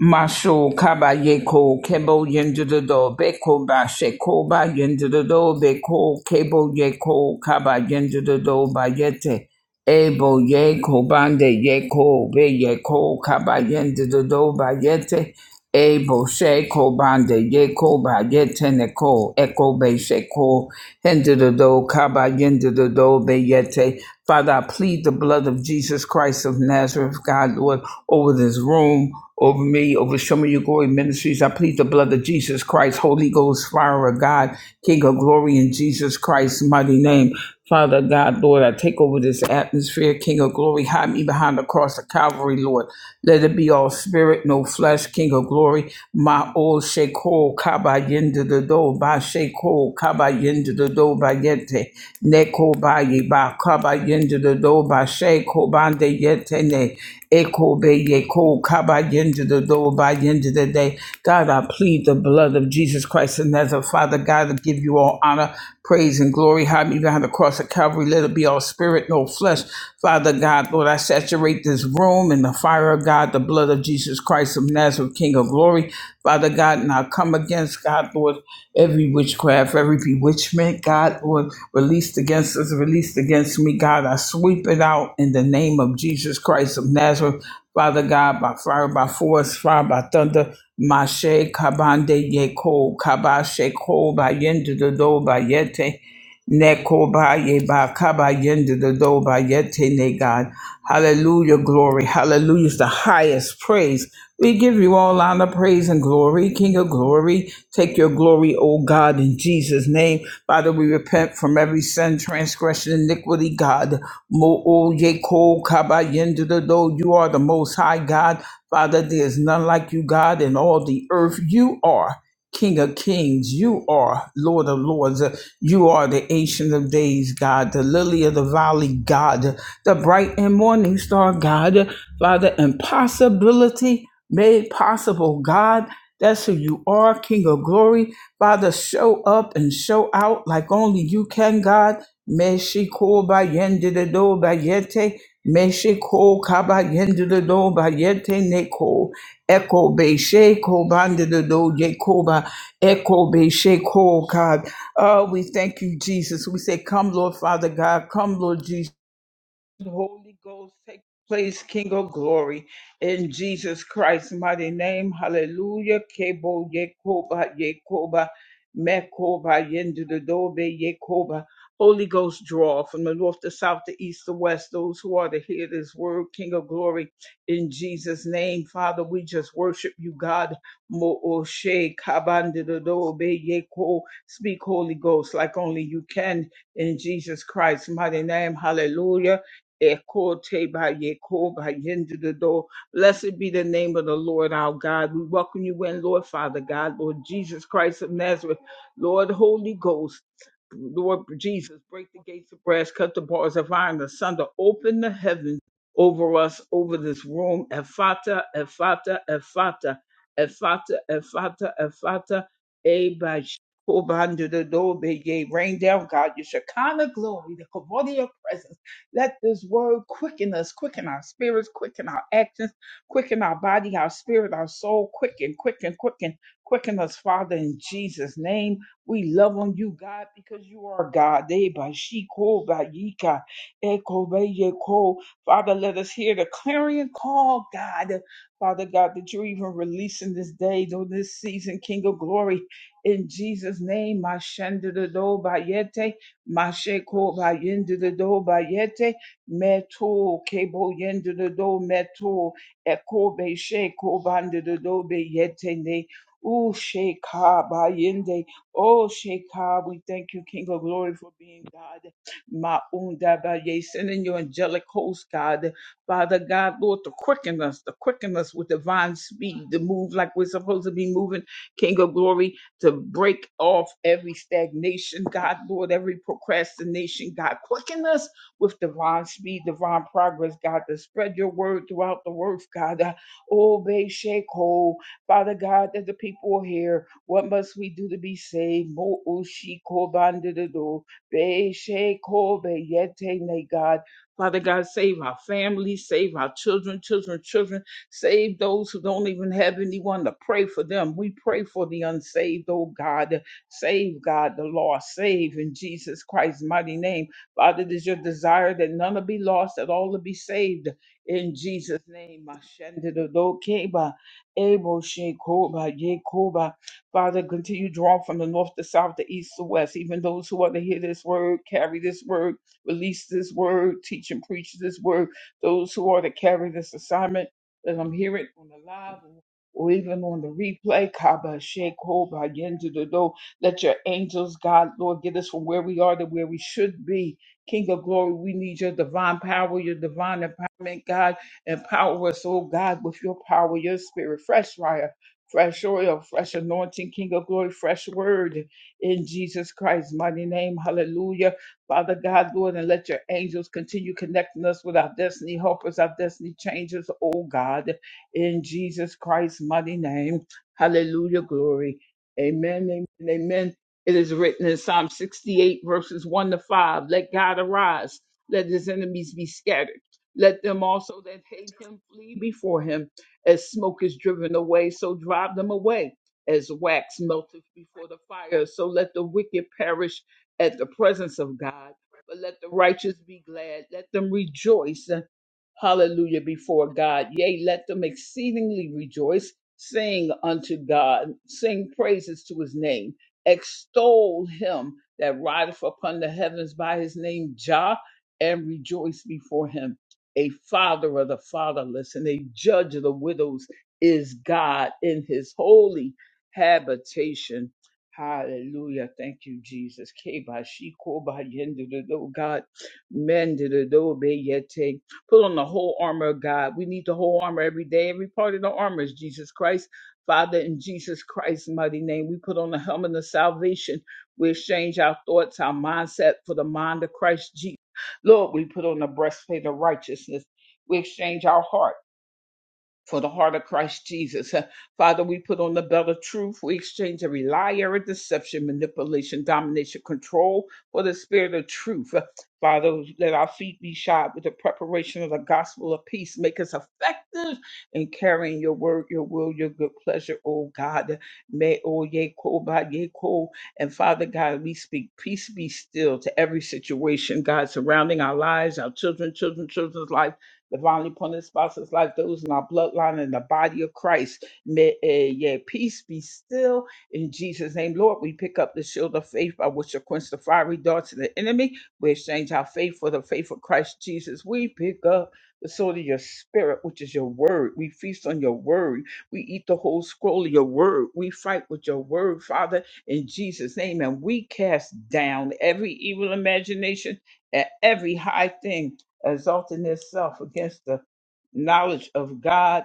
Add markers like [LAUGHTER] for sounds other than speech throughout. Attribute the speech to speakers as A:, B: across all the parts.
A: Masho kaba yeko kebo yendido beko ba sheko ba yendido beko kebo yeko kaba yendido ba yete ebo yeko bande yeko be yeko kaba yendido ba yete ebo sheko bande yeko ba yete neko eko be sheko hendido kaba yendido be yete Father, I plead the blood of Jesus Christ of Nazareth, God, Lord, over this room, over me, over Show Me Your Glory Ministries. I plead the blood of Jesus Christ, Holy Ghost, fire of God, King of glory in Jesus Christ's mighty name. Father God, Lord, I take over this atmosphere, King of glory. Hide me behind the cross of Calvary, Lord. Let it be all spirit, no flesh, King of glory. My old Sheko, Kaba Yende the Do, Ba Sheko, Kaba Yende the Do, Ba Yente. Neko ba ye ba kaba yende the do ba she ko bande yetene eko be ye ko kaba yende the do ba yende the day. God, I plead the blood of Jesus Christ and as Father God, I give you all honor, praise, and glory. Hide me behind the cross of Calvary. Let it be all spirit, no flesh. Father God, Lord, I saturate this room in the fire of God, the blood of Jesus Christ of Nazareth, King of glory. Father God, and I come against God, Lord, every witchcraft, every bewitchment, God, Lord released against us, released against me, God. I sweep it out in the name of Jesus Christ of Nazareth, Father God, by fire, by force, fire, by thunder. Mashe kabande yeko kabashe ko ba yende do do ba yete neko ba ye ba kaba yende do do ba yete ne God. Hallelujah, glory. Hallelujah is the highest praise. We give you all honor, praise, and glory. King of glory, take your glory, O God, in Jesus' name. Father, we repent from every sin, transgression, iniquity, God. Mo o ye ko kaba yendo do do. You are the most high God. Father, there is none like you, God, in all the earth. You are King of kings. You are Lord of lords. You are the ancient of days, God, the lily of the valley, God, the bright and morning star, God. Father, impossibility made possible, God. That's who you are, King of glory. Father, show up and show out like only you can, God. Meshiko ba yende de do ba yete. Meshiko ka ba yende de do ba yete neko. Eko be sheko bande de do yeko ba. Eko be sheko, God. Oh, we thank you, Jesus. We say, come, Lord Father God. Come, Lord Jesus. The Holy Ghost take place, King of glory, in Jesus Christ's mighty name. Hallelujah. Kebo Yekoba Yekoba Mekoba Yendudobe Yekoba. Holy Ghost draw from the north, the south, the east, the west, those who are to hear this word, King of glory, in Jesus' name. Father, we just worship you, God. Mo Oshe Kabandudobe Yeko. Speak, Holy Ghost, like only you can, in Jesus Christ's mighty name. Hallelujah. Ekote ba yeko ba yende de do. Blessed be the name of the Lord our God. We welcome you in, Lord Father God, Lord Jesus Christ of Nazareth, Lord Holy Ghost. Lord Jesus, break the gates of brass, cut the bars of iron asunder, open the heavens over us, over this room. Ephata, Ephata, Ephata, Ephata, Ephata, Ephata, Ebash, Rain down, God, your Shekinah glory, the Kavod of presence let this word quicken us, quicken our spirits, quicken our actions, quicken our body, our spirit, our soul, quicken, quicken, quicken, quicken us, Father, in Jesus' name. We love on you, God, because you are God. Eh, ba, she, ko, ba, ye, ka, eh, ko, ba, ye, ko. Father, let us hear the clarion call, God. Father God, that you're even releasing this day, though this season, King of Glory, in Jesus' name. Mashandadado, Masheko ba yende the do ba yete meto kebo yende the do meto eko be sheko bande the do be yete ne. Ooh, Sheka ba yende. Oh, Sheka, we thank you, King of Glory, for being God. Maunda ba ye, sending your angelic host, God. Father God, Lord, to quicken us, to quicken us with divine speed, to move like we're supposed to be moving, King of Glory to break off every stagnation, God, Lord, every procrastination, God. Quicken us with divine speed, divine progress, God, to spread your word throughout the earth, God. Uh, obey, shake, hold. Father God, that the people here, what must we do to be saved? Mo ushiko bandido, be shake, hold, be yete, ne, God. Father God, save our families, save our children, children, children. Save those who don't even have anyone to pray for them. We pray for the unsaved, oh God. Save, God, the lost. Save in Jesus Christ's mighty name. Father, it is your desire that none will be lost, that all will be saved in Jesus' name. Ashendidodokeba, Eboshekoba, Yekoba. Father, continue drawing from the north, the south, the east, the west. Even those who are to hear this word, carry this word, release this word, teach and preach this word. Those who are to carry this assignment. Let them hear it on the live or even on the replay. Kaba Shake Hoba Yendu the Do. Let your angels, God, Lord, get us from where we are to where we should be. King of glory, we need your divine power, your divine empowerment, God. Empower us, oh God, with your power, your spirit, fresh fire, fresh oil, fresh anointing, King of glory, fresh word in Jesus Christ's mighty name. Hallelujah. Father God, Lord, and let your angels continue connecting us with our destiny helpers, our destiny changers, oh God, in Jesus Christ's mighty name. Hallelujah, glory. Amen, amen, amen. It is written in Psalm 68, verses 1 to 5 Let God arise, let his enemies be scattered. Let them also that hate him flee before him. As smoke is driven away, so drive them away. As wax melteth before the fire, so let the wicked perish at the presence of God. But let the righteous be glad. Let them rejoice. uh, Hallelujah before God. Yea, let them exceedingly rejoice. Sing unto God. Sing praises to his name. Extol him that rideth upon the heavens by his name, Jah, and rejoice before him. A father of the fatherless and a judge of the widows is God in his holy habitation Hallelujah. Thank you, Jesus. Keba shiko ba yende de do, God, men de de do be yete. Put on the whole armor of God. We need the whole armor every day. Every part of the armor is Jesus Christ. Father, in Jesus Christ's mighty name, we put on the helmet of salvation. We exchange our thoughts, our mindset for the mind of Christ Jesus. Lord, we put on the breastplate of righteousness. We exchange our heart for the heart of Christ Jesus. Uh, Father, we put on the belt of truth. We exchange every lie, every deception, manipulation, domination, control for the spirit of truth. Uh, Father, let our feet be shod with the preparation of the gospel of peace. Make us effective in carrying your word, your will, your good pleasure, oh God. May oh ye ko ba ye ko. And Father God, we speak peace be still to every situation, God, surrounding our lives, our children, children, children's lives the divinely appointed spouses like those in our bloodline and the body of Christ. May eh, yeah, peace be still in Jesus' name. Lord, we pick up the shield of faith by which you quench the fiery darts of the enemy. We exchange our faith for the faith of Christ Jesus. We pick up the sword of your spirit, which is your word. We feast on your word. We eat the whole scroll of your word. We fight with your word, Father, in Jesus' name. And we cast down every evil imagination and every high thing exalting itself against the knowledge of God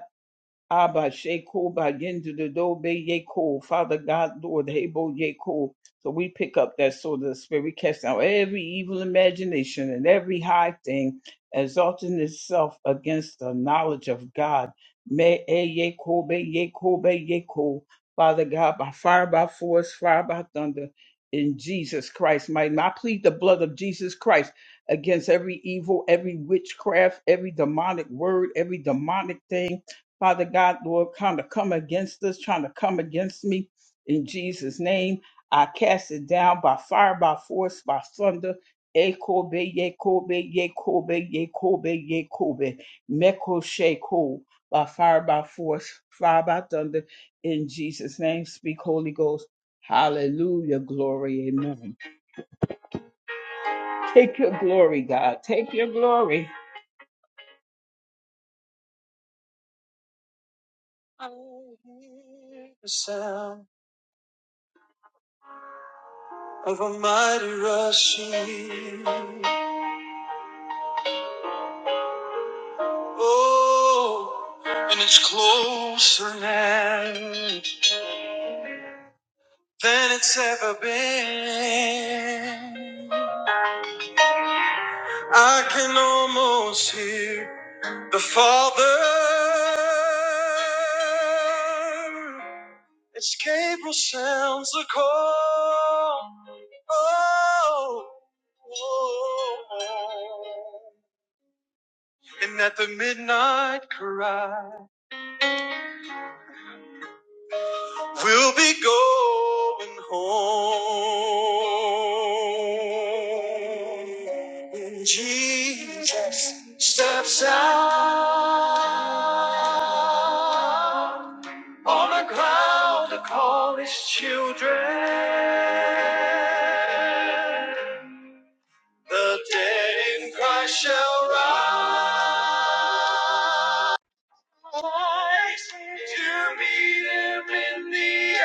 A: Abba Sheko Baginda the Dobe Yeko, Father God, Lord Hebo Yeko. So we pick up that sword of the spirit. We cast down every evil imagination and every high thing exalting itself against the knowledge of God. Me e Yeko be Yeko be Yeko. Father God, by fire, by force, fire, by thunder, in Jesus Christ, mighty. I plead the blood of Jesus Christ against every evil, every witchcraft, every demonic word, every demonic thing Father God, Lord, kind of come against us, trying to come against me in Jesus' name. I cast it down by fire, by force, by thunder. Ekobe, Yekobe, Yekobe, Yekobe, Yekobe, Meko Sheko, by fire, by force, fire, by thunder, in Jesus' name. Speak, Holy Ghost. Hallelujah, glory, amen. Take your glory, God. Take your glory. of a mighty rushing. Oh, and it's closer now than it's ever been. I can almost hear the Father. It's Gabriel sounds the call. Oh, oh, oh. And at the midnight cry. We'll be going home. Jesus steps out on the cloud to call his children. The dead in Christ shall rise to meet him in the air.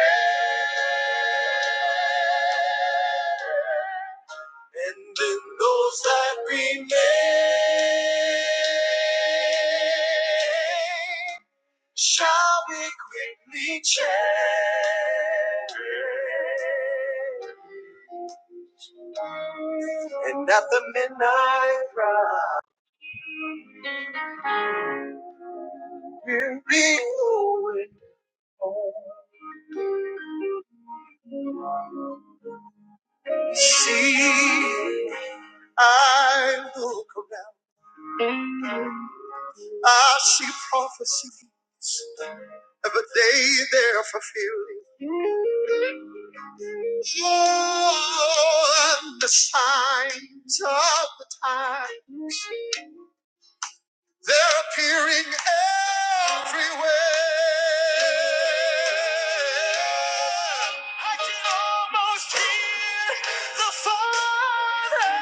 A: And then those that remain shall be quickly changed. And at the midnight cry, be going home. See, I look around. I see prophecies every day they're fulfilling. Oh, and the signs of the times. They're appearing everywhere. I can almost hear the Father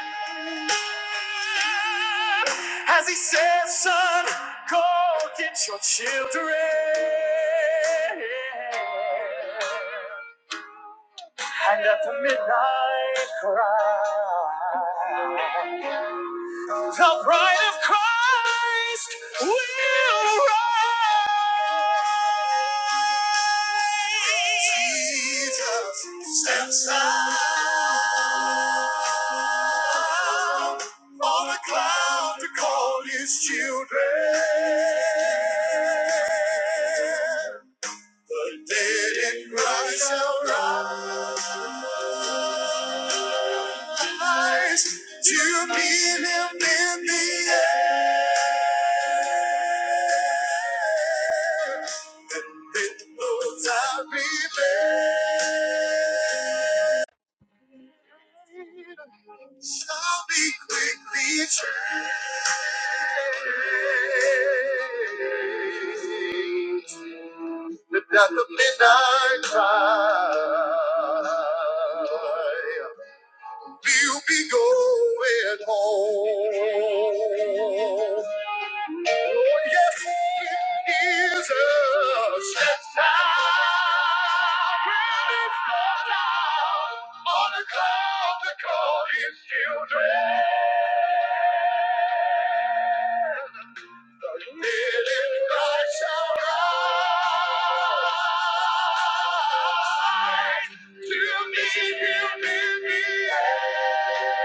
A: as He says, Son, go get your children. And at the midnight cry. The bride of Christ will rise. Jesus steps out on a cloud to call his children. Let it rise, arise to meet Him in the air. It those I'll Shall be quickly changed. Lift out the midnight cry. You'll be going home. Oh, yes, it is a set time. When it's gone down on the cloud that called his children. But shall rise to meet him in the air.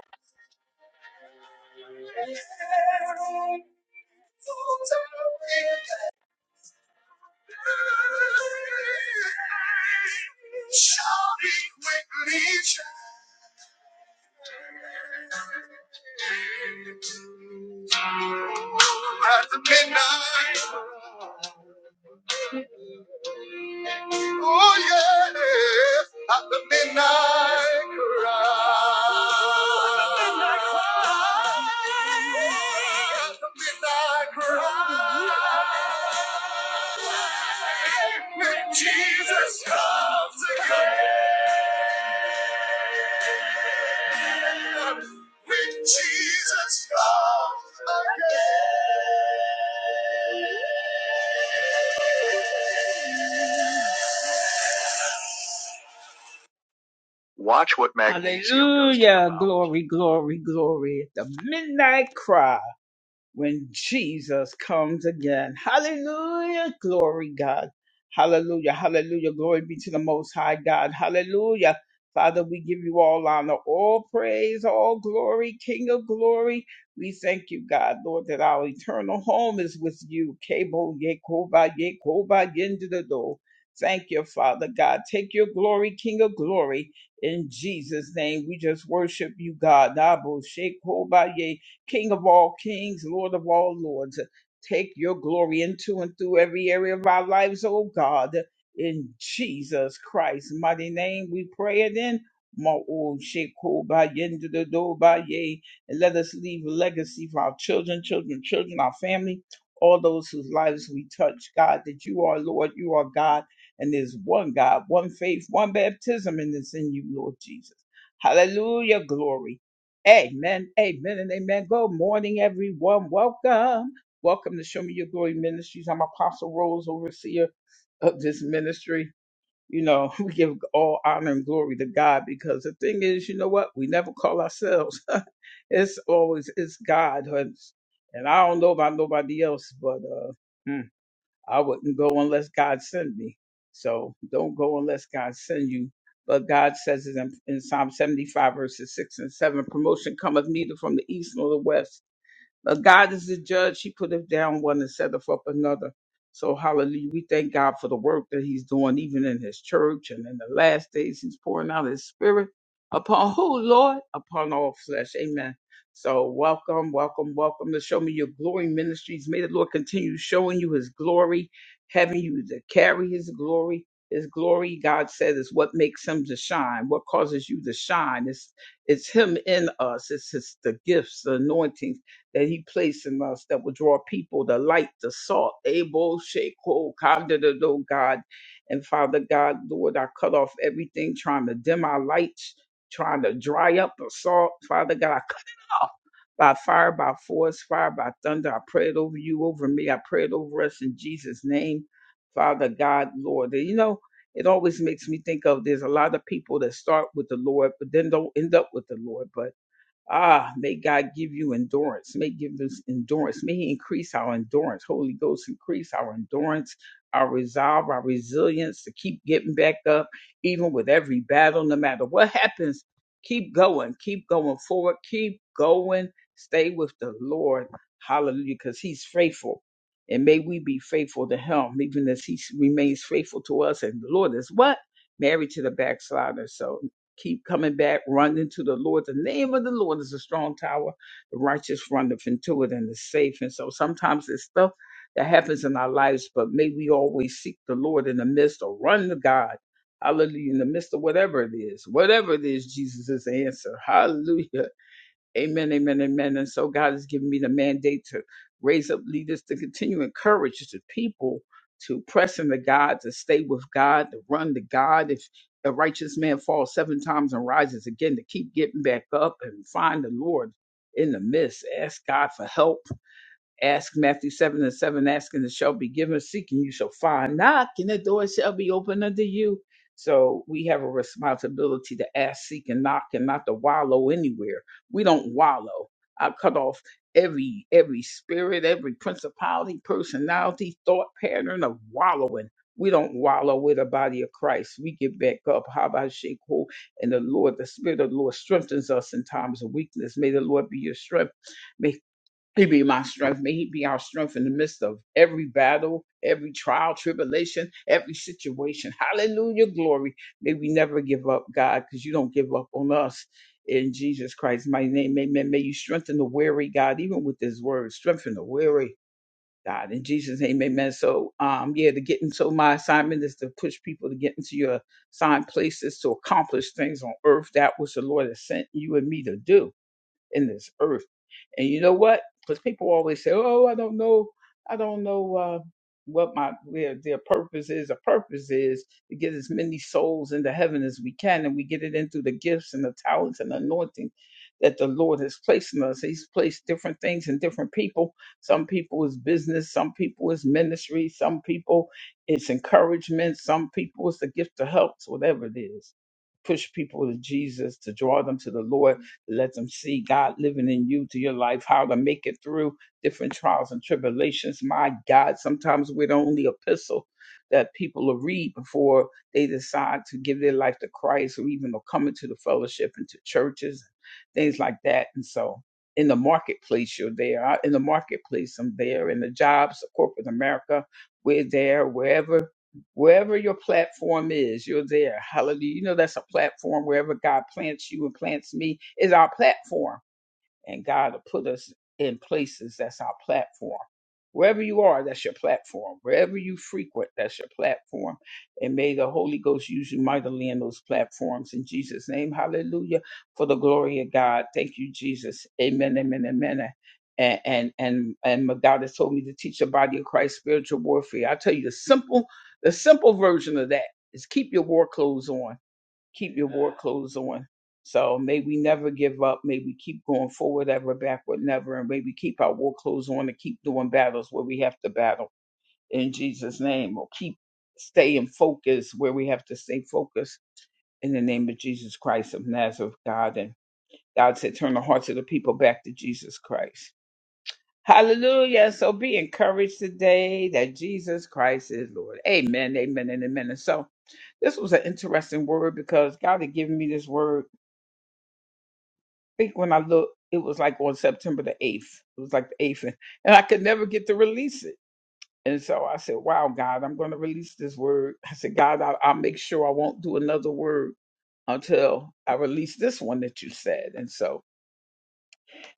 A: Shall be quickly changed. At the midnight, oh yeah, at the midnight cry. At the midnight cry. When Jesus comes again. With Jesus come again. Watch what magnificent. Hallelujah. Glory, glory, glory. The midnight cry. when Jesus comes again. Hallelujah. Glory, God. Hallelujah. Hallelujah. Glory be to the Most High God. Hallelujah. Father, we give you all honor, all praise, all glory, King of glory. We thank you, God, Lord, that our eternal home is with you. Kebo Yekoba Yekoba Yendido. Thank you, Father God. Take your glory, King of glory. In Jesus' name, we just worship you, God. Nabo Shekoba King of all kings, Lord of all lords. Take your glory into and through every area of our lives, oh God. In Jesus Christ's mighty name, we pray it in. Ma'o sheko ba yende do do ba ye. And let us leave a legacy for our children, children, children, our family, all those whose lives we touch, God, that you are Lord, you are God, and there's one God, one faith, one baptism, and it's in you, Lord Jesus. Hallelujah, glory. Amen, amen, and amen. Good morning, everyone. Welcome. Welcome to Show Me Your Glory Ministries. I'm Apostle Rose, overseer of this ministry. You know, [LAUGHS] we give all honor and glory to God because the thing is, you know what? We never call ourselves. [LAUGHS] it's always it's God, hun. and I don't know about nobody else, but uh, I wouldn't go unless God sent me. So don't go unless God send you. But God says it in, in Psalm 75, verses 6 and 7 promotion cometh neither from the east nor the west uh, God is the judge. He put us down one and set us up another. So hallelujah. We thank God for the work that he's doing, even in his church and in the last days. He's pouring out his spirit upon [LAUGHS] who, Lord? Upon all flesh. Amen. So welcome, welcome, welcome to Show Me Your Glory Ministries. May the Lord continue showing you his glory, having you to carry his glory. His glory, God said, is what makes him to shine, what causes you to shine. It's it's him in us. It's his the gifts, the anointings that he placed in us that will draw people, the light, the salt, able, shake, hold, oh God. And Father God, Lord, I cut off everything trying to dim our lights, trying to dry up the salt. Father God, I cut it off. By fire, by force, fire, by thunder. I pray it over you, over me. I pray it over us in Jesus' name. Father God, Lord. And you know, it always makes me think of there's a lot of people that start with the Lord, but then don't end up with the Lord. But Ah, may God give you endurance. May give us endurance. May He increase our endurance. Holy Ghost, increase our endurance, our resolve, our resilience to keep getting back up, even with every battle, no matter what happens. Keep going. Keep going forward. Keep going. Stay with the Lord. Hallelujah, because He's faithful. And may we be faithful to Him, even as He remains faithful to us. And the Lord is what? Married to the backslider. So Keep coming back, running to the Lord. The name of the Lord is a strong tower. The righteous runneth into it and is safe. And so sometimes it's stuff that happens in our lives, but may we always seek the Lord in the midst or run to God. Hallelujah. In the midst of whatever it is, whatever it is, Jesus is the answer. [LAUGHS] Hallelujah. Amen, amen, amen. And so God has given me the mandate to raise up leaders to continue to encourage the people to press into God, to stay with God, to run to God. If a righteous man falls seven times and rises again, to keep getting back up and find the Lord in the midst. Ask God for help Ask Matthew 7 and 7, asking and it shall be given, seeking you shall find, knock and the door shall be open unto you. So we have a responsibility to ask, seek, and knock and not to wallow anywhere. We don't wallow. I cut off every every spirit, every principality, personality, thought pattern of wallowing. We don't wallow with the body of Christ. We get back up. How about shake hold? And the Lord, the Spirit of the Lord strengthens us in times of weakness. May the Lord be your strength. May. He be my strength. May He be our strength in the midst of every battle, every trial, tribulation, every situation. Hallelujah, glory. May we never give up, God, because you don't give up on us. In Jesus Christ's mighty name, amen. May you strengthen the weary, God, even with this word, strengthen the weary, God. In Jesus' name, amen. So, um, yeah, to get into my assignment is to push people to get into your assigned places to accomplish things on earth. That which the Lord has sent you and me to do in this earth. And you know what? Because people always say, "Oh, I don't know, I don't know uh, what my their, their purpose is." A purpose is to get as many souls into heaven as we can, and we get it in through the gifts and the talents and the anointing that the Lord has placed in us. He's placed different things in different people. Some people is business, some people is ministry, some people it's encouragement, some people it's the gift of helps, whatever it is. Push people to Jesus to draw them to the Lord let them see God living in you to your life, how to make it through different trials and tribulations. My God, sometimes we're the only epistle that people will read before they decide to give their life to Christ or even will come into the fellowship, into churches, things like that. And so in the marketplace, you're there. I- In the marketplace, I'm there. In the jobs, of corporate America, we're there. Wherever wherever your platform is, you're there. Hallelujah. You know, that's a platform wherever God plants you and plants me is our platform and God will put us in places that's our platform. Wherever you are, that's your platform. Wherever you frequent, that's your platform. And may the Holy Ghost use you mightily in those platforms. In Jesus' name, hallelujah, for the glory of God. Thank you, Jesus. Amen, amen, amen. And, and, and, and my God has told me to teach the body of Christ spiritual warfare. I tell you, the simple, the simple version of that is keep your war clothes on keep your war clothes on. So may we never give up. May we keep going forward, ever backward, never. And may we keep our war clothes on and keep doing battles where we have to battle in Jesus' name or keep staying focused where we have to stay focused in the name of Jesus Christ of Nazareth, God. And God said, turn the hearts of the people back to Jesus Christ. Hallelujah. So be encouraged today that Jesus Christ is Lord. Amen, amen, and amen. And so this was an interesting word because God had given me this word think when I looked, it was like on September the 8th. It was like the 8th. And, and I could never get to release it. And so I said, Wow, God, I'm going to release this word. I said, God, I, I'll make sure I won't do another word until I release this one that you said. And so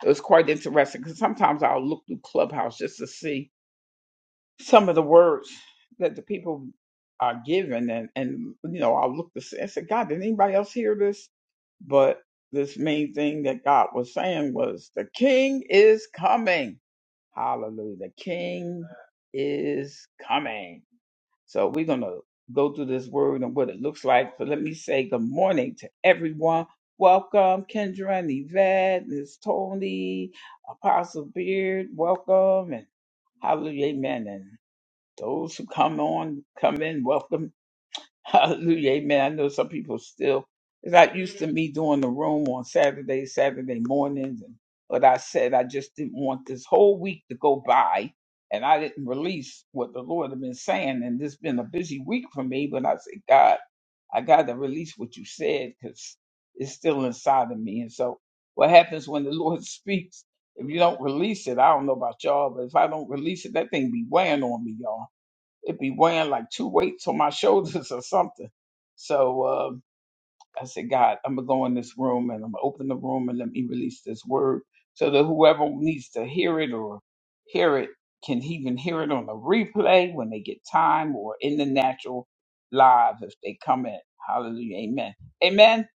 A: it was quite interesting because sometimes I'll look through Clubhouse just to see some of the words that the people are given and and you know i looked to see i said god did anybody else hear this but this main thing that god was saying was the king is coming hallelujah the king is coming so we're gonna go through this word and what it looks like so let me say good morning to everyone welcome kendra and yvette miss tony apostle beard welcome and hallelujah amen those who come on, come in, welcome. [LAUGHS] Hallelujah. Amen. I know some people still is not used to me doing the room on Saturday, Saturday mornings. And but I said I just didn't want this whole week to go by and I didn't release what the Lord had been saying. And this been a busy week for me, but I said, God, I got to release what you said because it's still inside of me. And so, what happens when the Lord [LAUGHS] speaks? If you don't release it, I don't know about y'all, but if I don't release it, that thing be weighing on me, y'all it be weighing like two weights on my shoulders [LAUGHS] or something. So um, I said, God, I'm gonna go in this room and I'm gonna open the room and let me release this word so that whoever needs to hear it or hear it can even hear it on the replay when they get time or in the natural live if they come in. Hallelujah. Amen. Amen.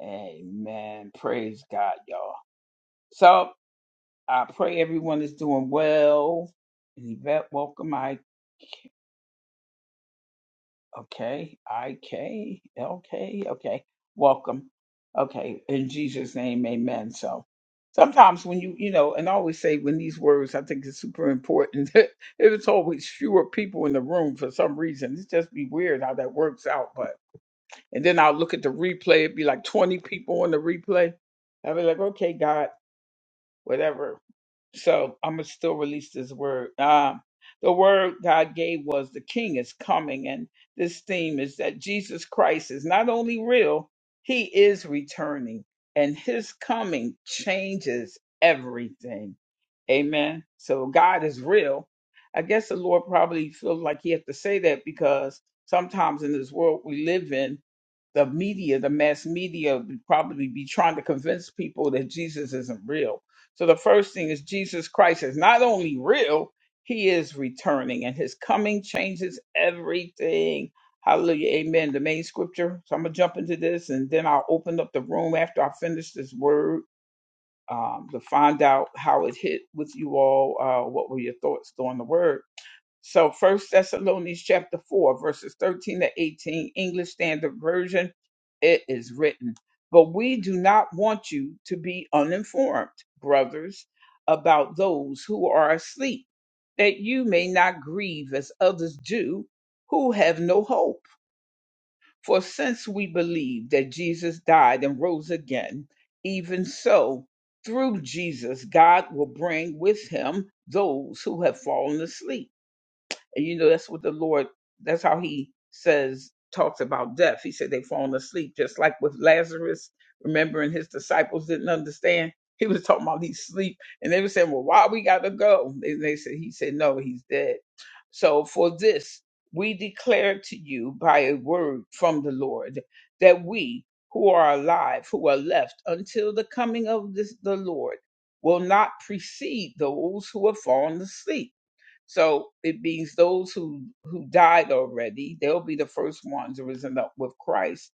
A: Amen. Praise God, y'all. So I pray everyone is doing well. And Yvette, welcome, Mike. Okay, I K L K. Okay, welcome. Okay, in Jesus' name, Amen. So sometimes when you you know, and I always say when these words, I think it's super important. [LAUGHS] if it's always fewer people in the room for some reason, it's just be weird how that works out. But and then I'll look at the replay. It'd be like twenty people on the replay. I'll be like, okay, God, whatever. So I'm gonna still release this word. Um, the word God gave was the King is coming, and this theme is that Jesus Christ is not only real, He is returning, and His coming changes everything. Amen. So God is real. I guess the Lord probably feels like He has to say that because sometimes in this world we live in, the media, the mass media, would probably be trying to convince people that Jesus isn't real. So the first thing is Jesus Christ is not only real, he is returning, and his coming changes everything. Hallelujah. Amen. The main scripture. So I'm going to jump into this, and then I'll open up the room after I finish this word um, to find out how it hit with you all. Uh, what were your thoughts on the word? So First Thessalonians chapter 4, verses 13 to 18, English Standard Version, it is written, But we do not want you to be uninformed, brothers, about those who are asleep, that you may not grieve as others do who have no hope. For since we believe that Jesus died and rose again, even so, through Jesus, God will bring with him those who have fallen asleep. And you know, that's what the Lord, that's how he says, talks about death. He said they have fallen asleep, just like with Lazarus. Remember, and his disciples didn't understand. He was talking about he's asleep, And they were saying, Well, why we gotta go? And they said, He said, No, he's dead. So for this, we declare to you by a word from the Lord that we who are alive, who are left until the coming of this, the Lord, will not precede those who have fallen asleep. So it means those who who died already, they'll be the first ones risen up with Christ.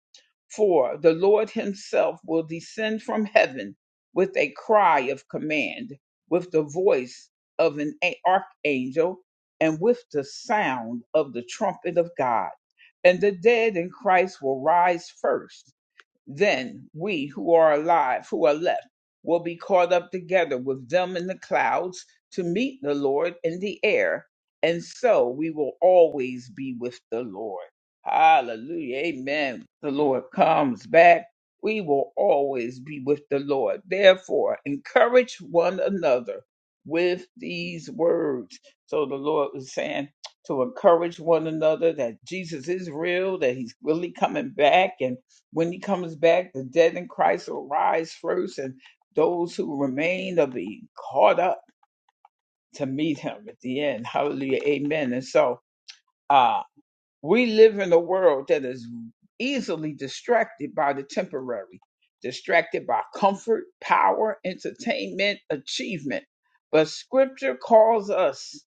A: For the Lord himself will descend from heaven with a cry of command, with the voice of an a- archangel, and with the sound of the trumpet of God. And the dead in Christ will rise first. Then we who are alive, who are left, will be caught up together with them in the clouds to meet the Lord in the air. And so we will always be with the Lord. Hallelujah. Amen. The Lord comes back. We will always be with the Lord. Therefore, encourage one another with these words. So the Lord was saying to encourage one another that Jesus is real, that he's really coming back. When he comes back, the dead in Christ will rise first, and those who remain will be caught up to meet him at the end. Hallelujah. Amen. And so uh, we live in a world that is easily distracted by the temporary, distracted by comfort, power, entertainment, achievement. But scripture calls us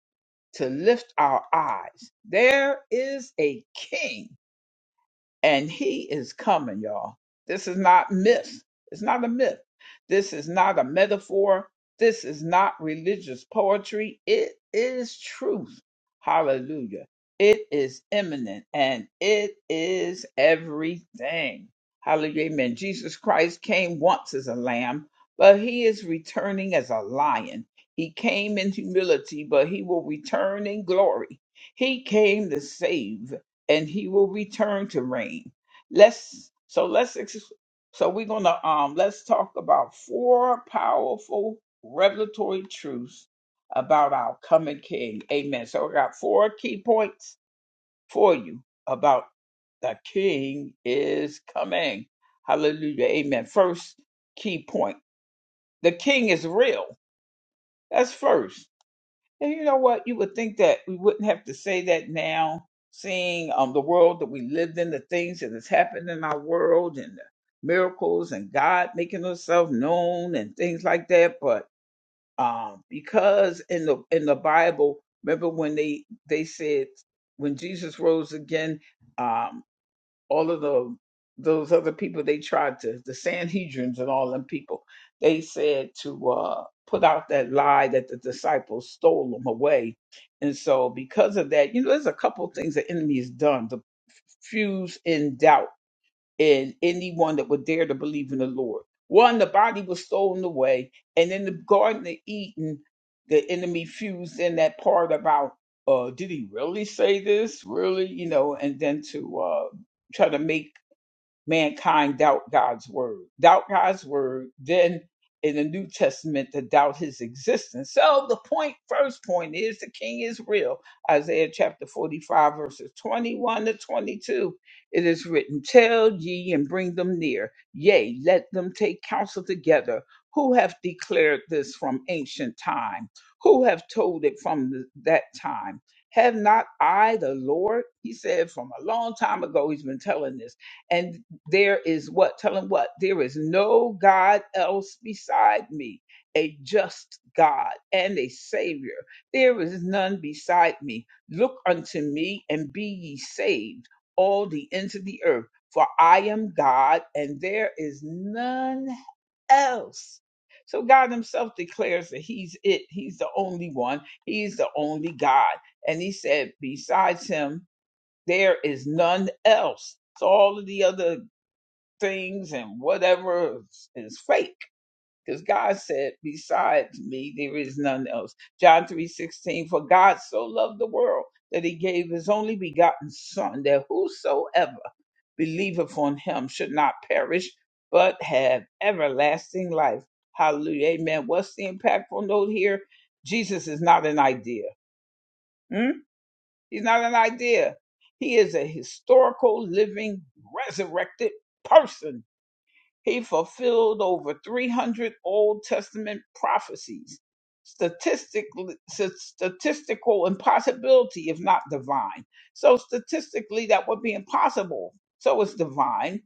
A: to lift our eyes. There is a king and he is coming, y'all. This is not myth. It's not a myth. This is not a metaphor. This is not religious poetry. It is truth. Hallelujah. It is imminent and it is everything. Hallelujah. Amen. Jesus Christ came once as a lamb, but he is returning as a lion. He came in humility, but he will return in glory. He came to save and he will return to reign. Let's so let's ex- so we're gonna um let's talk about four powerful revelatory truths about our coming King. Amen. So I got four key points for you about the King is coming. Hallelujah. Amen. First key point: the King is real. That's first. And you know what? You would think that we wouldn't have to say that now, seeing um, the world that we lived in, the things that has happened in our world, and the miracles, and God making Himself known, and things like that. But um, because in the in the Bible, remember when they they said when Jesus rose again. Um, all of the those other people they tried to the sanhedrins and all them people they said to uh put out that lie that the disciples stole them away and so because of that you know there's a couple things the enemy has done to fuse in doubt in anyone that would dare to believe in the lord one the body was stolen away and in the garden of eden the enemy fused in that part about uh did he really say this really you know and then to uh try to make mankind doubt God's word. Doubt God's word, then in the New Testament to doubt his existence. So the point, first point is the king is real. Isaiah chapter 45, verses 21 to 22. It is written, Tell ye and bring them near. Yea, let them take counsel together. Who have declared this from ancient time? Who have told it from th- that time? Have not I the Lord? He said from a long time ago, he's been telling this there is what? Tell him what? There is no God else beside me, a just God and a Savior. There is none beside me. Look unto me and be ye saved, all the ends of the earth, for I am God and there is none else. So God Himself declares that He's it. He's the only one. He's the only God. And He said, besides Him, there is none else. So all of the other things and whatever is fake. Because God said, Besides me, there is none else. John three sixteen. For God so loved the world that he gave his only begotten Son, that whosoever believeth on him should not perish, but have everlasting life. Hallelujah. Amen. What's the impactful note here? Jesus is not an idea. Hmm? He's not an idea. He is a historical, living, resurrected person he fulfilled over 300 Old Testament prophecies, statistically, statistical impossibility, if not divine. So, statistically, that would be impossible. So, it's divine.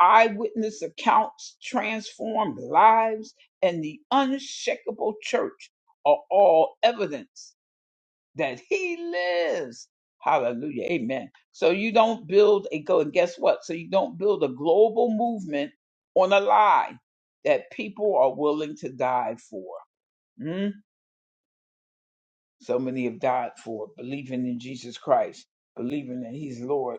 A: Eyewitness accounts transformed lives, and the unshakable church are all evidence that he lives. Hallelujah. Amen. So you don't build a go and guess what? So you don't build a global movement on a lie that people are willing to die for. Mm? So many have died for believing in Jesus Christ, believing that he's Lord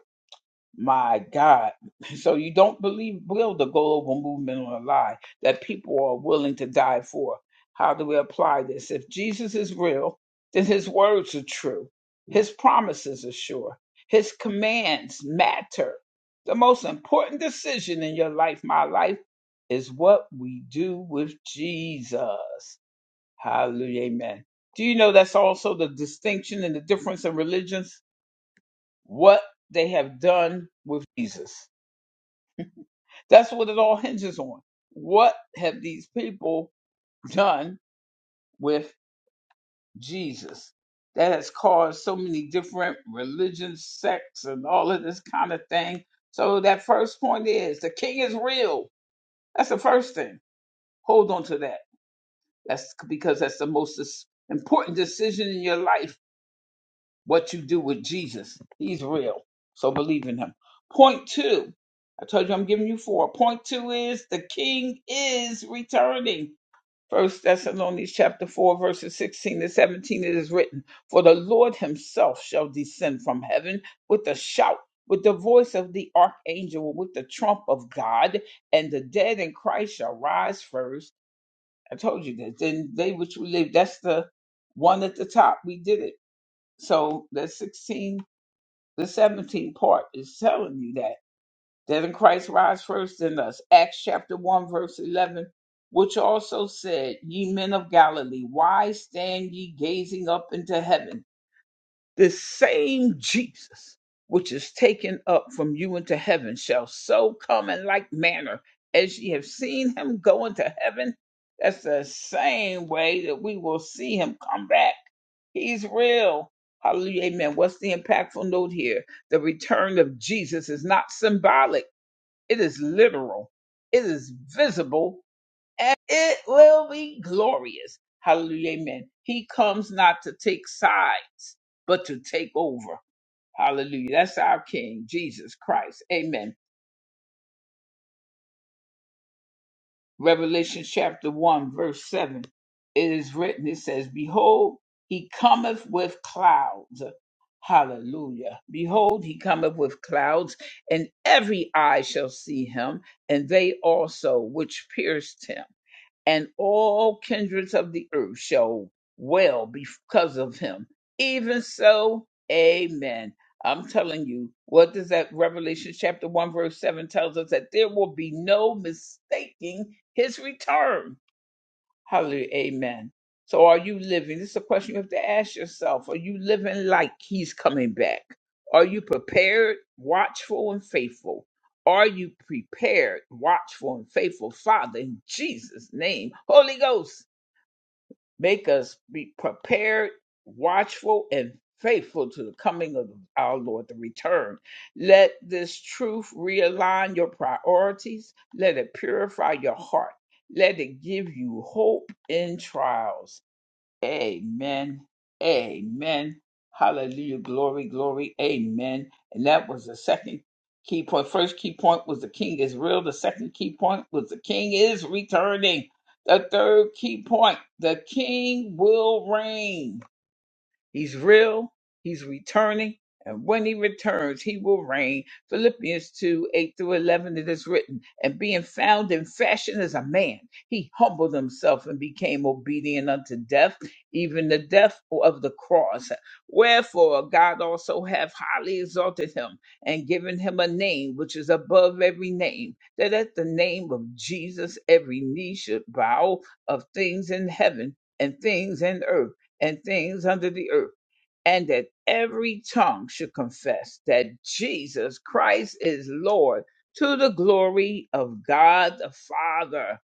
A: my God. So you don't believe build the global movement on a lie that people are willing to die for. How do we apply this? If Jesus is real, then his words are true. His promises are sure. His commands matter. The most important decision in your life, my life, is what we do with Jesus. Hallelujah. Amen. Do you know that's also the distinction and the difference in religions? What they have done with Jesus. That's what it all [LAUGHS] hinges on. What have these people done with Jesus that has caused so many different religions, sects, and all of this kind of thing? So, that first point is the king is real. That's the first thing. Hold on to that. That's because that's the most dis- important decision in your life what you do with Jesus. He's real. So, believe in him. Point two. I told you I'm giving you four. Point two is the king is returning. First Thessalonians chapter four, verses sixteen to seventeen, it is written, For the Lord himself shall descend from heaven with a shout, with the voice of the archangel, with the trump of God, and the dead in Christ shall rise first. I told you that. Then they which we live, that's the one at the top. We did it. So the sixteen, the seventeen part is telling you that. Didn't Christ rise first in us? Acts chapter 1, verse 11, which also said, Ye men of Galilee, why stand ye gazing up into heaven? The same Jesus which is taken up from you into heaven shall so come in like manner as ye have seen him go into heaven. That's the same way that we will see him come back. He's real. Hallelujah. Amen. What's the impactful note here? The return of Jesus is not symbolic it is literal. It is visible and it will be glorious. Hallelujah. Amen. He comes not to take sides, but to take over. Hallelujah. That's our King, Jesus Christ. Amen. Revelation chapter 1, verse 7. It is written, it says, Behold, he cometh with clouds. Hallelujah. Behold, he cometh with clouds, and every eye shall see him, and they also which pierced him and all kindreds of the earth shall well because of him. Even so, amen. I'm telling you, what does that Revelation chapter 1, verse 7 tells us that there will be no mistaking his return Hallelujah. Amen. So are you living? This is a question you have to ask yourself. Are you living like he's coming back? Are you prepared, watchful, and faithful? Are you prepared, watchful, and faithful? Father, in Jesus' name, Holy Ghost. Make us be prepared, watchful, and faithful to the coming of our Lord, the return. Let this truth realign your priorities. Let it purify your heart. Let it give you hope in trials. Amen. Amen. Hallelujah. Glory, glory. Amen. And that was the second key point. First key point was the king is real. The second key point was the king is returning. The third key point, the king will reign. He's real, he's returning, and when he returns, he will reign. Philippians 2 8 through 11, it is written, And being found in fashion as a man, he humbled himself and became obedient unto death, even the death of the cross. Wherefore God also hath highly exalted him and given him a name which is above every name, that at the name of Jesus every knee should bow of things in heaven and things in earth and things under the earth, and that every tongue should confess that Jesus Christ is Lord to the glory of God the Father.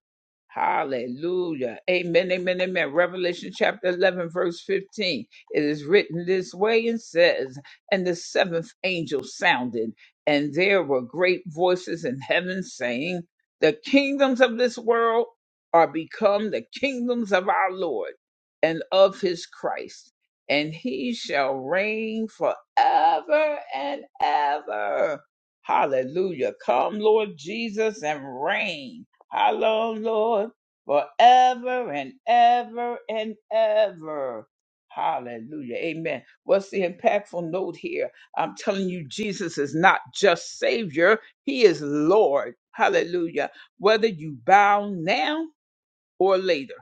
A: Hallelujah. Amen, amen, amen. Revelation chapter 11, verse 15. It is written this way and says, And the seventh angel sounded, and there were great voices in heaven saying, The kingdoms of this world are become the kingdoms of our Lord and of his Christ, and he shall reign forever and ever. Hallelujah. Come, Lord Jesus, and reign. Hello, Lord, forever and ever and ever. Hallelujah. Amen. What's the impactful note here? I'm telling you, Jesus is not just Savior, He is Lord. Hallelujah. Whether you bow now, or later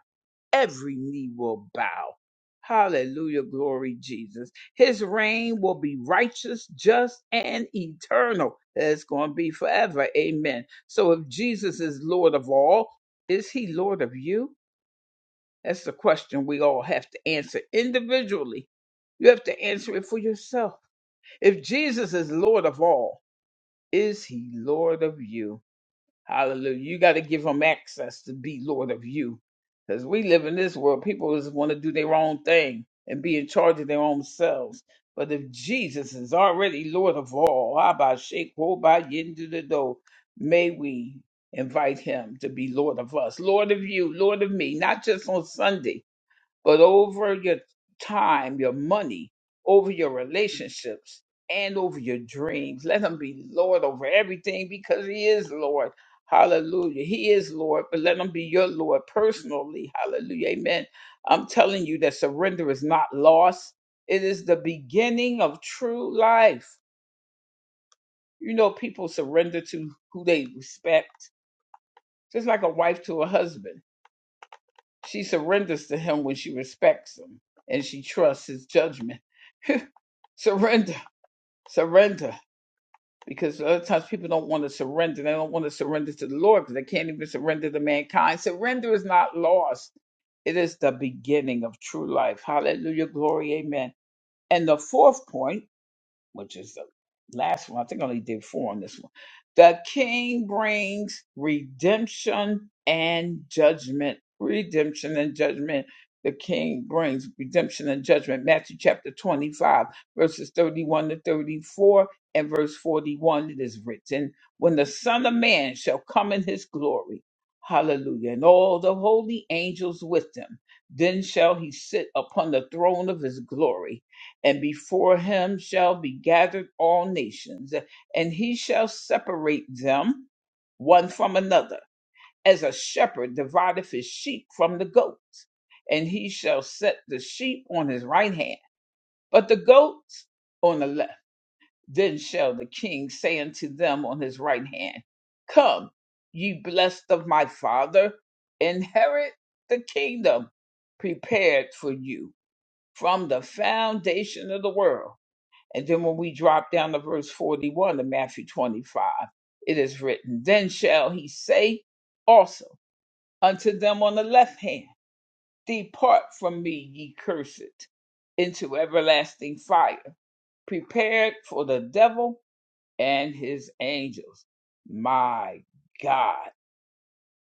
A: every knee will bow. Hallelujah, glory Jesus. His reign will be righteous, just, and eternal. It's going to be forever. Amen. So if Jesus is Lord of all, is he Lord of you? That's the question we all have to answer individually. You have to answer it for yourself. If Jesus is Lord of all, is he Lord of you? Hallelujah. You got to give them access to be Lord of you. Because we live in this world, people just want to do their own thing and be in charge of their own selves. But if Jesus is already Lord of all, how about shake whole by into the door? May we invite him to be Lord of us, Lord of you, Lord of me, not just on Sunday but over your time, your money, over your relationships, and over your dreams. Let him be Lord over everything because he is Lord. Hallelujah. He is Lord, but let him be your Lord personally. Hallelujah. Amen. I'm telling you that surrender is not lost, it is the beginning of true life. You know, people surrender to who they respect, just like a wife to a husband. She surrenders to him when she respects him and she trusts his judgment. Surrender, surrender. Because a lot of times people don't want to surrender. They don't want to surrender to the Lord because they can't even surrender to mankind. Surrender is not lost. It is the beginning of true life. Hallelujah, glory, amen. And the fourth point which is the last one. I think I only did four on this one. The king brings redemption and judgment. Redemption and judgment. The king brings redemption and judgment. Matthew chapter 25, verses 31 to 34 and verse 41. It is written, When the Son of Man shall come in his glory, hallelujah, and all the holy angels with him, then shall he sit upon the throne of his glory and before him shall be gathered all nations, and he shall separate them one from another, as a shepherd divideth his sheep from the goats, and he shall set the sheep on his right hand, but the goats on the left. Then shall the king say unto them on his right hand, Come, ye blessed of my father, inherit the kingdom prepared for you from the foundation of the world. And then when we drop down to verse 41 of Matthew 25, it is written, Then shall he say also unto them on the left hand, Depart from me, ye cursed, into everlasting fire, prepared for the devil and his angels. My God.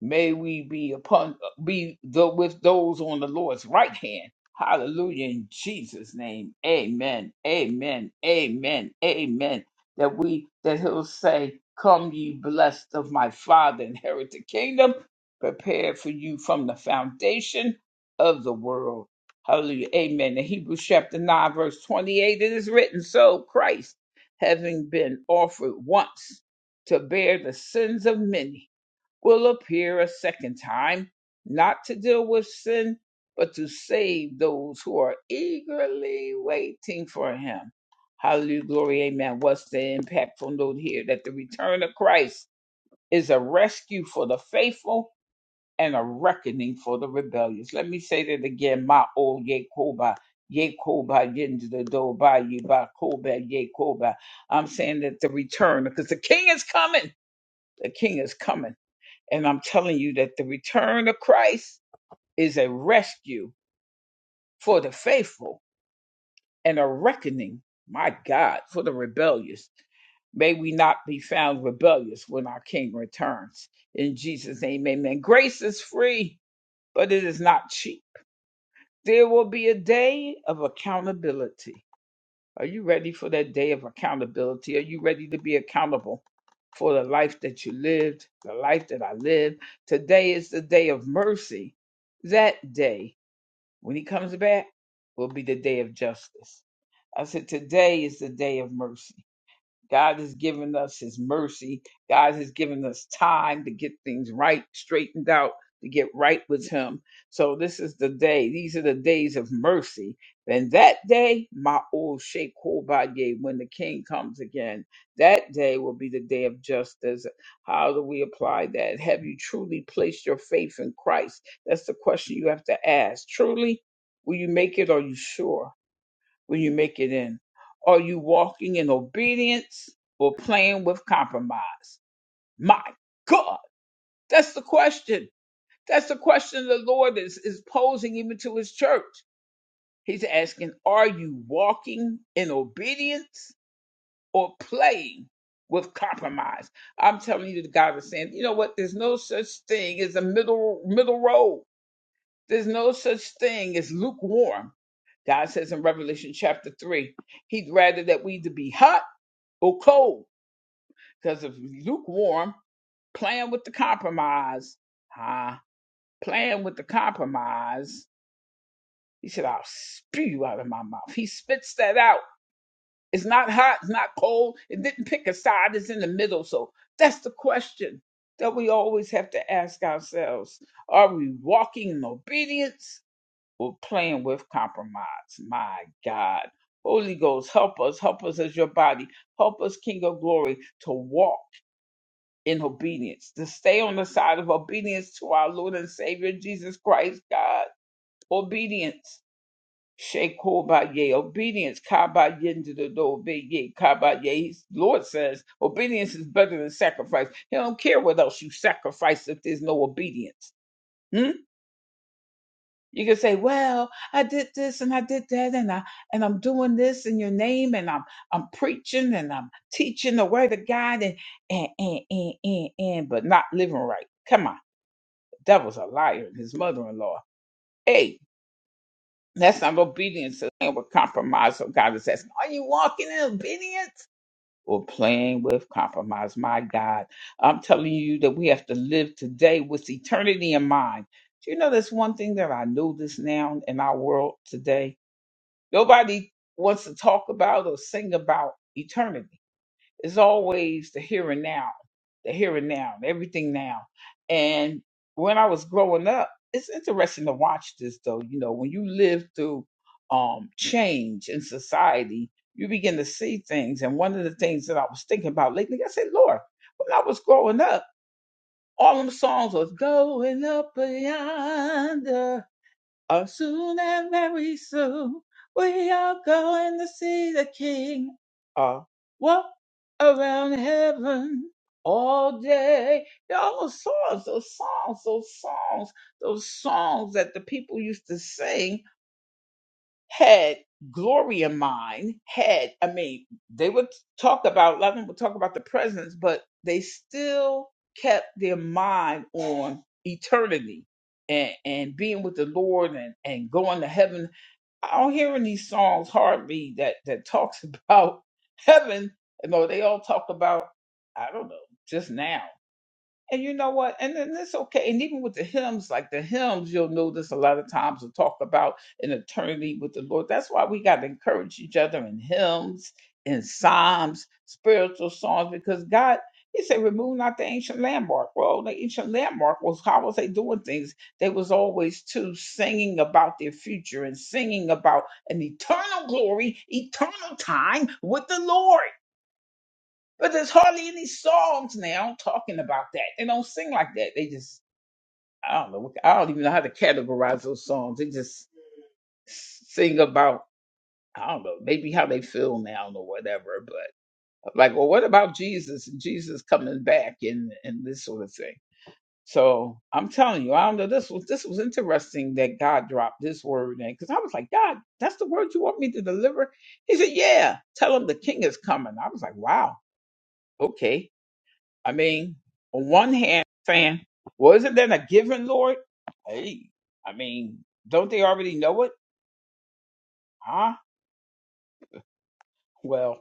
A: May we be upon be the, with those on the Lord's right hand. Hallelujah in Jesus' name. Amen. Amen. Amen. Amen. That we that he'll say, Come ye blessed of my father, inherit the kingdom, prepared for you from the foundation of the world. Hallelujah. Amen. In Hebrews chapter 9, verse 28, it is written, So Christ, having been offered once to bear the sins of many will appear a second time, not to deal with sin, but to save those who are eagerly waiting for him. Hallelujah, glory, amen. What's the impactful note here? That the return of Christ is a rescue for the faithful and a reckoning for the rebellious. Let me say that again, my old Yekoba. Yekoba Yendidoba Yebakoba Yekoba. I'm saying that the return, because the king is coming. The king is coming. And I'm telling you that the return of Christ is a rescue for the faithful and a reckoning, my God, for the rebellious. May we not be found rebellious when our King returns. In Jesus' name, amen. Grace is free, but it is not cheap. There will be a day of accountability. Are you ready for that day of accountability? Are you ready to be accountable for the life that you lived, the life that I lived? Today is the day of mercy. That day, when he comes back, will be the day of justice. I said, Today is the day of mercy. God has given us His mercy. God has given us time to get things right, straightened out, to get right with Him. So this is the day. These are the days of mercy. And that day, my old Sheikh Kobaye, when the King comes again, that day will be the day of justice. How do we apply that? Have you truly placed your faith in Christ? That's the question you have to ask. Truly, will you make it? Are you sure? when you make it in? Are you walking in obedience or playing with compromise? My God, that's the question. That's the question the Lord is, is posing even to his church. He's asking, are you walking in obedience or playing with compromise? I'm telling you, the God is saying, you know what? There's no such thing as a middle middle road. There's no such thing as lukewarm. God says in Revelation chapter 3, He'd rather that we either be hot or cold. Because if lukewarm, playing with the compromise, ah, playing with the compromise, He said, I'll spew you out of my mouth. He spits that out. It's not hot, it's not cold, it didn't pick a side, it's in the middle. So that's the question that we always have to ask ourselves Are we walking in obedience? We're playing with compromise. My God. Holy Ghost, help us. Help us as your body. Help us, King of Glory, to walk in obedience, to stay on the side of obedience to our Lord and Savior Jesus Christ, God. Obedience. Shekobaye, obedience, kabaye into the door, obeye, kabaye. Lord says obedience is better than sacrifice. He don't care what else you sacrifice if there's no obedience. Hmm? You can say, "Well, I did this and I did that, and I and I'm doing this in your name, and I'm I'm preaching and I'm teaching the word of God, and and and and and, and but not living right. Come on, the devil's a liar and his mother-in-law. Hey, that's not obedience. It's playing with compromise. So God is asking, "Are you walking in obedience?" Or playing with compromise. My God, I'm telling you that we have to live today with eternity in mind. Do you know that's one thing that I notice now in our world today? Nobody wants to talk about or sing about eternity. It's always the here and now, the here and now, everything now. And when I was growing up, it's interesting to watch this though. You know, when you live through um, change in society, you begin to see things. And one of the things that I was thinking about lately, I said, Lord, when I was growing up, all them songs was going up yonder Oh, soon and very soon we are going to see the King. I'll walk around heaven all day. Y'all, those songs, those songs, those songs, those songs that the people used to sing had glory in mind, had, I mean, they would talk about, a lot of them would talk about the presence, but they still kept their mind on eternity and, and being with the Lord and, and going to heaven. I don't hear any songs hardly that, that talks about [LAUGHS] heaven. You know, they all talk about, I don't know, just now. And you know what? And then it's okay. And even with the hymns, like the hymns, you'll notice a lot of times will talk about an eternity with the Lord. That's why we got to encourage each other in hymns, in psalms, spiritual songs, because God, He said, remove not the ancient landmark. Well, the ancient landmark was how was they doing things? They was always too singing about their future and singing about an eternal glory, eternal time with the Lord. But there's hardly any songs now talking about that. They don't sing like that. They just I don't know. what- I don't even know how to categorize those songs. They just sing about I don't know, maybe how they feel now or whatever. But like, well, what about Jesus and Jesus coming back and and this sort of thing? So I'm telling you, I don't know. This was this was interesting that God dropped this word in because I was like, God, that's the word you want me to deliver. He said, Yeah, tell him the King is coming. I was like, Wow, okay I mean, on one hand, saying, well, isn't that a given, Lord? Hey, I mean, don't they already know it? Huh? Well,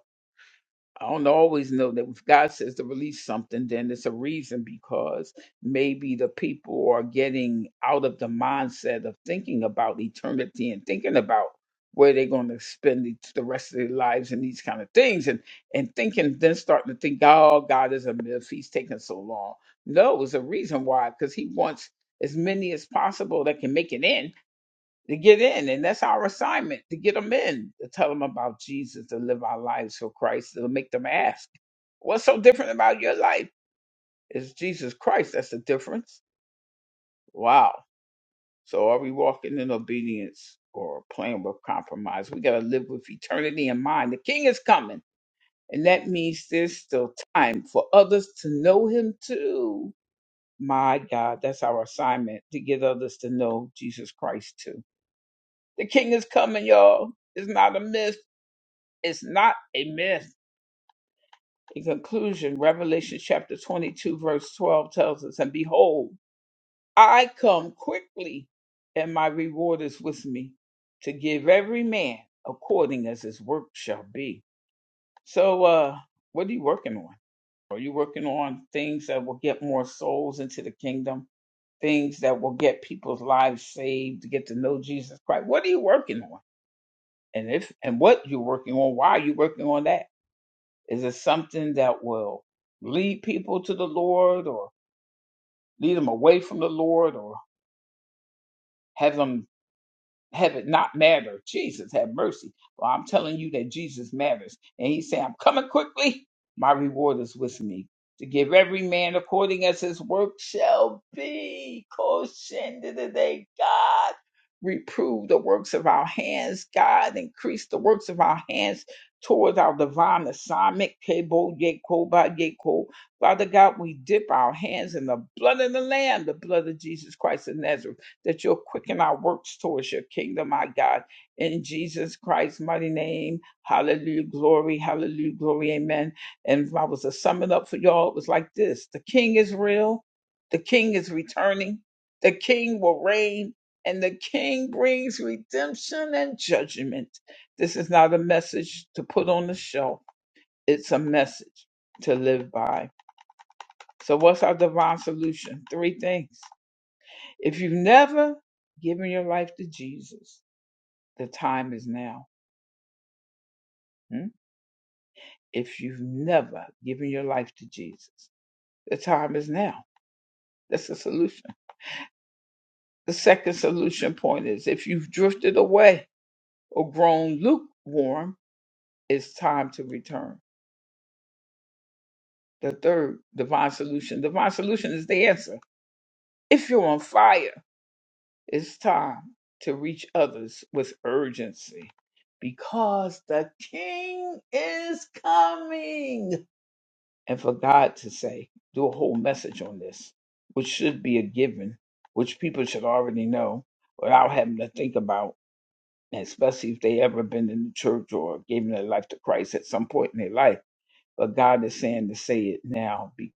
A: I don't always know that if God says to release something, then it's a reason because maybe the people are getting out of the mindset of thinking about eternity and thinking about where they're going to spend the the rest of their lives and these kind of things and and thinking then starting to think oh god is a myth he's taking so long no it's a reason why because he wants as many as possible that can make it in to get in. And that's our assignment to get them in, to tell them about Jesus, to live our lives for Christ, to make them ask, What's so different about your life? It's Jesus Christ. That's the difference. Wow. So are we walking in obedience or playing with compromise? We got to live with eternity in mind. The King is coming. And that means there's still time for others to know him too. My God, that's our assignment to get others to know Jesus Christ too. The King is coming, y'all. It's not a myth. It's not a myth. In conclusion, Revelation chapter 22, verse 12 tells us, And behold, I come quickly, and my reward is with me to give every man according as his work shall be. So, uh, what are you working on? Are you working on things that will get more souls into the kingdom? Things that will get people's lives saved to get to know Jesus Christ? What are you working on? And if and what you're working on, why are you working on that? Is it something that will lead people to the Lord or lead them away from the Lord or have them Heaven not matter. Jesus have mercy. Well, I'm telling you that Jesus matters. And he said, I'm coming quickly. My reward is with me. To give every man according as his work shall be. Caution to the day, God. Reprove the works of our hands, God. Increase the works of our hands towards our divine assignment. Kebo, Yeko, Ba, Yeko. Father God, we dip our hands in the blood of the Lamb, the blood of Jesus Christ of Nazareth that you'll quicken our works towards your kingdom, my God. In Jesus Christ's mighty name, hallelujah, glory, hallelujah, glory, amen. And if I was to sum it up for y'all, it was like this The king is real, the king is returning, the king will reign. And the king brings redemption and judgment. This is not a message to put on the shelf. It's a message to live by. So, what's our divine solution? Three things if you've never given your life to Jesus, the time is now. Hmm? If you've never given your life to Jesus, the time is now. That's the solution. The second solution point is if you've drifted away or grown lukewarm, it's time to return. The third divine solution, divine solution is the answer. If you're on fire, it's time to reach others with urgency because the king is coming. and for God to say, do a whole message on this, which should be a given, which people should already know without having to think about, and especially if they ever been in the church or given their life to Christ at some point in their life. But God is saying to say it now. Be-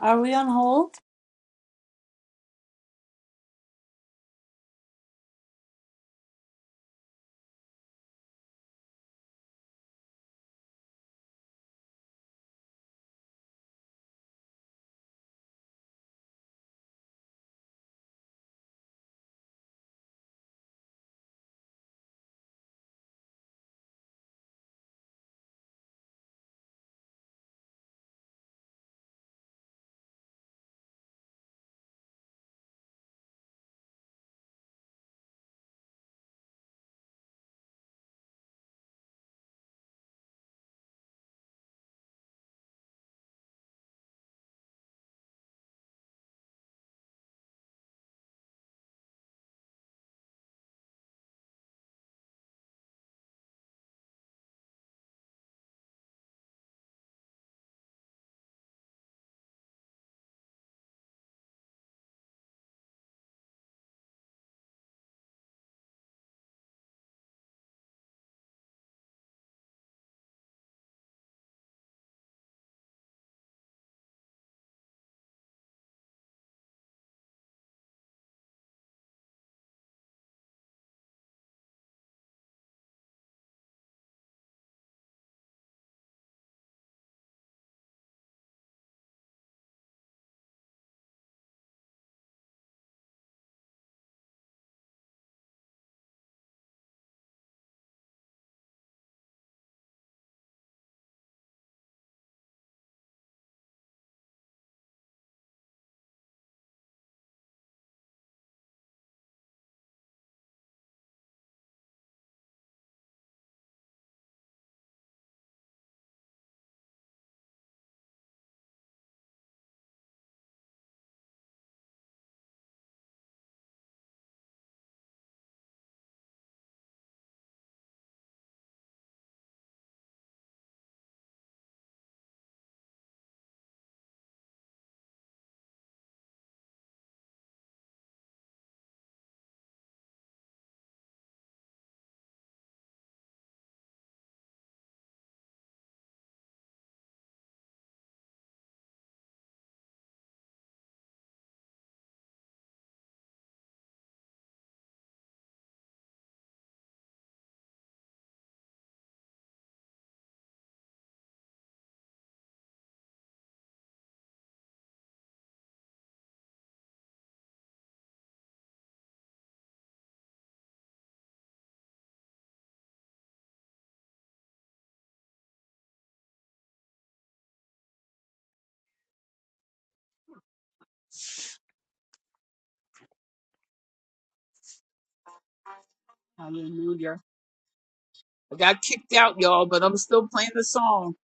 B: Are we on hold?
C: Hallelujah. I got kicked out, y'all, but I'm still playing the song.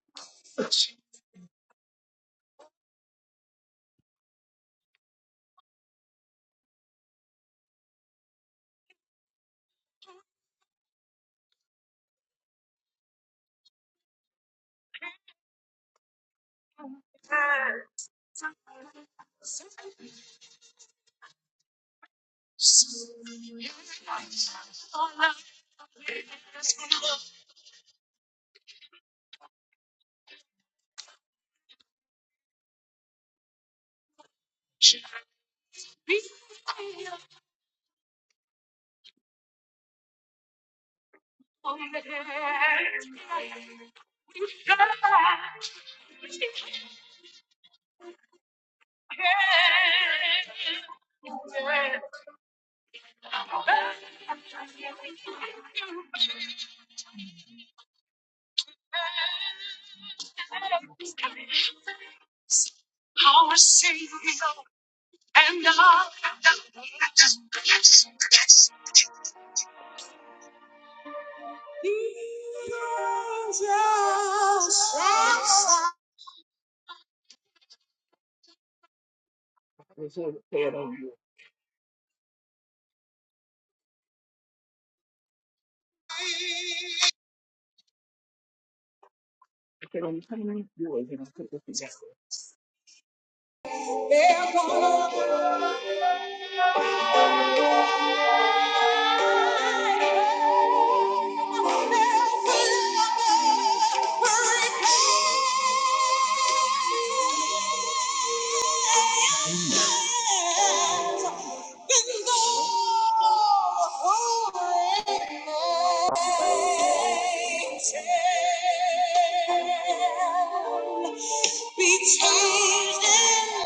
A: Be changed in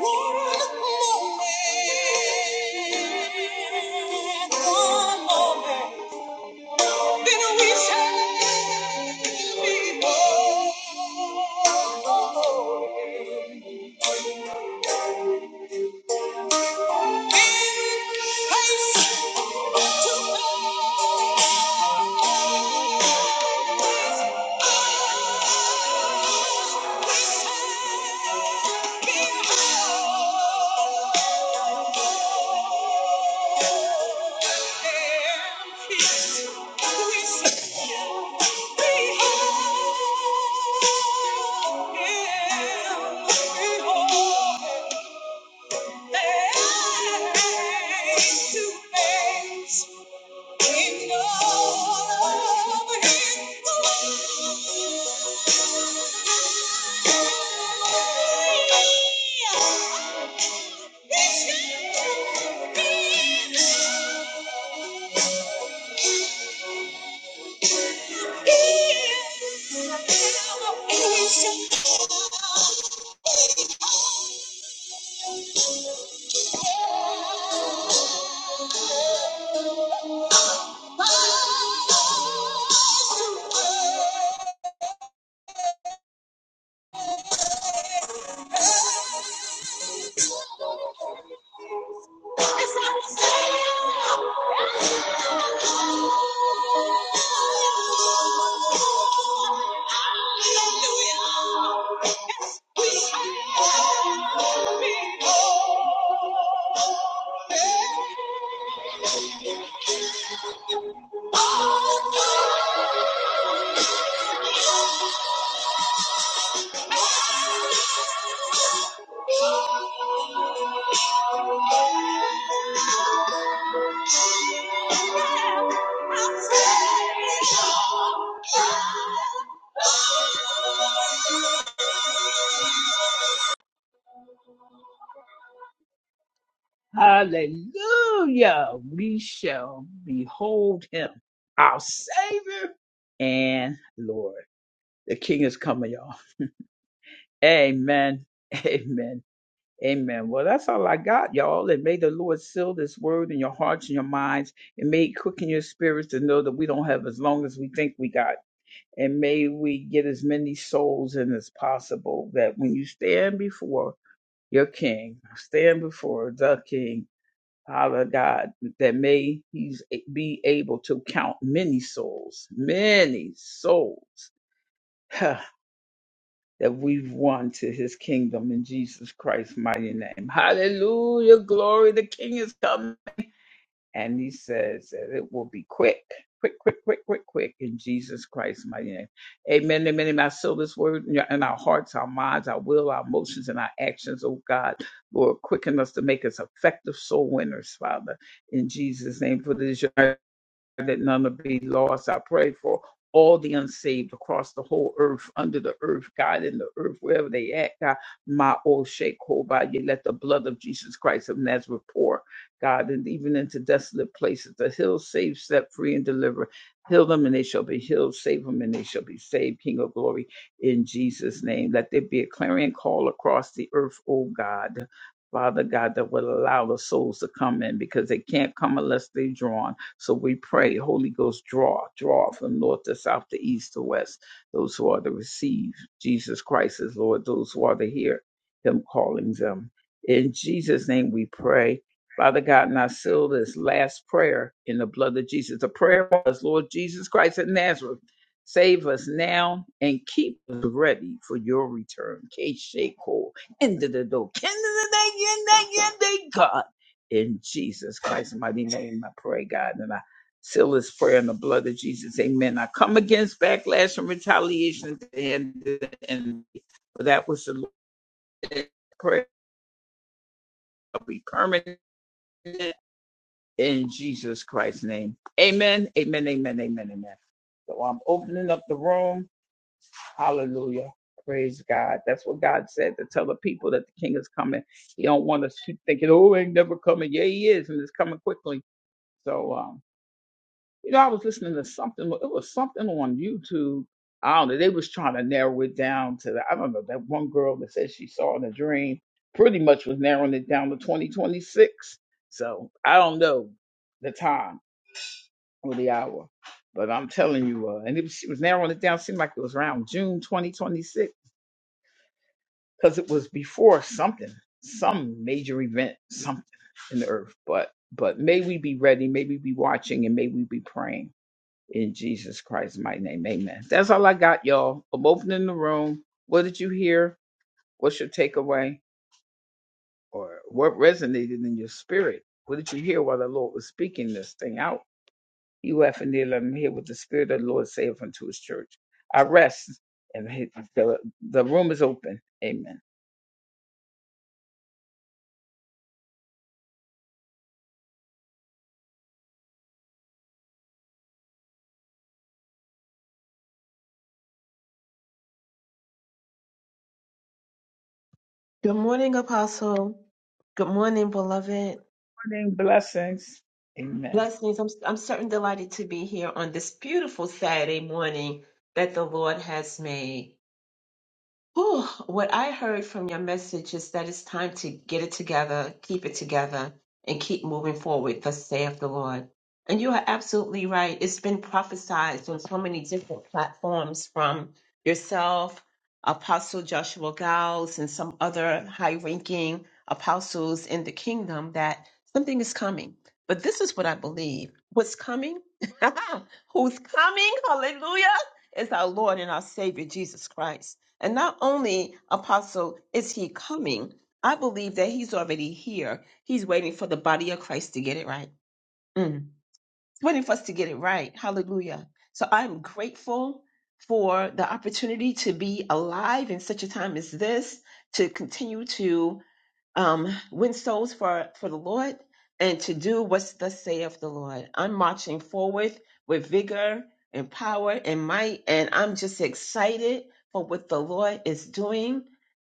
A: one moment. One moment. Then we shall be born. Yeah. Yeah. Hallelujah. Hallelujah. We shall behold him, our Savior and Lord. The King is coming, y'all. Amen. [LAUGHS] Amen. Amen. Well, that's all I got, y'all. And may the Lord seal this word in your hearts and your minds, and may it quicken your spirits to know that we don't have as long as we think we got. And may we get as many souls in as possible that when you stand before your King, stand before the King, Father God, that may He be able to count many souls, many souls [LAUGHS] [SIGHS] that we've won to his kingdom in Jesus Christ's mighty name. Hallelujah. Glory. The king is coming. And he says that it will be quick, quick, quick, quick, quick, quick in Jesus Christ's mighty name. Amen. Amen. And I seal this word in your- in our hearts, our minds, our will, our emotions, and our actions. Oh God, Lord, quicken us to make us effective soul winners, Father, in Jesus' name. For this that none will be lost. I pray for all the unsaved across the whole earth, under the earth, God, in the earth, wherever they at, God, my old shake you let the blood of Jesus Christ of Nazareth pour, God, and even into desolate places, the hill save, set free, and deliver. Heal them and they shall be healed, save them and they shall be saved, King of glory, in Jesus' name. Let there be a clarion call across the earth, oh God. Father God, that will allow the souls to come in because they can't come unless they're drawn. So we pray, Holy Ghost, draw, draw from north to south to east to west, those who are to receive Jesus Christ as Lord, those who are to hear him calling them. In Jesus' name we pray. Father God, and I seal this last prayer in the blood of Jesus. The prayer was, Lord Jesus Christ of Nazareth, save us now and keep us ready for your return. K-Shake-Hole, end of the door, end of the day, end of the day, end of the day, God. In Jesus Christ's mighty name, I pray, God, and I seal this prayer in the blood of Jesus. Amen. I come against backlash and retaliation at the end of the enemy. For that was the Lord's prayer. I'll be permanent in Jesus Christ's name. Amen. Amen. Amen. Amen. Amen. So I'm opening up the room. Hallelujah. Praise God. That's what God said to tell the people that the king is coming. He don't want us to thinking, oh, he ain't never coming. Yeah, he is, and it's coming quickly. So um, You know, I was listening to something. It was something on YouTube. I don't know. They was trying to narrow it down to the, I don't know that one girl that said she saw in a dream. Pretty much was narrowing it down to 2026. So I don't know the time or the hour, but I'm telling you, uh, and it, was- she was narrowing it down. Seemed like it was around June 2026 because it was before something, some major event, something in the earth. But but may we be ready? May we be watching, and may we be praying in Jesus Christ's mighty name, amen. That's all I got, y'all. I'm opening the room. What did you hear? What's your takeaway? Or what resonated in your spirit? What did you hear while the Lord was speaking this thing out? You have and near, let him hear what the Spirit of the Lord saith unto his church. I rest, and he- the, the room is open. Amen.
D: Good morning, Apostle. Good morning, beloved.
A: Morning blessings. Amen.
D: Blessings. I'm, I'm certain delighted to be here on this beautiful Saturday morning that the Lord has made. Whew, what I heard from your message is that it's time to get it together, keep it together, and keep moving forward, thus saith the Lord. And you are absolutely right. It's been prophesied on so many different platforms from yourself, Apostle Joshua Giles, and some other high ranking apostles in the kingdom that something is coming. But this is what I believe what's coming, [LAUGHS] who's coming, hallelujah, is our Lord and our Savior, Jesus Christ. And not only, Apostle, is he coming, I believe that he's already here. He's waiting for the body of Christ to get it right. Mm. He's waiting for us to get it right. Hallelujah. So I'm grateful for the opportunity to be alive in such a time as this, to continue to um, win souls for, for the Lord and to do what's thus saith the Lord. I'm marching forward with vigor and power and might, and I'm just excited for what the Lord is doing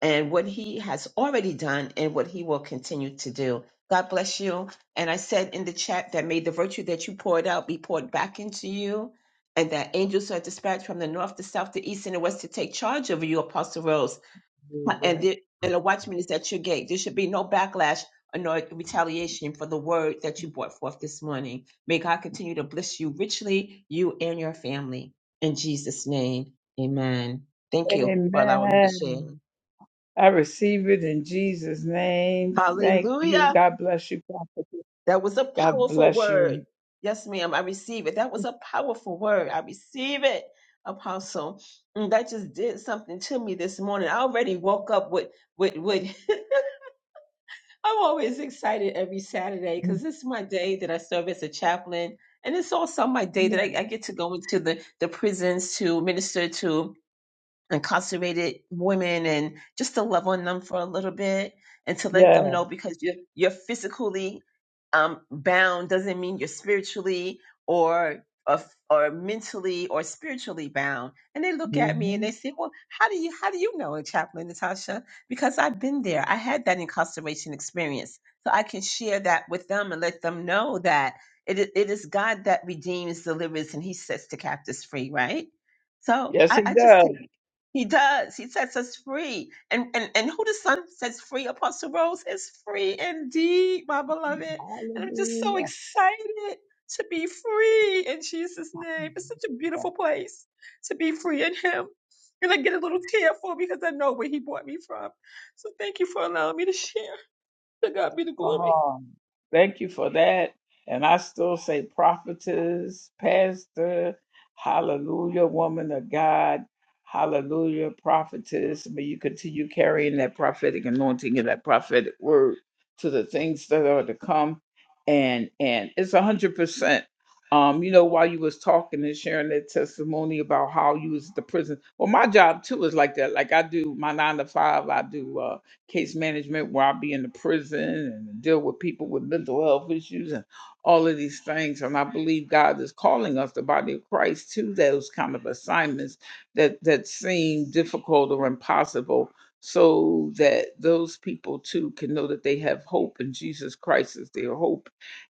D: and what he has already done and what he will continue to do. God bless you. And I said in the chat that may the virtue that you poured out be poured back into you, and that angels are dispatched from the north, the south, the east, and the west to take charge of you, Apostle Rose and the, and the watchman is at your gate. There should be no backlash or no retaliation for the word that you brought forth this morning. May God continue to bless you richly, you and your family. In Jesus' name, amen. Thank you for allowing me to share.
A: Amen. I receive it in Jesus' name. Thank you.
D: Hallelujah.
A: God bless you, Prophet.
D: That was a
A: God
D: powerful
A: bless
D: word.
A: you.
D: Yes, ma'am. I receive it. That was a powerful word. I receive it, Apostle. And that just did something to me this morning. I already woke up with, with, with [LAUGHS] I'm always excited every Saturday because
A: Mhm.
D: this is my day that I serve as a chaplain. And it's also my day that I, I get to go into the, the prisons to minister to incarcerated women and just to love on them for a little bit and to let
A: Yeah.
D: them know because you're, you're physically um, bound doesn't mean you're spiritually or, or or mentally or spiritually bound. And they look at me and
A: hmm
D: they say, "Well, how do you how do you know, Chaplain Natasha? Because I've been there. I had that incarceration experience, so I can share that with them and let them know that it i- it is God that redeems, delivers, and He sets the captives free. Right? So
A: Yes,
D: I,
A: He
D: I just
A: does.
D: take he does. He sets us free. And and and who the Son sets free, Apostle Rose, is free indeed, my beloved. And I'm just so
A: Hallelujah.
D: excited to be free in Jesus' name. It's such a beautiful place to be free in Him. And I get a little tearful because I know where He brought me from. So thank you for allowing me to share. To God be the glory.
A: Oh, thank you for that. And I still say prophetess, pastor, hallelujah, woman of God, hallelujah, prophetess. May you continue carrying that prophetic anointing and that prophetic word to the things that are to come. And and it's a hundred percent. Um, you know, while you was talking and sharing that testimony about how you was at the prison. Well, my job too is like that. Like I do my nine to five, I do uh case management where I'll be in the prison and deal with people with mental health issues and all of these things. And I believe God is calling us, the body of Christ, to those kind of assignments that that seem difficult or impossible so that those people too can know that they have hope in Jesus Christ as their hope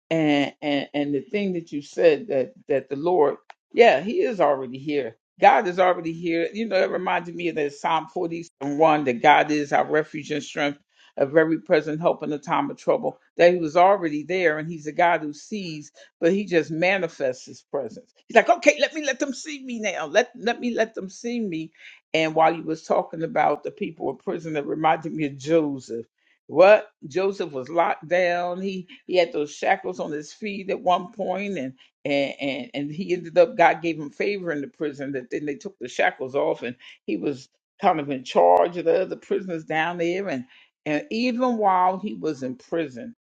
A: and and and the thing that you said that that the Lord, yeah, He is already here. God is already here. You know, it reminded me of that Psalm 41 that God is our refuge and strength, a very present help in the time of trouble. That He was already there, and He's a God who sees, but He just manifests His presence. He's like, okay, let me let them see me now. Let let me let them see me. And while you was talking about the people in prison, that reminded me of Joseph what Joseph was locked down. He he had those shackles on his feet at one point, and and and and he ended up God gave him favor in the prison. That then they took the shackles off, and he was kind of in charge of the other prisoners down there. And and even while he was in prison,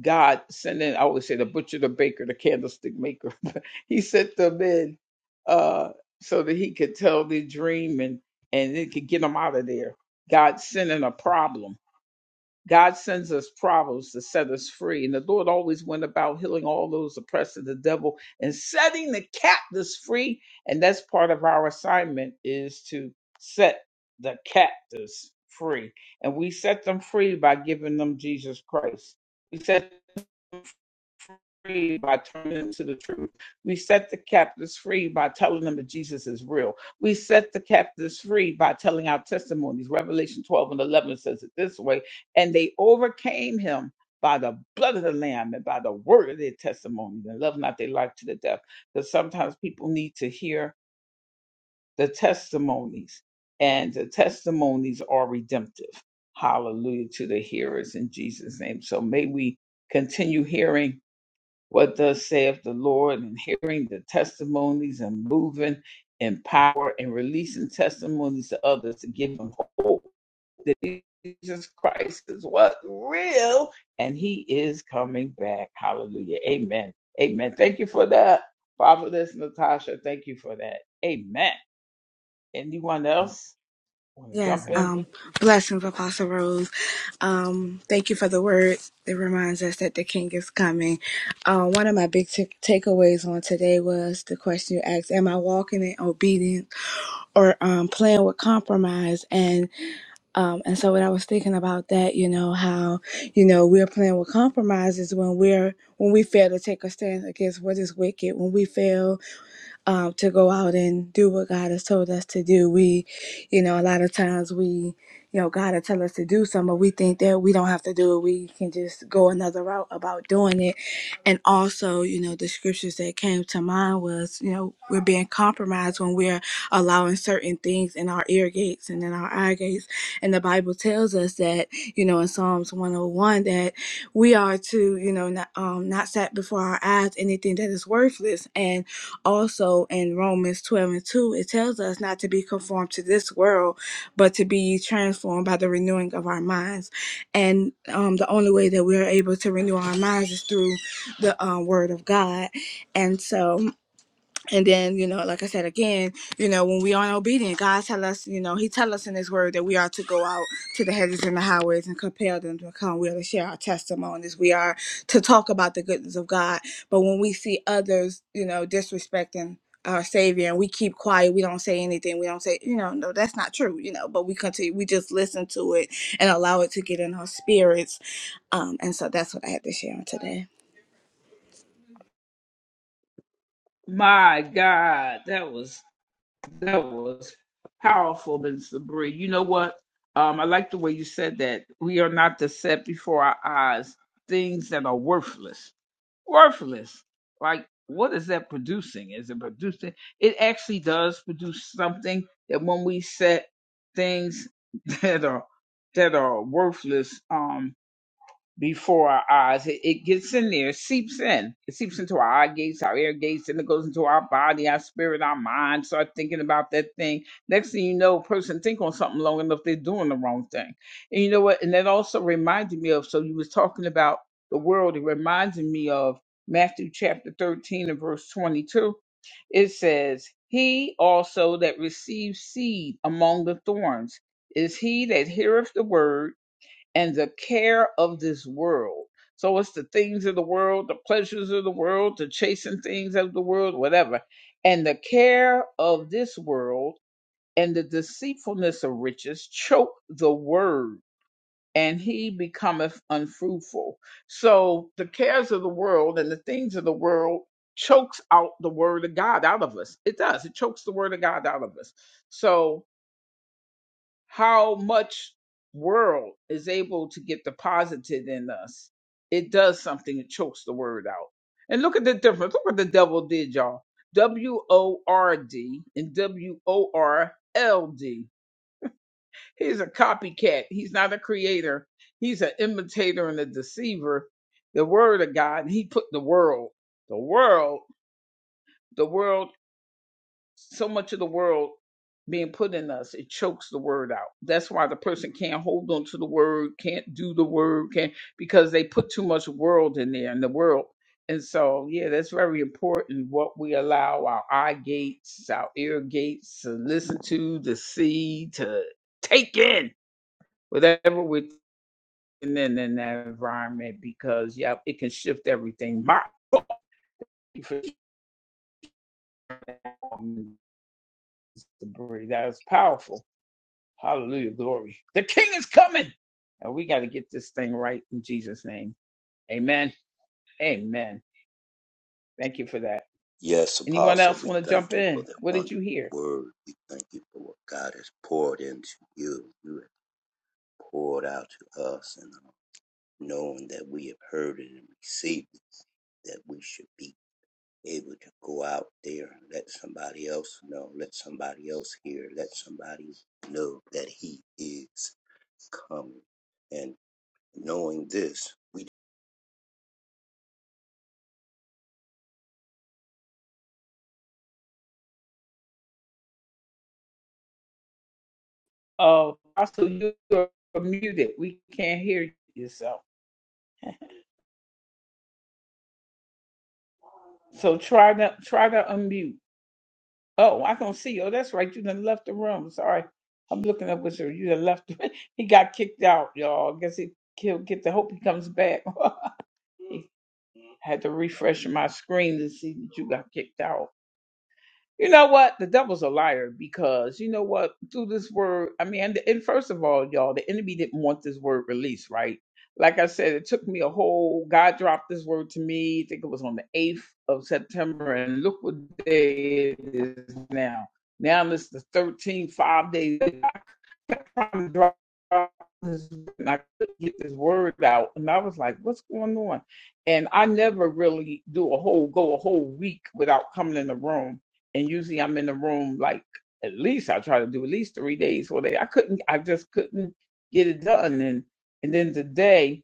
A: God sent in. I always say the butcher, the baker, the candlestick maker. [LAUGHS] he sent them in uh, so that he could tell their dream and and it could get them out of there. God sent in a problem God sends us problems to set us free. And the Lord always went about healing all those oppressed of the devil and setting the captives free. And that's part of our assignment is to set the captives free. And we set them free by giving them Jesus Christ. We set free by turning them to the truth. We set the captives free by telling them that Jesus is real. We set the captives free by telling our testimonies. Revelation 12 and 11 says it this way and they overcame him. By the blood of the Lamb and by the word of their testimony, and love not their life to the death. Because sometimes people need to hear the testimonies, and the testimonies are redemptive. Hallelujah to the hearers in Jesus' name. So may we continue hearing what thus saith the Lord, and hearing the testimonies and moving in power and releasing testimonies to others to give them hope that Jesus Christ is what real and he is coming back. Hallelujah. Amen. Amen. Thank you for that. Fatherless Natasha, thank you for that. Amen. Anyone else want to
E: Yes,
A: jump in? What
E: um,
A: did you hear?
E: blessings, Apostle Rose. Um, thank you for the word that reminds us that the King is coming. Uh, one of my big t- takeaways on today was the question you asked: Am I walking in obedience or um, playing with compromise? And um, and so when I was thinking about that, you know how you know we're playing with compromises when we're when we fail to take a stand against what is wicked, when we fail um, to go out and do what God has told us to do. We, you know, a lot of times we, you know, God will tell us to do something, but we think that we don't have to do it. We can just go another route about doing it. And also, you know, the scriptures that came to mind was, you know, we're being compromised when we're allowing certain things in our ear gates and in our eye gates. And the Bible tells us that, you know, in Psalms 101, that we are to, you know, not, um, not set before our eyes anything that is worthless. And also in Romans 12 and 2, it tells us not to be conformed to this world, but to be transformed by the renewing of our minds. And um, the only way that we're able to renew our minds is through the uh, Word of God. And so, and then you know like i said again you know when we aren't obedient god tell us you know he tell us in his word that we are to go out to the hedges and the highways and compel them to come we are to share our testimonies we are to talk about the goodness of god but when we see others you know disrespecting our savior and we keep quiet we don't say anything we don't say you know no that's not true you know but we continue we just listen to it and allow it to get in our spirits um and so that's what i had to share on today
A: My God, that was That was powerful, Ms. Bree. You know what? Um, I like the way you said that. We are not to set before our eyes things that are worthless. Worthless. Like, what is that producing? Is it producing? It actually does produce something that when we set things [LAUGHS] that are that are worthless, um, before our eyes. It, it gets in there, seeps in. It seeps into our eye gates, our ear gates, and it goes into our body, our spirit, our mind. Start thinking about that thing. Next thing you know, a person think on something long enough, they're doing the wrong thing. And you know what? And that also reminded me of. So you was talking about the world. It reminded me of Matthew chapter thirteen and verse twenty-two. It says, "He also that receives seed among the thorns is he that heareth the word." and the care of this world. So it's the things of the world, the pleasures of the world, the chasing things of the world, whatever. And the care of this world and the deceitfulness of riches choke the word, and he becometh unfruitful. So the cares of the world and the things of the world chokes out the word of God out of us. It does. It chokes the word of God out of us. So how much world is able to get deposited in us, it does something. It chokes the word out. And look at the difference. Look what the devil did, y'all. W O R D and W O R L D. He's a copycat. He's not a creator. He's an imitator and a deceiver. The word of God. And he put the world, the world, the world so much of the world being put in us it chokes the word out that's why the person can't hold on to the word can't do the word can't because they put too much world in there in the world and so yeah that's very important what we allow our eye gates our ear gates to listen to to see to take in whatever we're taking in in that environment because yeah it can shift everything my [LAUGHS] that's powerful Hallelujah, glory. The King is coming. And we got to get this thing right in Jesus' name. Amen. Amen. Thank you for that. Anyone else want to jump in? What did you hear? Oh, also you are muted. We can't hear yourself. So try to try to unmute. Oh, I don't see you. Oh, that's right. You done left the room. Sorry. I'm looking up with you. You done left. [LAUGHS] he got kicked out, y'all. I guess he he'll get the hope he comes back. [LAUGHS] had to refresh my screen to see that you got kicked out. You know what? The devil's a liar because you know what? Through this word, I mean, and, and first of all, y'all, the enemy didn't want this word released, right? Like I said, it took me a whole. God dropped this word to me. I think it was on the eighth of September, and look what day it is now. Now it's the thirteenth, five days trying to drop this, and I couldn't get this word out, and I was like, "What's going on?" And I never really do a whole go a whole week without coming in the room, and usually I'm in the room like at least I try to do at least three days or they I couldn't, I just couldn't get it done, and and then today.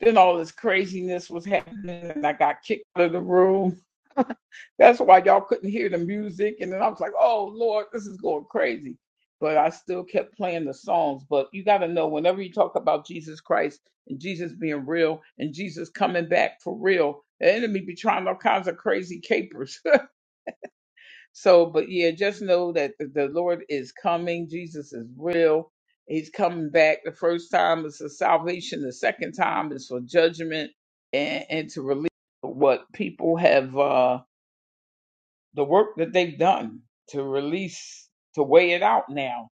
A: Then all this craziness was happening, and I got kicked out of the room. [LAUGHS] That's why y'all couldn't hear the music. And then I was like, oh, Lord, this is going crazy. But I still kept playing the songs. But you got to know whenever you talk about Jesus Christ and Jesus being real and Jesus coming back for real, the enemy be trying all kinds of crazy capers so, but yeah, just know that the the Lord is coming. Jesus is real. He's coming back. The first time is for salvation. The second time is for judgment and, and to release what people have, uh, the work that they've done to release, to weigh it out now,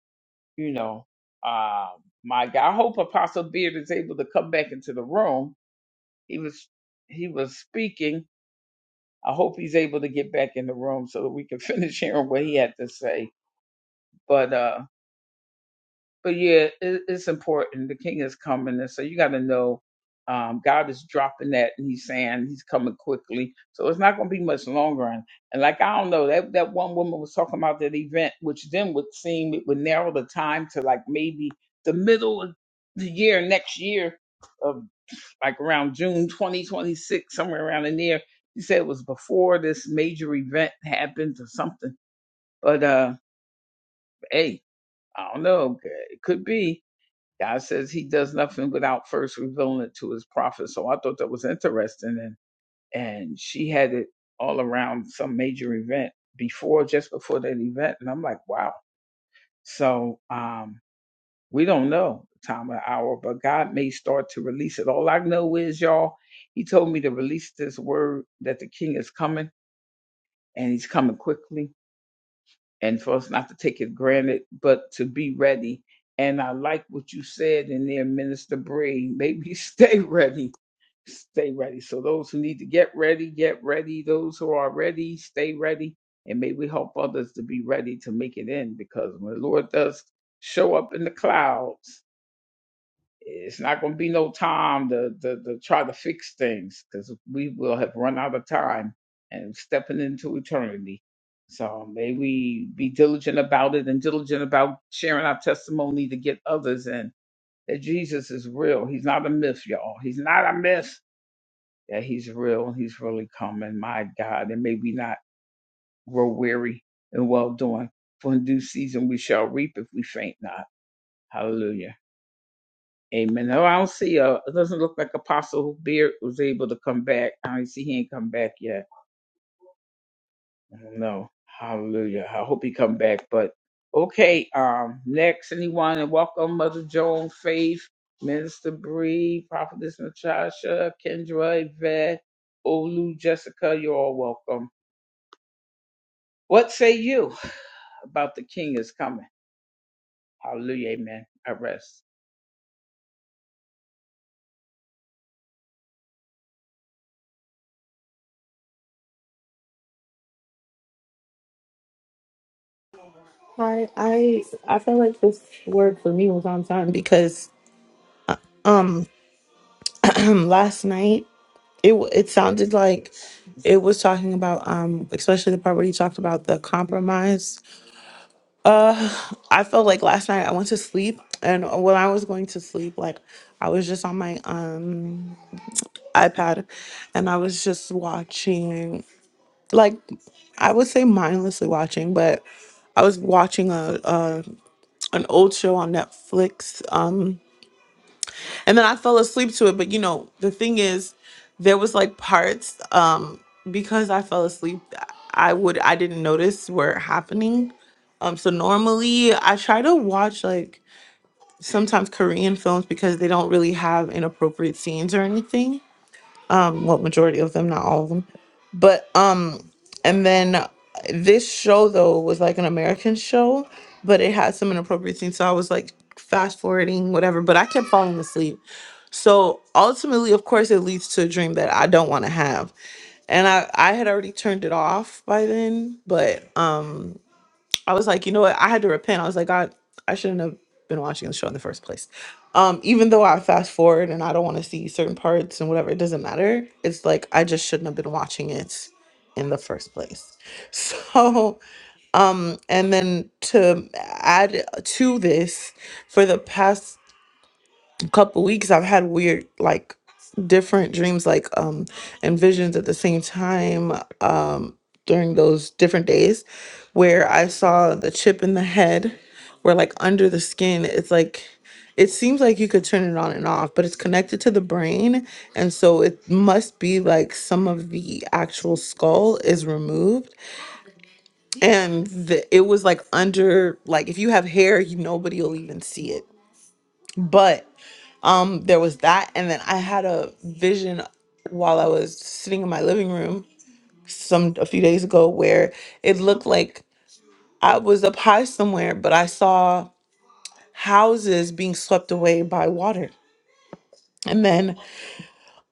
A: you know. Uh, my God, I hope Apostle Beard is able to come back into the room. He was, he was speaking. I hope he's able to get back in the room so that we can [LAUGHS] finish hearing what he had to say. But, uh, but yeah, it, it's important. The king is coming, and so you got to know um, God is dropping that, and He's saying He's coming quickly. So it's not going to be much longer. And, and like I don't know that that one woman was talking about that event, which then would seem it would narrow the time to like maybe the middle of the year next year, of like around June 2026, somewhere around in there. He said it was before this major event happens or something. But uh, hey, I don't know. It could be. God says he does nothing without first revealing it to his prophet. So I thought that was interesting. And, and she had it all around some major event before, just before that event. And I'm like, wow. So, um, we don't know the time or hour, but God may start to release it. All I know is y'all, he told me to release this word that the king is coming and he's coming quickly and for us not to take it granted, but to be ready. And I like what you said in there, Minister Bree. Maybe [LAUGHS] stay ready, stay ready. So those who need to get ready, get ready. Those who are ready, stay ready. And may we help others to be ready to make it in because when the Lord does show up in the clouds, it's not going to be no time to, to, to try to fix things because we will have run out of time and stepping into eternity. So may we be diligent about it and diligent about sharing our testimony to get others in that Jesus is real. He's not a myth, y'all. He's not a myth. Yeah, he's real. He's really coming. My God. And may we not grow weary and well doing. For in due season we shall reap if we faint not. Hallelujah. Amen. No, I don't see a. It doesn't look like Apostle Beard was able to come back. I don't see he ain't come back yet. No. Hallelujah. I hope he come back. But okay. Um. Next, anyone and welcome, Mother Joan, Faith, Minister Bree, Prophetess Natasha, Kendra, Yvette, Olu, Jessica. You're all welcome. What say you about the King is coming? Hallelujah. Amen. I rest.
B: I I I felt like this word for me was on time because um last night it w- it sounded like it was talking about um especially the part where you talked about the compromise. I felt like last night I went to sleep and when I was going to sleep like I was just on my um iPad and I was just watching like I would say mindlessly watching but I was watching a, a an old show on Netflix. Um and then I fell asleep to it. But you know, the thing is, there was like parts um because I fell asleep, I would I didn't notice were happening. Um, so normally I try to watch like sometimes Korean films because they don't really have inappropriate scenes or anything. Um, well, majority of them, not all of them, but um, and then uh, this show though was like an American show, but it had some inappropriate scenes. So I was like fast forwarding whatever, but I kept falling asleep. So ultimately, of course, it leads to a dream that I don't want to have. And I, I had already turned it off by then, but um I was like, you know what, I had to repent. I was like, God, I shouldn't have been watching the show in the first place. Um, even though I fast forward and I don't want to see certain parts and whatever, it doesn't matter. It's like I just shouldn't have been watching it in the first place. [LAUGHS] So um and then to add to this, for the past couple weeks I've had weird like different dreams like um and visions at the same time um during those different days where I saw the chip in the head where like under the skin it's like it seems like you could turn it on and off but it's connected to the brain and so it must be like some of the actual skull is removed and the, it was like under like if you have hair you nobody will even see it but. Um, there was that, and then I had a vision while I was sitting in my living room some a few days ago where it looked like I was up high somewhere, but I saw houses being swept away by water. And then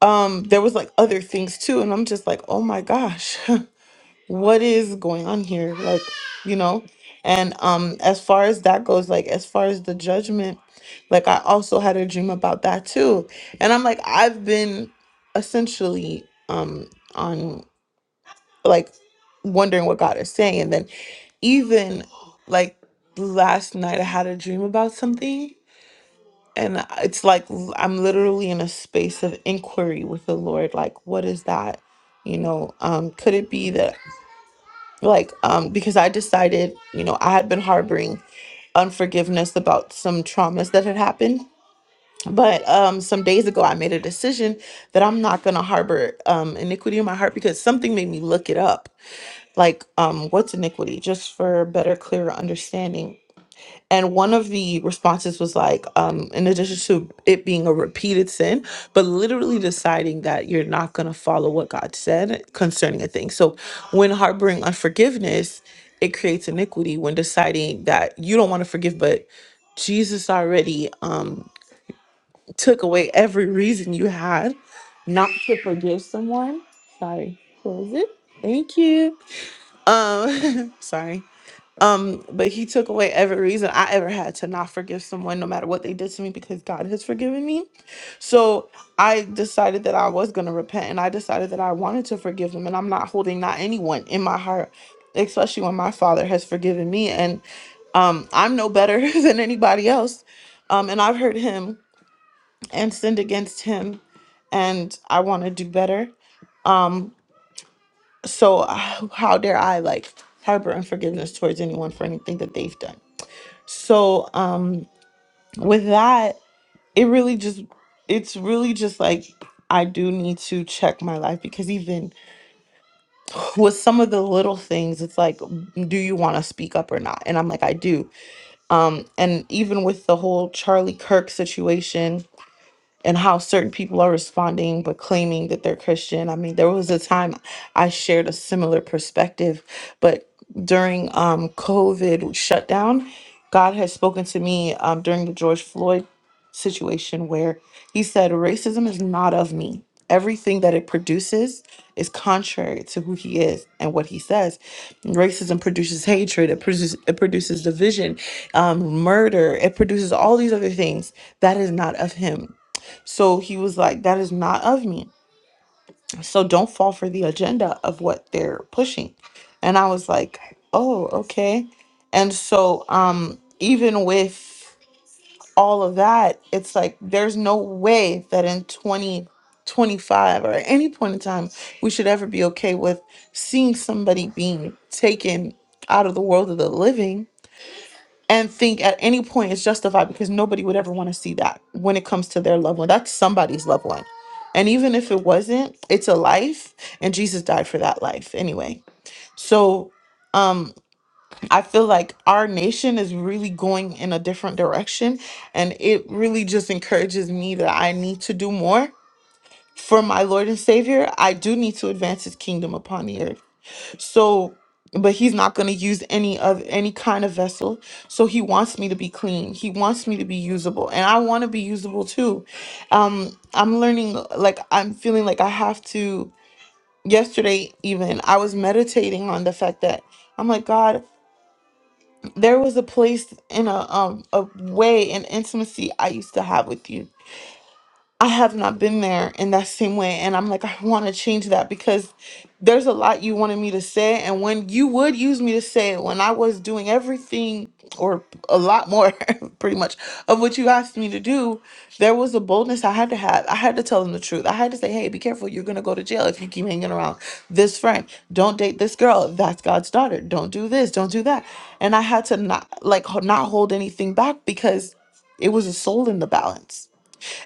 B: um there was like other things too, and I'm just like, oh my gosh. [LAUGHS] what is going on here like you know and um as far as that goes like as far as the judgment like i also had a dream about that too and i'm like i've been essentially um on like wondering what god is saying and then even like last night i had a dream about something and it's like l- i'm literally in a space of inquiry with the lord like what is that you know um could it be that like um because i decided you know i had been harboring unforgiveness about some traumas that had happened but um some days ago i made a decision that i'm not going to harbor um iniquity in my heart because something made me look it up like um what's iniquity just for better clearer understanding and one of the responses was like, um, in addition to it being a repeated sin, but literally deciding that you're not going to follow what God said concerning a thing. So when harboring unforgiveness, it creates iniquity when deciding that you don't want to forgive, but Jesus already um, took away every reason you had not to forgive someone. Sorry, close it. Thank you. Um, [LAUGHS] sorry. Um, but he took away every reason I ever had to not forgive someone, no matter what they did to me, because God has forgiven me. So I decided that I was gonna repent, and I decided that I wanted to forgive them, and I'm not holding not anyone in my heart, especially when my Father has forgiven me, and um, I'm no better [LAUGHS] than anybody else. Um, and I've hurt him and sinned against him, and I want to do better. Um, so [SIGHS] how dare I like harbor unforgiveness towards anyone for anything that they've done? So um with that, it really just it's really just like I do need to check my life because even with some of the little things, it's like, "Mm, do you want to speak up or not? And I'm like, I do. Um, and even with the whole Charlie Kirk situation, and how certain people are responding but claiming that they're Christian. I mean, there was a time I shared a similar perspective, but during um, COVID shutdown, God had spoken to me um, during the George Floyd situation where he said, Racism is not of me. Everything that it produces is contrary to who he is and what he says. Racism produces hatred, it produces, it produces division, um, murder, it produces all these other things that is not of him. So he was like, That is not of me. So don't fall for the agenda of what they're pushing. And I was like, Oh, okay. And so um even with all of that, it's like there's no way that in 2025 or at any point in time we should ever be okay with seeing somebody being taken out of the world of the living and think at any point it's justified because nobody would ever want to see that when it comes to their loved one. That's somebody's loved one. And even if it wasn't, it's a life and Jesus died for that life anyway. So um I feel like our nation is really going in a different direction and it really just encourages me that I need to do more for my Lord and Savior. I do need to advance his kingdom upon the earth. So, but he's not going to use any of any kind of vessel. So he wants me to be clean. He wants me to be usable, and I want to be usable too. Um, I'm learning. Like I'm feeling like I have to. Yesterday, even I was meditating on the fact that I'm like God. There was a place in a um a way and intimacy I used to have with you I have not been there in that same way. And I'm like, I want to change that because there's a lot you wanted me to say. And when you would use me to say it, when I was doing everything or a lot more, [LAUGHS] pretty much, of what you asked me to do, there was a boldness I had to have. I had to tell them the truth. I had to say, hey, be careful. You're going to go to jail if you keep hanging around this friend. Don't date this girl. That's God's daughter. Don't do this. Don't do that. And I had to not, like, h- not hold anything back because it was a soul in the balance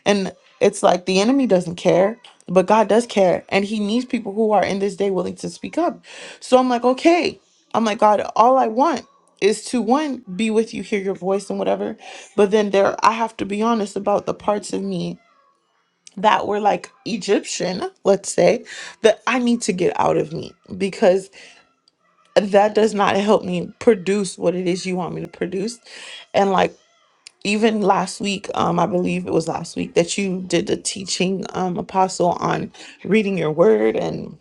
B: and it's like the enemy doesn't care, but God does care. And he needs people who are in this day willing to speak up. So I'm like, okay. I'm like, God, all I want is to one, be with you, hear your voice and whatever. But then there I have to be honest about the parts of me that were like Egyptian, let's say, that I need to get out of me because that does not help me produce what it is you want me to produce. and like even last week um i believe it was last week that you did the teaching um apostle on reading your word and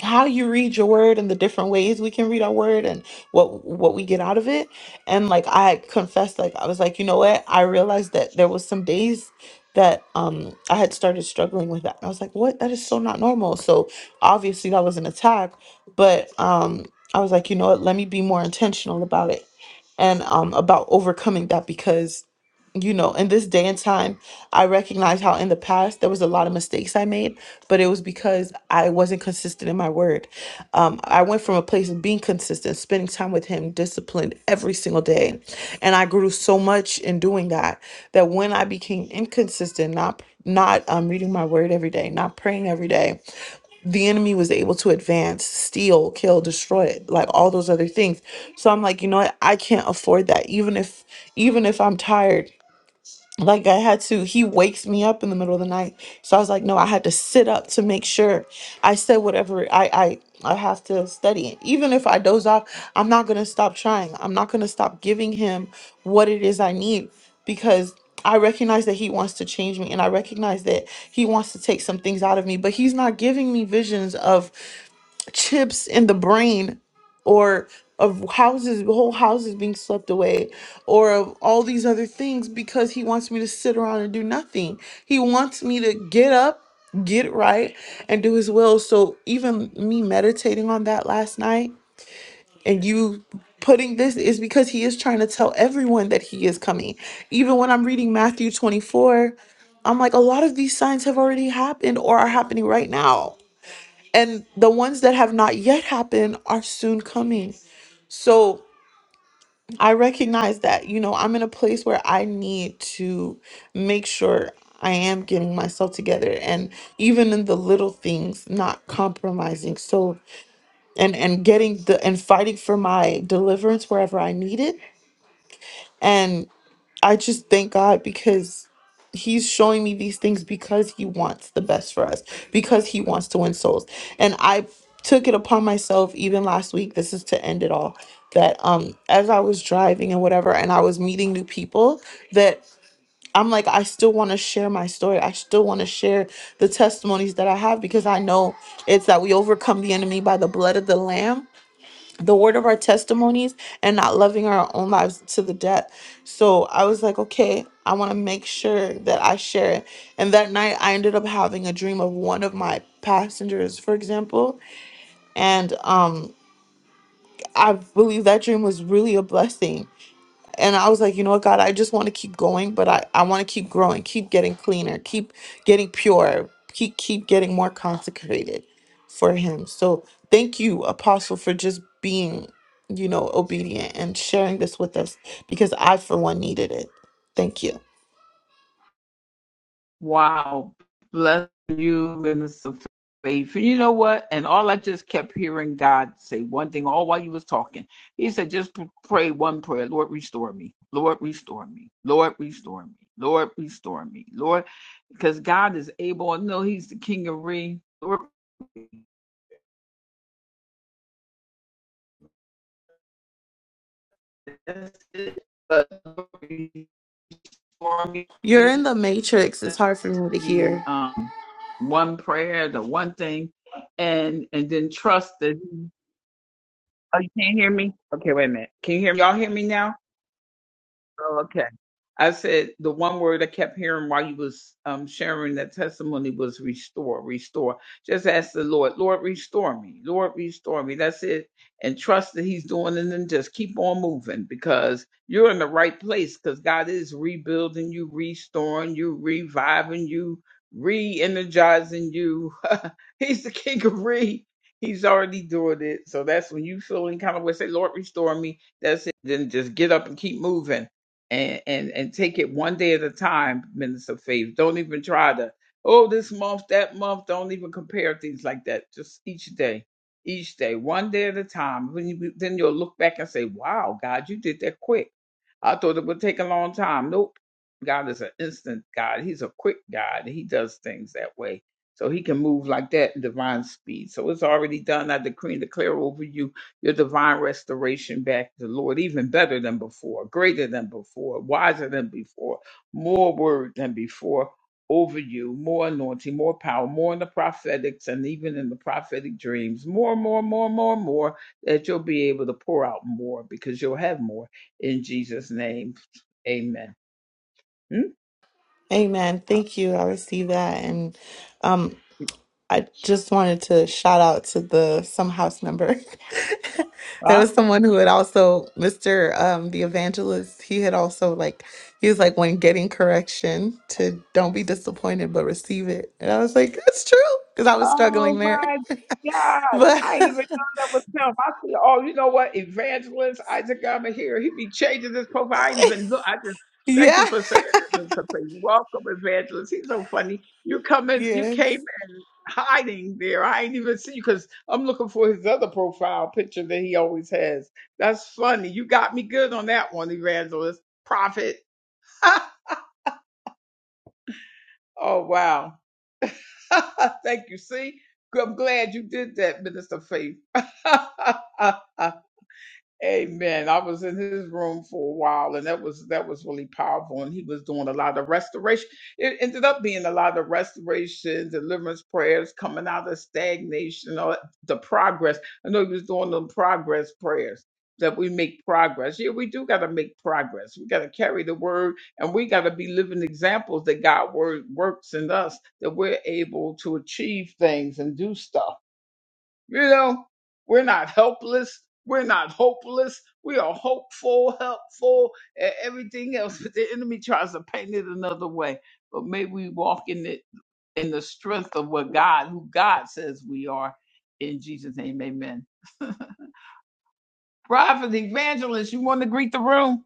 B: how you read your word and the different ways we can read our word and what what we get out of it and like i confessed like i was like you know what i realized that there was some days that um i had started struggling with that i was like what that is so not normal so obviously that was an attack but um i was like you know what let me be more intentional about it and um about overcoming that because you know, in this day and time, I recognize how in the past there was a lot of mistakes I made, but it was because I wasn't consistent in my word. Um, I went from a place of being consistent, spending time with Him, disciplined every single day. And I grew so much in doing that that when I became inconsistent, not not um, reading my word every day, not praying every day, the enemy was able to advance, steal, kill, destroy, like all those other things. So I'm like, you know what? I can't afford that. Even if even if I'm tired like I had to, he wakes me up in the middle of the night. So I was like, no, I had to sit up to make sure I said whatever I I I have to study it. Even if I doze off, I'm not gonna stop trying. I'm not gonna stop giving him what it is I need because I recognize that he wants to change me and I recognize that he wants to take some things out of me, but he's not giving me visions of chips in the brain or of houses whole houses being swept away or of all these other things because he wants me to sit around and do nothing he wants me to get up get right and do his will so even me meditating on that last night and you putting this is because he is trying to tell everyone that he is coming even when i'm reading matthew 24 i'm like a lot of these signs have already happened or are happening right now and the ones that have not yet happened are soon coming. So I recognize that, you know, I'm in a place where I need to make sure I am getting myself together and even in the little things, not compromising. So and and getting the and fighting for my deliverance wherever I need it. I just thank God because He's showing me these things because He wants the best for us, because He wants to win souls. And I took it upon myself, even last week, this is to end it all, that um as I was driving and whatever, and I was meeting new people, that I'm like, I still want to share my story. I still want to share the testimonies that I have because I know it's that we overcome the enemy by the blood of the Lamb the word of our testimonies and not loving our own lives to the death. So I was like, okay, I want to make sure that I share it. And that night I ended up having a dream of one of my passengers, for example. And um I believe that dream was really a blessing and I was like, you know what, God, I just want to keep going, but I, I want to keep growing, keep getting cleaner, keep getting pure, keep keep getting more consecrated for him. So thank you, Apostle, for just being, you know, obedient and sharing this with us because I for one needed it. Thank you.
A: Wow. Bless you, Minister Faith. You know what? And all I just kept hearing God say one thing all while you was talking. He said, just pray one prayer. Lord, restore me. Lord, restore me. Lord, restore me. Lord, restore me. Lord, because God is able. I know He's the King of Re. Lord, that's it. But restore
B: You're in
A: me.
B: the matrix. It's hard for me to
A: The
B: hear.
A: um, one prayer, the one thing, and and then trust that. he Oh, you can't hear me? Okay, wait a minute. Can you hear me? Y'all hear me now? Oh, okay. I said the one word I kept hearing while you was um, sharing that testimony was restore, restore. Just ask the Lord, Lord, restore me, Lord, restore me. That's it. And trust that He's doing it and just keep on moving because you're in the right place because God is rebuilding you, restoring you, reviving you, re energizing you. [LAUGHS] He's the king of re. He's already doing it. So that's when you feeling kind of way, say, Lord, restore me. That's it. Then just get up and keep moving and and and take it one day at a time, Minister Faith. Don't even try to oh this month, that month. Don't even compare things like that. Just each day, each day, one day at a time. When you, then you'll look back and say, "Wow, God, you did that quick. I thought it would take a long time. Nope. God is an instant God. He's a quick God. He does things that way." So he can move like that in divine speed. So it's already done. I decree and declare over you your divine restoration back to the Lord, even better than before, greater than before, wiser than before, more word than before over you, more anointing, more power, more in the prophetics and even in the prophetic dreams, more, more, more, more, more, that you'll be able to pour out more because you'll have more in Jesus' name. Amen. Hmm?
B: Amen. Thank you. I receive that. And um I just wanted to shout out to the some house member. [LAUGHS] there was someone who had also Mr. Um, the evangelist. He had also like he was like when getting correction to don't be disappointed but receive it, and I was like that's true because I was
A: Oh
B: struggling there.
A: my
B: [LAUGHS]
A: God.
B: but
A: I ain't
B: [LAUGHS]
A: even know that was him. I see, oh, you know what? Evangelist Isaac Gama here. He be changing his profile. I ain't even look. I just thank
B: yeah,
A: you for saying that, Mr. Payne. Welcome, Evangelist. He's so funny. You come
B: [LAUGHS]
A: in, you
B: yes.
A: came in hiding there. I ain't even see you because I'm looking for his other profile picture that he always has. That's funny. You got me good on that one, Evangelist. Prophet. [LAUGHS] oh wow. [LAUGHS] Thank you. See, I'm glad you did that, Minister Faith. [LAUGHS] Amen. I was in his room for a while, and that was that was really powerful. And he was doing a lot of restoration. It ended up being a lot of restoration, deliverance prayers, coming out of stagnation, or the progress. I know he was doing them progress prayers that we make progress. Yeah, we do got to make progress. We got to carry the word, and we got to be living examples that God word works in us, that we're able to achieve things and do stuff. You know, we're not helpless. We're not hopeless. We are hopeful, helpful, and everything else. [LAUGHS] But the enemy tries to paint it another way. But may we walk in it in the strength of what God, who God says we are. In Jesus' name, amen. [LAUGHS] Prophet, evangelist, you want to greet the room?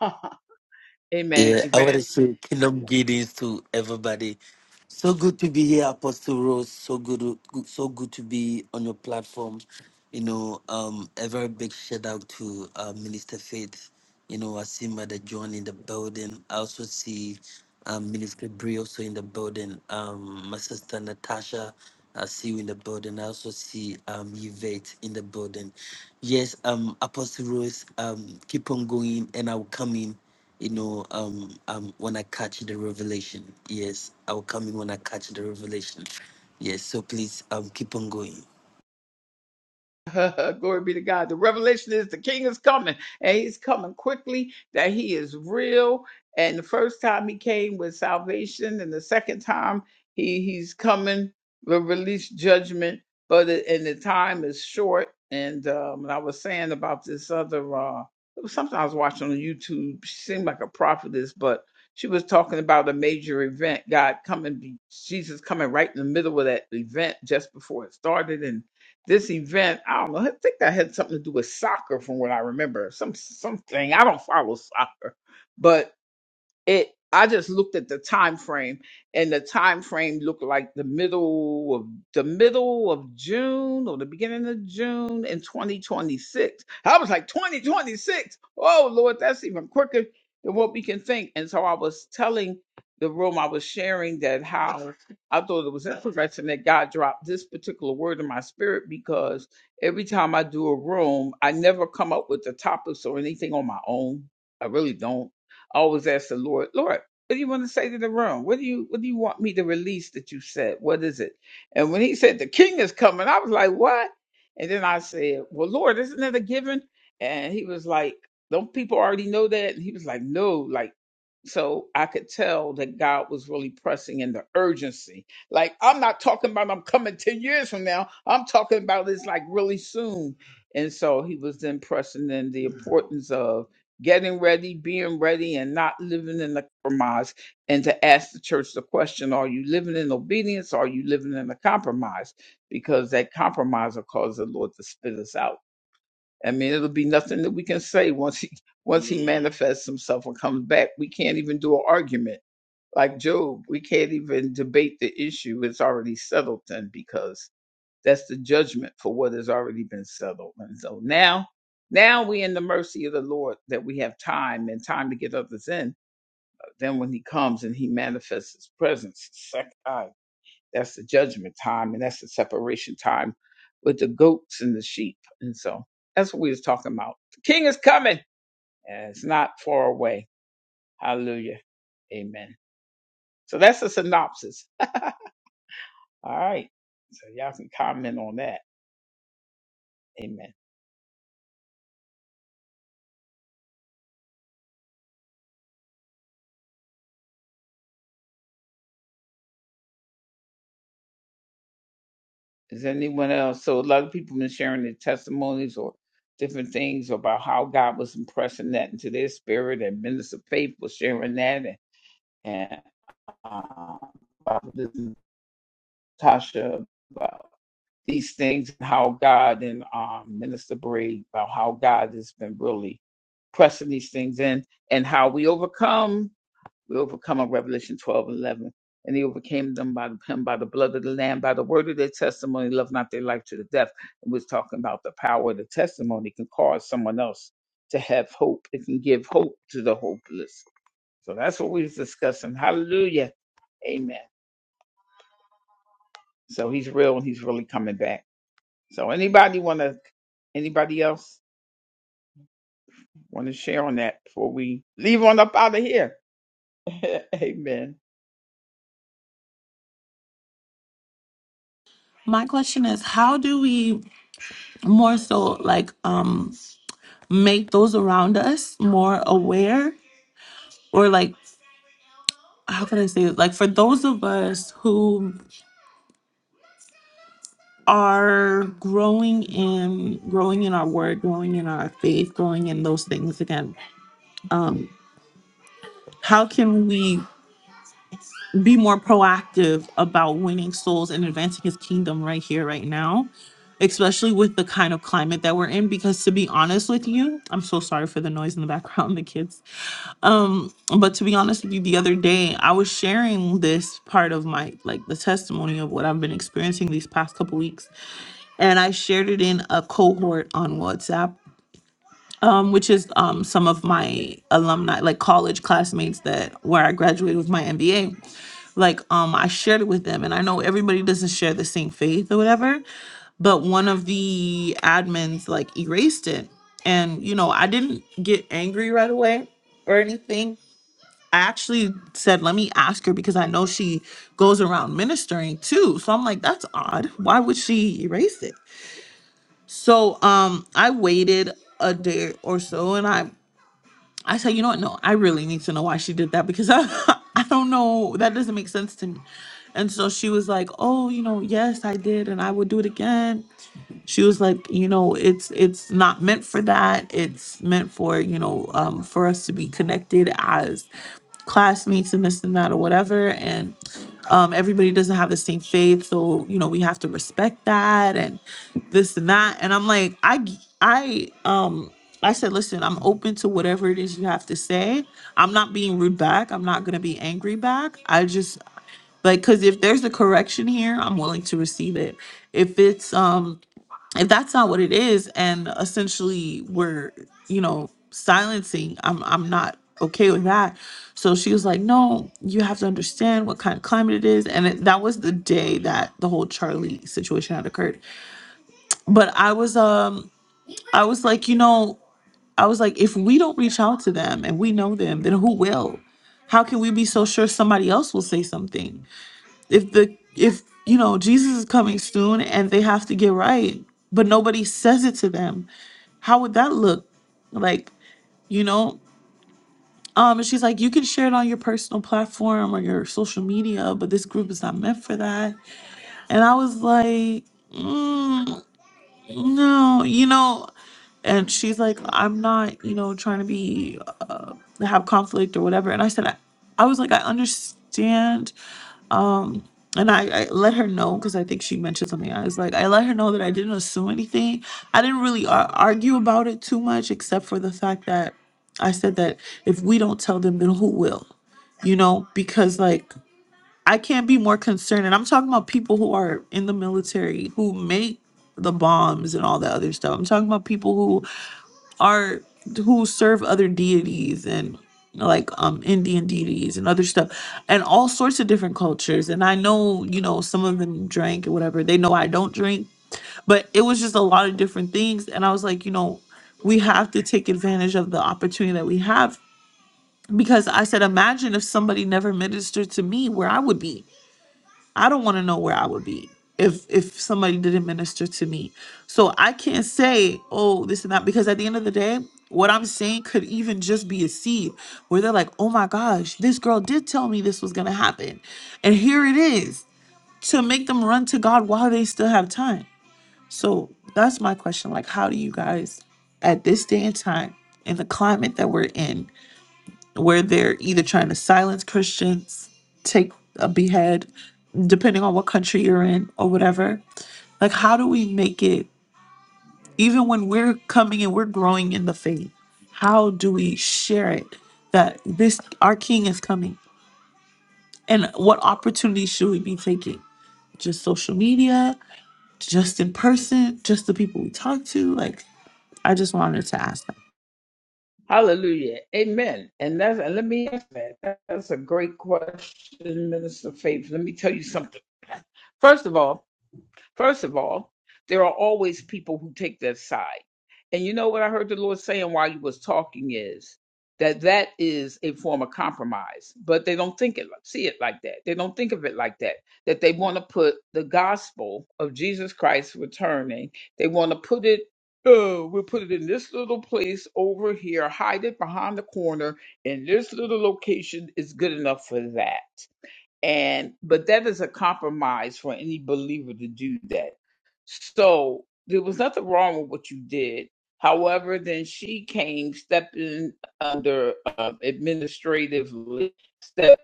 A: [LAUGHS] amen.
F: Yeah, I want to say kingdom greetings to everybody. So good to be here, Apostle Rose. So good, good- so good to be on your platform. You know, um, a very big shout out to uh, Minister Faith. You know, I see Mother John in the building. I also see um, Minister Bree also in the building. Um, my sister Natasha, I see you in the building. I also see um, Yvette in the building. Yes, um, Apostle Rose, um, keep on going, and I will come in you know, um, um, when I catch the revelation. Yes, I will come in when I catch the revelation. Yes, so please um, keep on going.
A: [LAUGHS] Glory be to God. The revelation is the king is coming and he's coming quickly, that he is real. And the first time he came with salvation, and the second time he, he's coming to release judgment. But it, and the time is short. And um, I was saying about this other uh it was something I was watching on YouTube. She seemed like a prophetess, but she was talking about a major event, God coming, Jesus coming right in the middle of that event just before it started. and this event. I don't know. I think that had something to do with soccer, from what I remember. Some something. I don't follow soccer, but it i just looked at the time frame and the time frame looked like the middle of the middle of june or the beginning of june in 2026 i was like 2026 oh lord that's even quicker than what we can think and so i was telling the room i was sharing that how i thought it was interesting that god dropped this particular word in my spirit because every time i do a room i never come up with the topics or anything on my own i really don't I always ask the Lord, Lord, what do you want to say to the room? What do you what do you want me to release that you said? What is it? And when he said the king is coming, I was like, What? And then I said, Well, Lord, isn't that a given? And he was like, Don't people already know that? And he was like, No, like so I could tell that God was really pressing in the urgency. Like I'm not talking about I'm coming 10 years from now. I'm talking about it's like really soon. And so he was then pressing in the importance of getting ready, being ready, and not living in the compromise. And to ask the church the question are you living in obedience? Or are you living in a compromise? Because that compromise will cause the Lord to spit us out. I mean, it'll be nothing that we can say once he once he manifests himself and comes back. We can't even do an argument like Job. We can't even debate the issue. It's already settled then because that's the judgment for what has already been settled. And so now, now we in the mercy of the Lord that we have time and time to get others in. Then when he comes and he manifests his presence, the second time, that's the judgment time and that's the separation time with the goats and the sheep. And so that's what we was talking about. The king is coming and it's not far away. Hallelujah. Amen. So that's a synopsis. All right. So y'all can comment on that. Amen. Is there anyone else? So a lot of people been sharing their testimonies or different things about how God was impressing that into their spirit, and Minister Faith was sharing that, and, and uh, um, Prophetess Tasha about these things, and how God and um, Minister Bree about how God has been really pressing these things in, and how we overcome. We overcome on Revelation 12 and 11. And he overcame them by him by the blood of the Lamb, by the word of their testimony, love not their life to the death. It was talking about the power of the testimony can cause someone else to have hope. It can give hope to the hopeless. So that's what we was discussing. Hallelujah. Amen. So he's real and he's really coming back. So anybody wanna anybody else wanna share on that before we leave on up out of here? [LAUGHS] Amen.
B: My question is how do we more so like um make those around us more aware or like? how can I say it? Like for those of us who are growing in growing in our word, growing in our faith, growing in those things again, um, how can we be more proactive about winning souls and advancing his kingdom right here, right now? Especially with the kind of climate that we're in, because to be honest with you, I'm so sorry for the noise in the background, [LAUGHS] the kids Um, but to be honest with you, the other day I was sharing this part of my like the testimony of what I've been experiencing these past couple weeks, and I shared it in a cohort on WhatsApp, um, which is um some of my alumni, like college classmates that where I graduated with my MBA. Like um, I shared it with them, and I know everybody doesn't share the same faith or whatever, but one of the admins like erased it, and you know I didn't get angry right away or anything I actually said, let me ask her because I know she goes around ministering too. So I'm like, that's odd. Why would she erase it? So um I waited a day or so and I I said, you know what? No, I really need to know why she did that because I [LAUGHS] I don't know. That doesn't make sense to me. And so she was like, "Oh, you know, yes, I did and I would do it again." She was like, "You know, it's it's not meant for that. It's meant for, you know, um for us to be connected as classmates and this and that or whatever and um, everybody doesn't have the same faith so you know we have to respect that and this and that and i'm like i g- i um i said listen i'm open to whatever it is you have to say i'm not being rude back i'm not going to be angry back i just like because if there's a correction here i'm willing to receive it if it's um if that's not what it is and essentially we're you know silencing i'm i'm not okay with that so she was like no you have to understand what kind of climate it is and it, that was the day that the whole charlie situation had occurred but i was um i was like you know i was like if we don't reach out to them and we know them then who will how can we be so sure somebody else will say something if the if you know jesus is coming soon and they have to get right but nobody says it to them how would that look? Like, you know? Um, and she's like, you can share it on your personal platform or your social media, but this group is not meant for that. And I was like, mm, no, you know. And she's like, I'm not, you know, trying to be, uh, have conflict or whatever. And I said, I, I was like, I understand um and I, I let her know because I think she mentioned something. I was like, I let her know that I didn't assume anything. I didn't really ar- argue about it too much, except for the fact that I said that if we don't tell them, then who will? You know, because like I can't be more concerned. And I'm talking about people who are in the military who make the bombs and all that other stuff. I'm talking about people are who serve other deities and like um Indian deities and other stuff and all sorts of different cultures. And I know, you know, some of them drank or whatever. They know I don't drink, but it was just a lot of different things. And I was like, you know, we have to take advantage of the opportunity that we have because I said, imagine if somebody never ministered to me where I would be I don't want to know where I would be if if somebody didn't minister to me. So I can't say, oh, this and that, because at the end of the day, what I'm saying could even just be a seed where they're like, oh my gosh, this girl did tell me this was gonna happen. And here it is to make them run to God while they still have time. So that's my question. Like, how do you guys at this day and time in the climate that we're in, where they're either trying to silence Christians, take a behead depending on what country you're in or whatever. Like, how do we make it, even when we're coming and we're growing in the faith, how do we share it that this, our king is coming? And what opportunities should we be taking? Just social media, just in person, just the people we talk to? Like, I just wanted to ask that.
A: Hallelujah. Amen. And that's and let me answer that. That's a great question, Minister Faith. Let me tell you something. First of all, First of all, there are always people who take their side. And you know what I heard the Lord saying while you was talking is that that is a form of compromise, but they don't think it see it like that. They don't think of it like that. That they want to put the gospel of Jesus Christ returning. They want to put it. Oh, we'll put it in this little place over here, hide it behind the corner, and this little location is good enough for that and but that is a compromise for any believer to do that so there was nothing wrong with what you did however then she came stepping under um, administratively stepping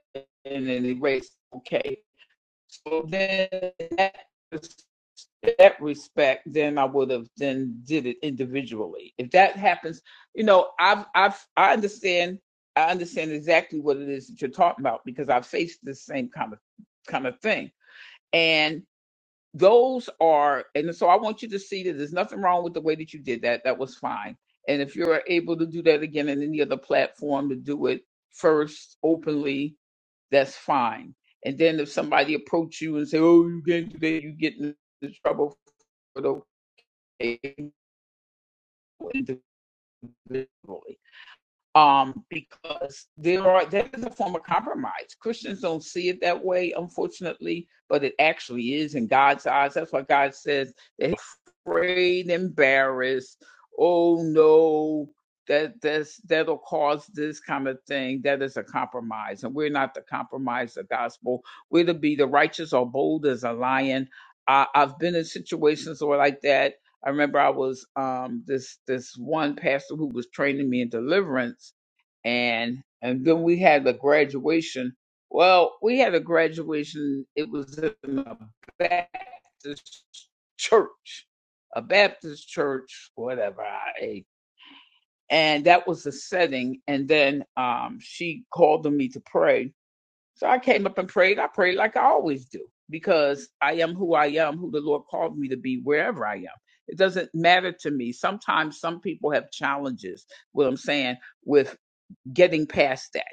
A: in and erased okay so then in that, in that respect, then I would have then did it individually. If that happens, you know, I've I've I understand I understand exactly what it is that you're talking about because I've faced the same kind of kind of thing. and those are and so i want you to see that there's nothing wrong with the way that you did that that was fine and if you're able to do that again in any other platform to do it first openly that's fine and then if somebody approach you and say oh you can't do that you get into trouble for the individually um, because there are that is a form of compromise. Christians don't see it that way, unfortunately, but it actually is in God's eyes. That's why God says they're afraid, embarrassed. Oh no, that that's that'll cause this kind of thing. That is a compromise, and we're not to compromise the gospel. We're to be the righteous or bold as a lion. I, I've been in situations where like that I remember I was um this this one pastor who was training me in deliverance and and then we had the graduation. Well, we had a graduation. It was in a Baptist church, a Baptist church, whatever. I, and that was the setting. And then um, she called on me to pray, so I came up and prayed. I prayed like I always do because I am who I am, who the Lord called me to be, wherever I am. It doesn't matter to me. Sometimes some people have challenges, what I'm saying, with getting past that,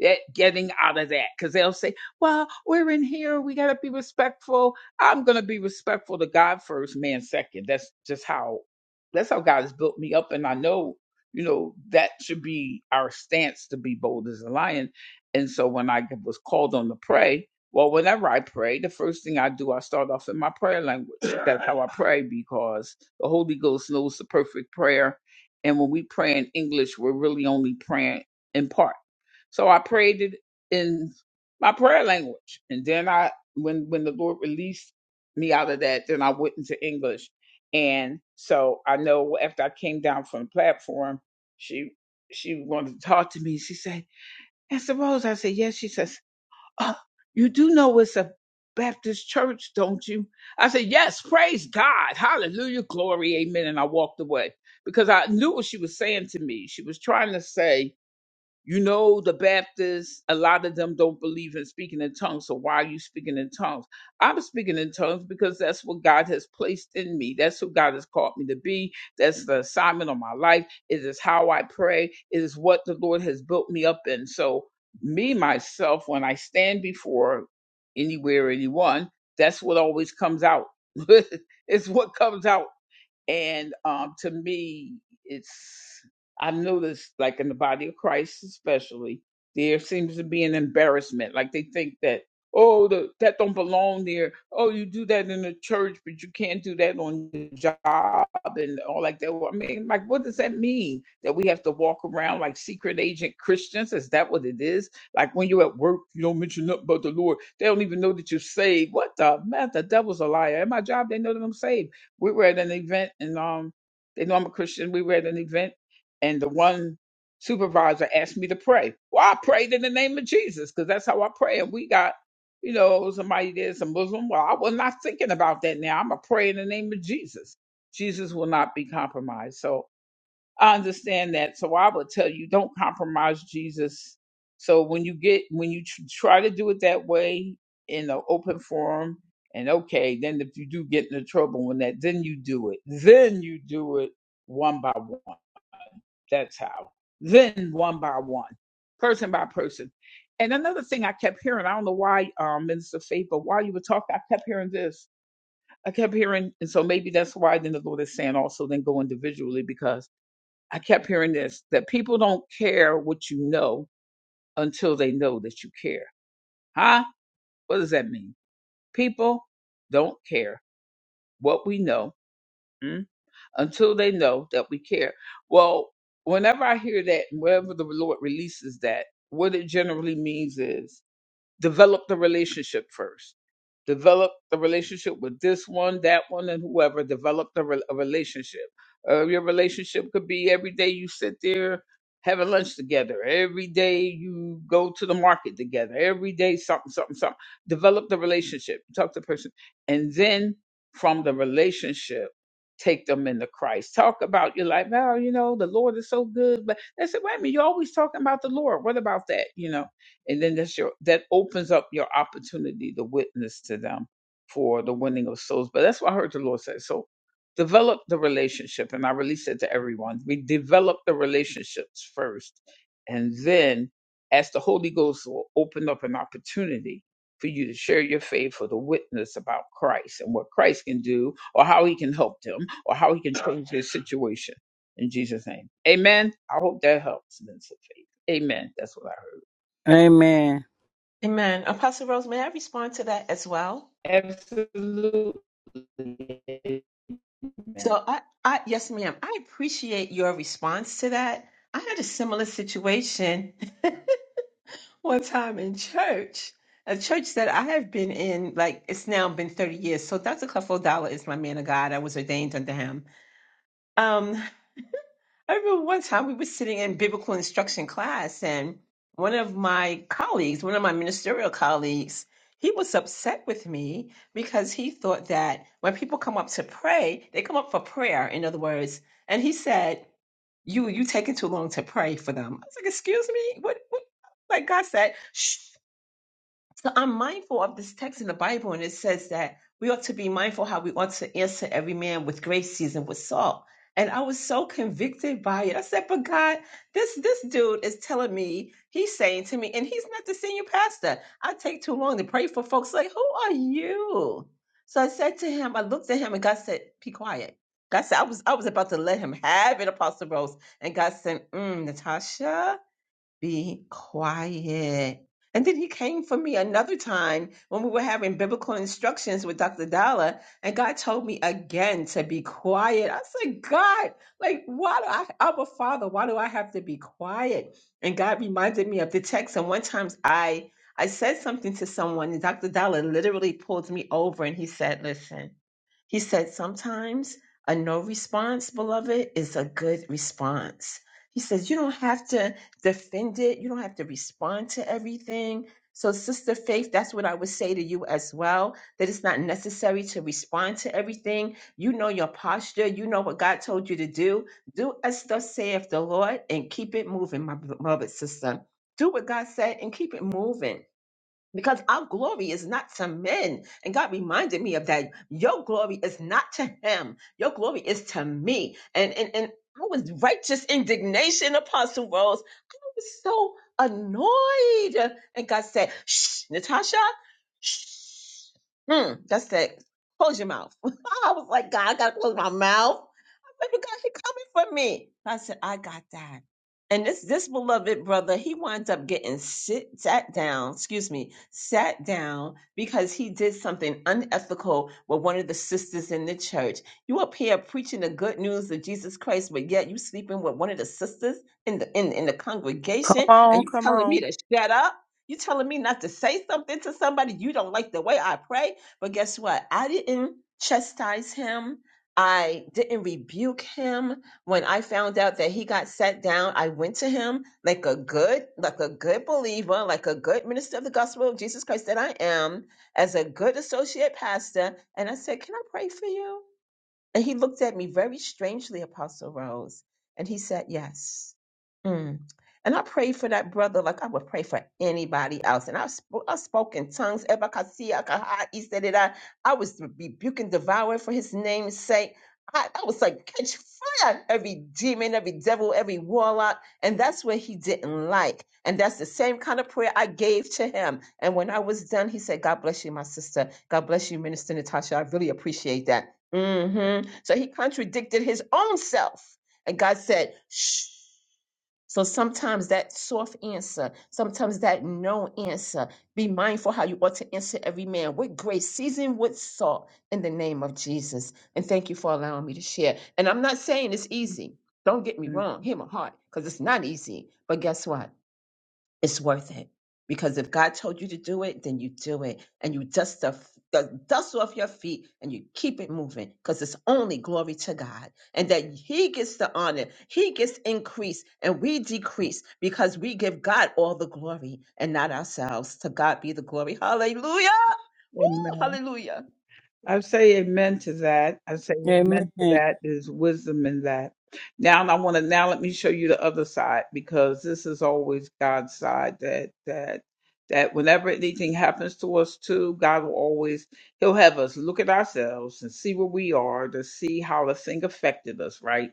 A: that getting out of that. Because they'll say, well, we're in here. We got to be respectful. I'm going to be respectful to God first, man second. That's just how, that's how God has built me up. And I know, you know, that should be our stance to be bold as a lion. And so when I was called on to pray, well, whenever I pray, the first thing I do, I start off in my prayer language. That's how I pray because the Holy Ghost knows the perfect prayer. And when we pray in English, we're really only praying in part. So I prayed it in my prayer language. And then I when when the Lord released me out of that, then I went into English. And so I know after I came down from the platform, she she wanted to talk to me. She said, Pastor Rose, I said, Yes. She says, Oh, you do know it's a Baptist church, don't you? I said, Yes, praise God. Hallelujah, glory, amen. And I walked away because I knew what she was saying to me. She was trying to say, you know, the Baptists, a lot of them don't believe in speaking in tongues. So why are you speaking in tongues? I'm speaking in tongues because that's what God has placed in me. That's who God has called me to be. That's the assignment of my life. It is how I pray. It is what the Lord has built me up in. So, me, myself, when I stand before anywhere, anyone, that's what always comes out. [LAUGHS] it's what comes out and um, to me, it's I noticed like in the body of Christ, especially there seems to be an embarrassment. Like they think that oh the, that don't belong there. Oh, you do that in the church, but you can't do that on the job and all like that. Well, I mean, like what does that mean? That we have to walk around like secret agent Christians? Is that what it is? Like when you're at work, you don't mention nothing about the Lord. They don't even know that you're saved. What the man? The devil's a liar. At my job, they know that I'm saved we were at an event and um they know I'm a Christian. We were at an event and the one supervisor asked me to pray. Well, I prayed in the name of Jesus because that's how I pray. And we got, you know, somebody there's a Muslim. Well, I was not thinking about that now. I'm gonna pray in the name of Jesus. Jesus will not be compromised. So I understand that. So I would tell you, don't compromise Jesus. So when you get when you tr- try to do it that way in an open forum, and okay, then if you do get into trouble when that, then you do it. Then you do it one by one. That's how. Then one by one, person by person. And another thing I kept hearing, I don't know why, um, Minister Faith, but while you were talking, I kept hearing this. I kept hearing, and so maybe that's why then the Lord is saying also then go individually because I kept hearing this that people don't care what you know until they know that you care. Huh? What does that mean? People don't care what we know mm, until they know that we care. Well, whenever I hear that, whenever the Lord releases that, what it generally means is develop the relationship first. Develop the relationship with this one, that one, and whoever. Develop the re- a relationship. Uh, your relationship could be every day you sit there having lunch together. Every day you go to the market together. Every day something, something, something. Develop the relationship. Talk to the person, and then from the relationship. Take them into Christ. Talk about your life like, well, you know, the Lord is so good. But they said, wait a minute, you're always talking about the Lord. What about that? You know, and then that's your that opens up your opportunity to witness to them for the winning of souls. But that's what I heard the Lord say. So develop the relationship, and I release it to everyone. We develop the relationships first, and then as the Holy Ghost will open up an opportunity for you to share your faith for the witness about Christ and what Christ can do, or how He can help them, or how He can change their situation. In Jesus' name, Amen. I hope that helps, Minister Faith. Amen. That's what I heard.
G: Amen.
D: Amen. Apostle Rose, may I respond to that as well?
A: Absolutely. Amen.
D: So I, I yes, ma'am. I appreciate your response to that. I had a similar situation [LAUGHS] one time in church, a church that I have been in, like it's now been 30 years. So Dr. Clifford Dollar is my man of God. I was ordained unto him. Um, I remember one time we were sitting in biblical instruction class, and one of my colleagues, one of my ministerial colleagues, he was upset with me because he thought that when people come up to pray, they come up for prayer, in other words. And he said, You you taking too long to pray for them. I was like, excuse me? What what like God said, shh. So I'm mindful of this text in the Bible, and it says that we ought to be mindful how we ought to answer every man with grace seasoned with salt. And I was so convicted by it. I said, "But God, this this dude is telling me he's saying to me, and he's not the senior pastor. I take too long to pray for folks. Like, who are you?" So I said to him, I looked at him, and God said, "Be quiet." God said, "I was I was about to let him have it, Apostle Rose." And God said, mm, "Natasha." be quiet. And then he came for me another time when we were having biblical instructions with Dr. Dalla, and God told me again to be quiet. I said, God, like, why do I, I'm a father, why do I have to be quiet? And God reminded me of the text. And one time I, I said something to someone, and Dr. Dalla literally pulled me over and he said, Listen, he said, Sometimes a no response, beloved, is a good response. He says, You don't have to defend it, you don't have to respond to everything. So, Sister Faith, that's what I would say to you as well that it's not necessary to respond to everything. You know your posture, you know what God told you to do. Do as thus saith the Lord and keep it moving, my beloved sister. Do what God said and keep it moving because our glory is not to men. And God reminded me of that. Your glory is not to him. Your glory is to me. And and and I was righteous indignation, Apostle Rose was so annoyed. And God said, Shh, Natasha, shh. Mm, God said, close your mouth. [LAUGHS] I was like, God, I gotta close my mouth. I said, but God, he coming for me. I said, I got that. And this this beloved brother, he winds up getting sit sat down, excuse me, sat down because he did something unethical with one of the sisters in the church. You up here preaching the good news of Jesus Christ, but yet you sleeping with one of the sisters in the in, in the
G: Come
D: congregation and
G: on,
D: you
G: come
D: telling me
G: on.
D: to shut up you telling me not to say something to somebody you don't like the way i pray but guess what i didn't chastise him i didn't rebuke him when i found out that he got set down i went to him like a good like a good believer like a good minister of the gospel of jesus christ that i am as a good associate pastor and i said can i pray for you and he looked at me very strangely, Apostle Rose, and he said, Yes. Mm. And I prayed for that brother like I would pray for anybody else. And I, sp- I spoke in tongues. Ebakasia, kaha, isedida. I I was rebuking devourer for his name's sake. I, I was like, catch fire, every demon, every devil, every warlock. And that's what he didn't like. And that's the same kind of prayer I gave to him. And when I was done, he said, God bless you, my sister. God bless you, Minister Natasha. I really appreciate that hmm So he contradicted his own self. And God said, shh. So sometimes that soft answer, sometimes that no answer, be mindful how you ought to answer every man with grace, seasoned with salt in the name of Jesus. And thank you for allowing me to share. And I'm not saying it's easy. Don't get me wrong. Hear my heart, because it's not easy. But guess what? it's worth it because if God told you to do it, then you do it and you dust the the dust off your feet and you keep it moving because it's only glory to God and that He gets the honor, He gets increase, and we decrease because we give God all the glory and not ourselves. To God be the glory. Hallelujah. Ooh,
A: Amen.
D: hallelujah.
A: I say amen to that. I say amen to
G: Amen.
A: that. There's wisdom in that. Now I want to now let me show you the other side because this is always God's side that that that whenever anything happens to us too, God will always He'll have us look at ourselves and see where we are to see how the thing affected us, right?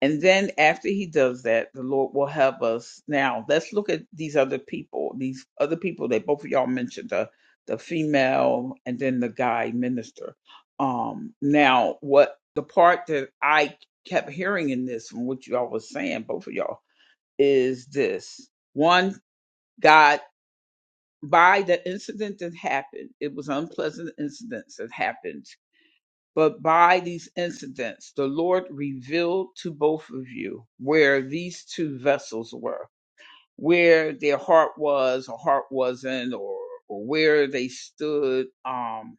A: And then after he does that, the Lord will help us. Now, let's look at these other people. These other people that both of y'all mentioned, the the female and then the guy minister. Um, now what the part that I kept hearing in this from what y'all was saying, both of y'all, is this. One, God by the incident that happened, it was unpleasant incidents that happened but by these incidents, the Lord revealed to both of you where these two vessels were, where their heart was or heart wasn't, or, or where they stood um,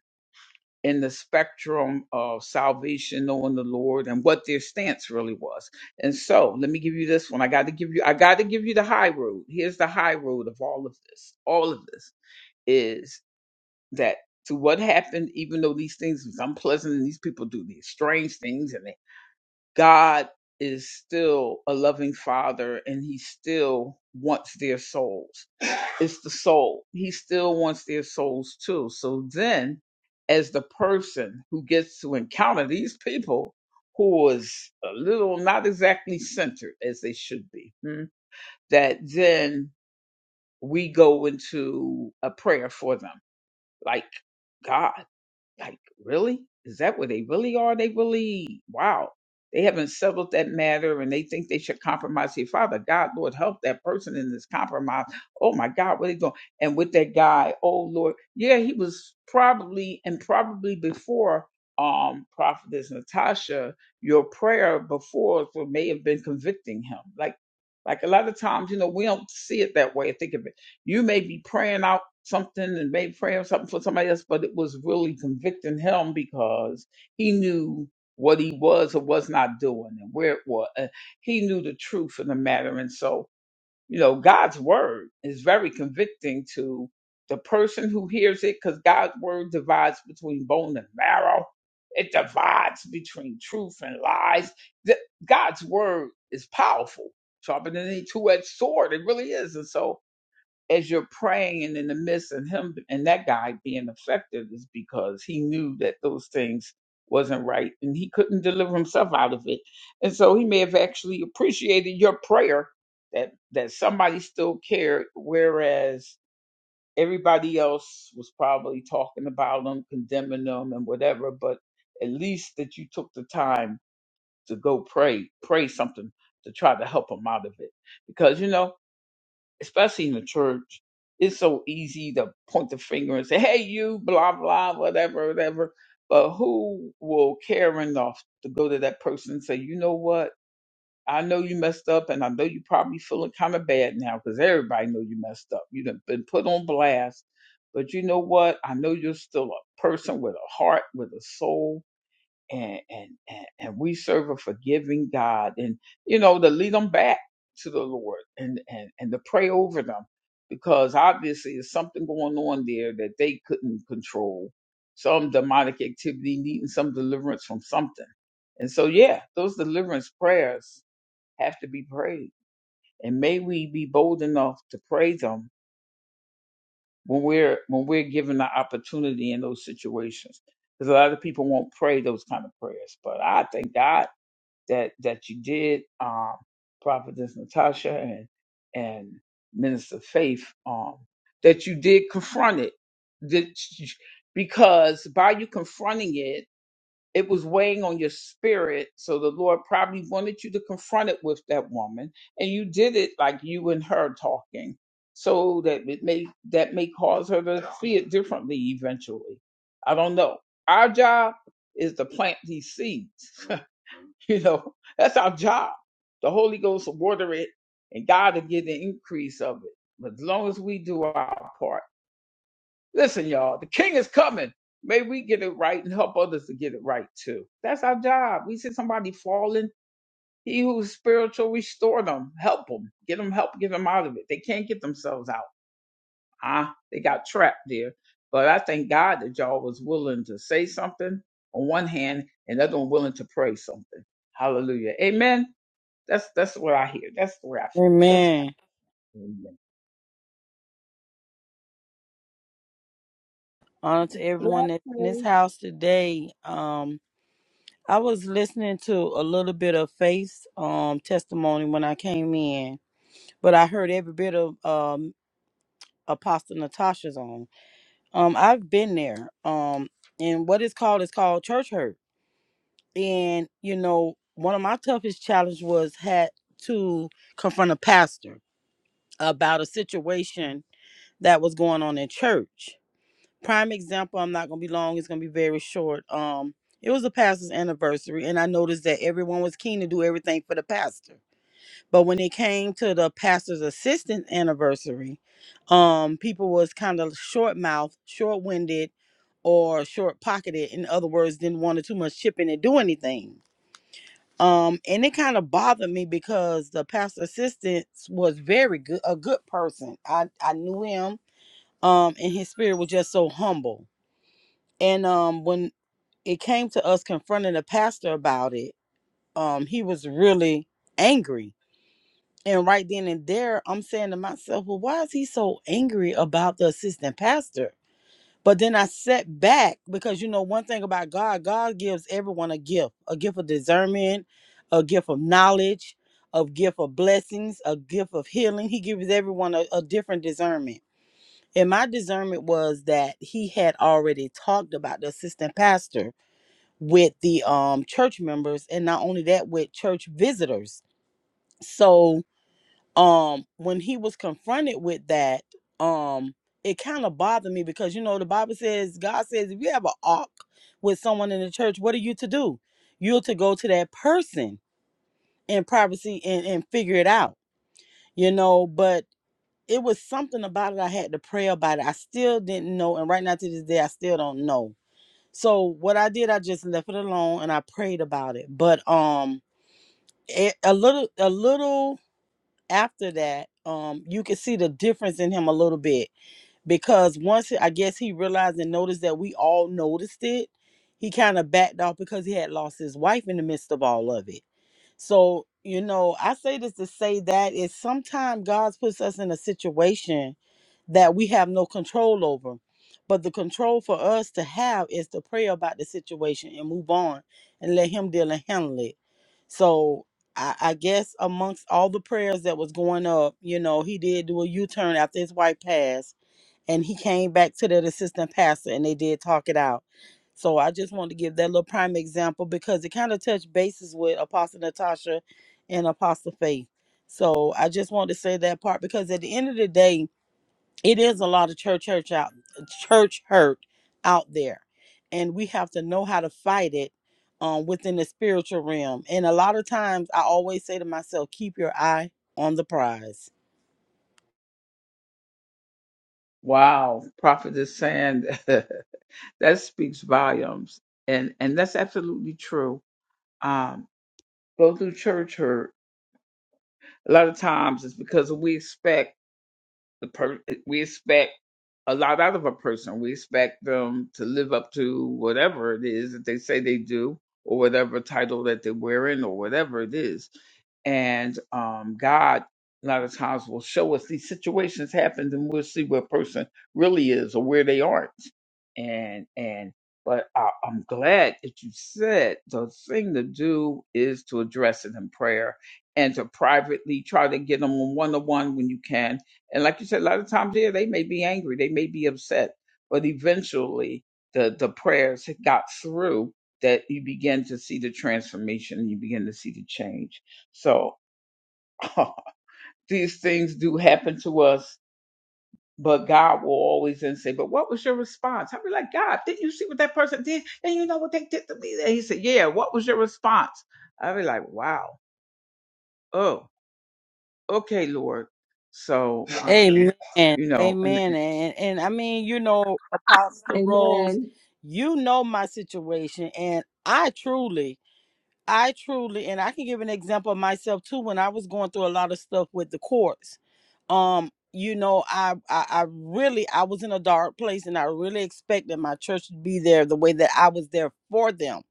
A: in the spectrum of salvation, knowing the Lord, and what their stance really was. And so, let me give you this one. I got to give you. I got to give you the high road. Here's the high road of all of this. All of this is that to what happened, even though these things was unpleasant and these people do these strange things and they, God is still a loving father and he still wants their souls. It's the soul. He still wants their souls too. So then as the person who gets to encounter these people who was a little not exactly centered as they should be, hmm, that then we go into a prayer for them. Like God. Like, really? Is that where they really are? They really, wow. They haven't settled that matter and they think they should compromise here. Father God, Lord, help that person in this compromise. Oh my God, what are they doing? And with that guy, oh Lord, yeah, he was probably and probably before um prophetess Natasha, your prayer before for may have been convicting him. Like like a lot of times, you know, we don't see it that way. Think of it you may be praying out something and maybe praying something for somebody else, but it was really convicting him because he knew what he was or was not doing and where it was. Uh, He knew the truth of the matter. And so, you know, God's word is very convicting to the person who hears it because God's word divides between bone and marrow. It divides between truth and lies. The- God's word is powerful, sharper than any two-edged sword. It really is. And so as you're praying and in the midst of him and that guy being affected is because he knew that those things wasn't right and he couldn't deliver himself out of it and so he may have actually appreciated your prayer that that somebody still cared whereas everybody else was probably talking about them, condemning them, and whatever but at least that you took the time to go pray pray something to try to help him out of it because you know especially in the church, it's so easy to point the finger and say, hey, you, blah, blah, whatever, whatever. But who will care enough to go to that person and say, you know what? I know you messed up and I know you probably feeling kind of bad now because everybody know you messed up. You've been put on blast. But you know what? I know you're still a person with a heart, with a soul and and and, and we serve a forgiving God, and you know to lead them back to the Lord and and and to pray over them because obviously there's something going on there that they couldn't control, some demonic activity needing some deliverance from something, and so yeah, those deliverance prayers have to be prayed, and may we be bold enough to pray them when we're when we're given the opportunity in those situations because a lot of people won't pray those kind of prayers, but I thank God that that you did, um, Prophetess Natasha and and Minister Faith, um, that you did confront it, that you- because by you confronting it, it was weighing on your spirit. So the Lord probably wanted you to confront it with that woman, and you did it like you and her talking, so that it may that may cause her to see it differently eventually. I don't know. Our job is to plant these seeds. [LAUGHS] You know, that's our job. The Holy Ghost will water it and God will give the increase of it. But as long as we do our part, listen, y'all, the king is coming. May we get it right and help others to get it right too. That's our job. We see somebody falling. He who's spiritual, restore them, help them, get them help, get them out of it. They can't get themselves out. Ah, they got trapped there. But I thank God that y'all was willing to say something on one hand and the other one willing to pray something. Hallelujah. Amen. That's that's what I hear. That's the way I feel. That's
G: Amen.
A: what I
G: Honor to
A: feel.
G: everyone that's in this
A: Blessings.
G: house today. Um, I was listening to a little bit of Faith's um testimony when I came in, but I heard every bit of um Apostle Natasha's on. Um, I've been there. Um, and what is called is called church hurt. And you know, one of my toughest challenges was had to confront a pastor about a situation that was going on in church. Prime example, I'm not gonna be long, it's gonna be very short. Um, it was a pastor's anniversary, and I noticed that everyone was keen to do everything for the pastor. But when it came to the pastor's assistant anniversary, um, people was kind of short mouthed, short winded, or short pocketed. In other words, didn't want to too much chip in and do anything. Um, and it kind of bothered me because the pastor assistant was very good, a good person. I I knew him um and his spirit was just so humble and um when it came to us confronting the pastor about it um he was really angry and right then and there i'm saying to myself well why is he so angry about the assistant pastor but then i sat back because you know one thing about god god gives everyone a gift a gift of discernment a gift of knowledge a gift of blessings a gift of healing he gives everyone a, a different discernment and my discernment was that he had already talked about the assistant pastor with the um church members and not only that with church visitors. So um when he was confronted with that, um it kind of bothered me because you know the Bible says God says if you have an arc with someone in the church, what are you to do? You're to go to that person in privacy and, and figure it out. You know, but it was something about it. I had to pray about it. I still didn't know, and right now to this day, I still don't know. So what I did, I just left it alone and I prayed about it. But um, it, a little, a little after that, um, you could see the difference in him a little bit because once he- I guess he realized and noticed that we all noticed it, he kind of backed off because he had lost his wife in the midst of all of it. So, you know, I say this to say that is sometimes God puts us in a situation that we have no control over. But the control for us to have is to pray about the situation and move on and let Him deal and handle it. So, I, I guess amongst all the prayers that was going up, you know, he did do a U turn after his wife passed and he came back to that assistant pastor and they did talk it out. So I just wanted to give that little prime example because it kind of touched bases with Apostle Natasha and Apostle Faith. So I just wanted to say that part because at the end of the day, it is a lot of church church out church hurt out there. And we have to know how to fight it um, within the spiritual realm. And a lot of times I always say to myself, keep your eye on the prize
A: Wow, prophet is saying [LAUGHS] that speaks volumes, and and that's absolutely true. Um, go through church hurt. A lot of times it's because we expect. The per- eh, we expect a lot out of a person. We expect them to live up to whatever it is that they say they do, or whatever title that they're wearing, or whatever it is. And um, God, a lot of times, will show us these situations happen, and we'll see where a person really is or where they aren't. And and but I, I'm glad that you said the thing to do is to address it in prayer and to privately try to get them on one on one when you can and like you said, a lot of times, yeah, they may be angry, they may be upset, but eventually the the prayers had got through that you begin to see the transformation and you begin to see the change. So [LAUGHS] these things do happen to us, but God will always then say, But what was your response? I'll be like, God, didn't you see what that person did? And you know what they did to me? And he said, Yeah, what was your response? I'll be like, Wow, oh, okay, Lord. So, [LAUGHS] um,
G: Amen.
A: you know,
G: Amen. And and I mean, you know, Apostle Rose,
D: Amen.
G: you know my situation and I truly, I truly and I can give an example of myself too when I was going through a lot of stuff with the courts. Um, you know, I, I I really I was in a dark place and I really expected my church to be there the way that I was there for them.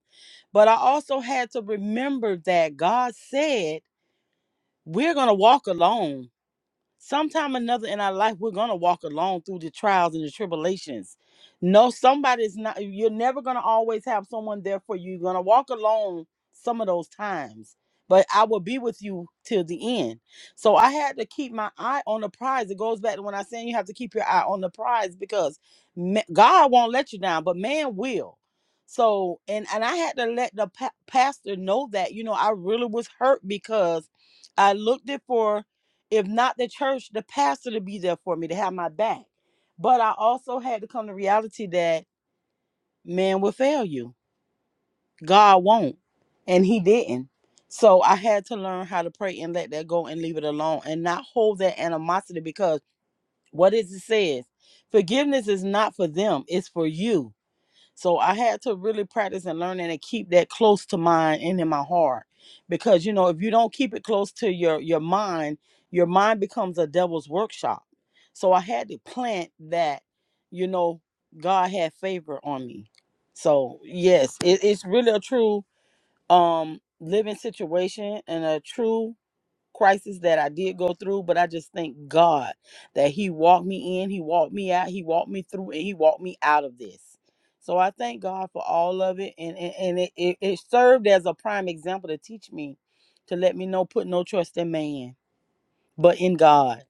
G: But I also had to remember that God said, we're going to walk alone sometime or another in our life we're gonna walk alone through the trials and the tribulations no somebody's not you're never gonna always have someone there for you you're gonna walk alone some of those times but i will be with you till the end so i had to keep my eye on the prize it goes back to when i saying you have to keep your eye on the prize because ma- god won't let you down but man will so and and i had to let the pa- pastor know that you know i really was hurt because i looked it for if not the church, the pastor to be there for me to have my back. But I also had to come to reality that man will fail you. God won't. And he didn't. So I had to learn how to pray and let that go and leave it alone and not hold that animosity because what is it says? Forgiveness is not for them, it's for you. So I had to really practice and learn and keep that close to mind and in my heart. Because you know, if you don't keep it close to your your mind, your mind becomes a devil's workshop. So I had to plant that, you know, God had favor on me. So yes, it, it's really a true um living situation and a true crisis that I did go through, but I just thank God that He walked me in, He walked me out, He walked me through, and He walked me out of this. So I thank God for all of it, and and, and it, it it served as a prime example to teach me, to let me know put no trust in man, but in God.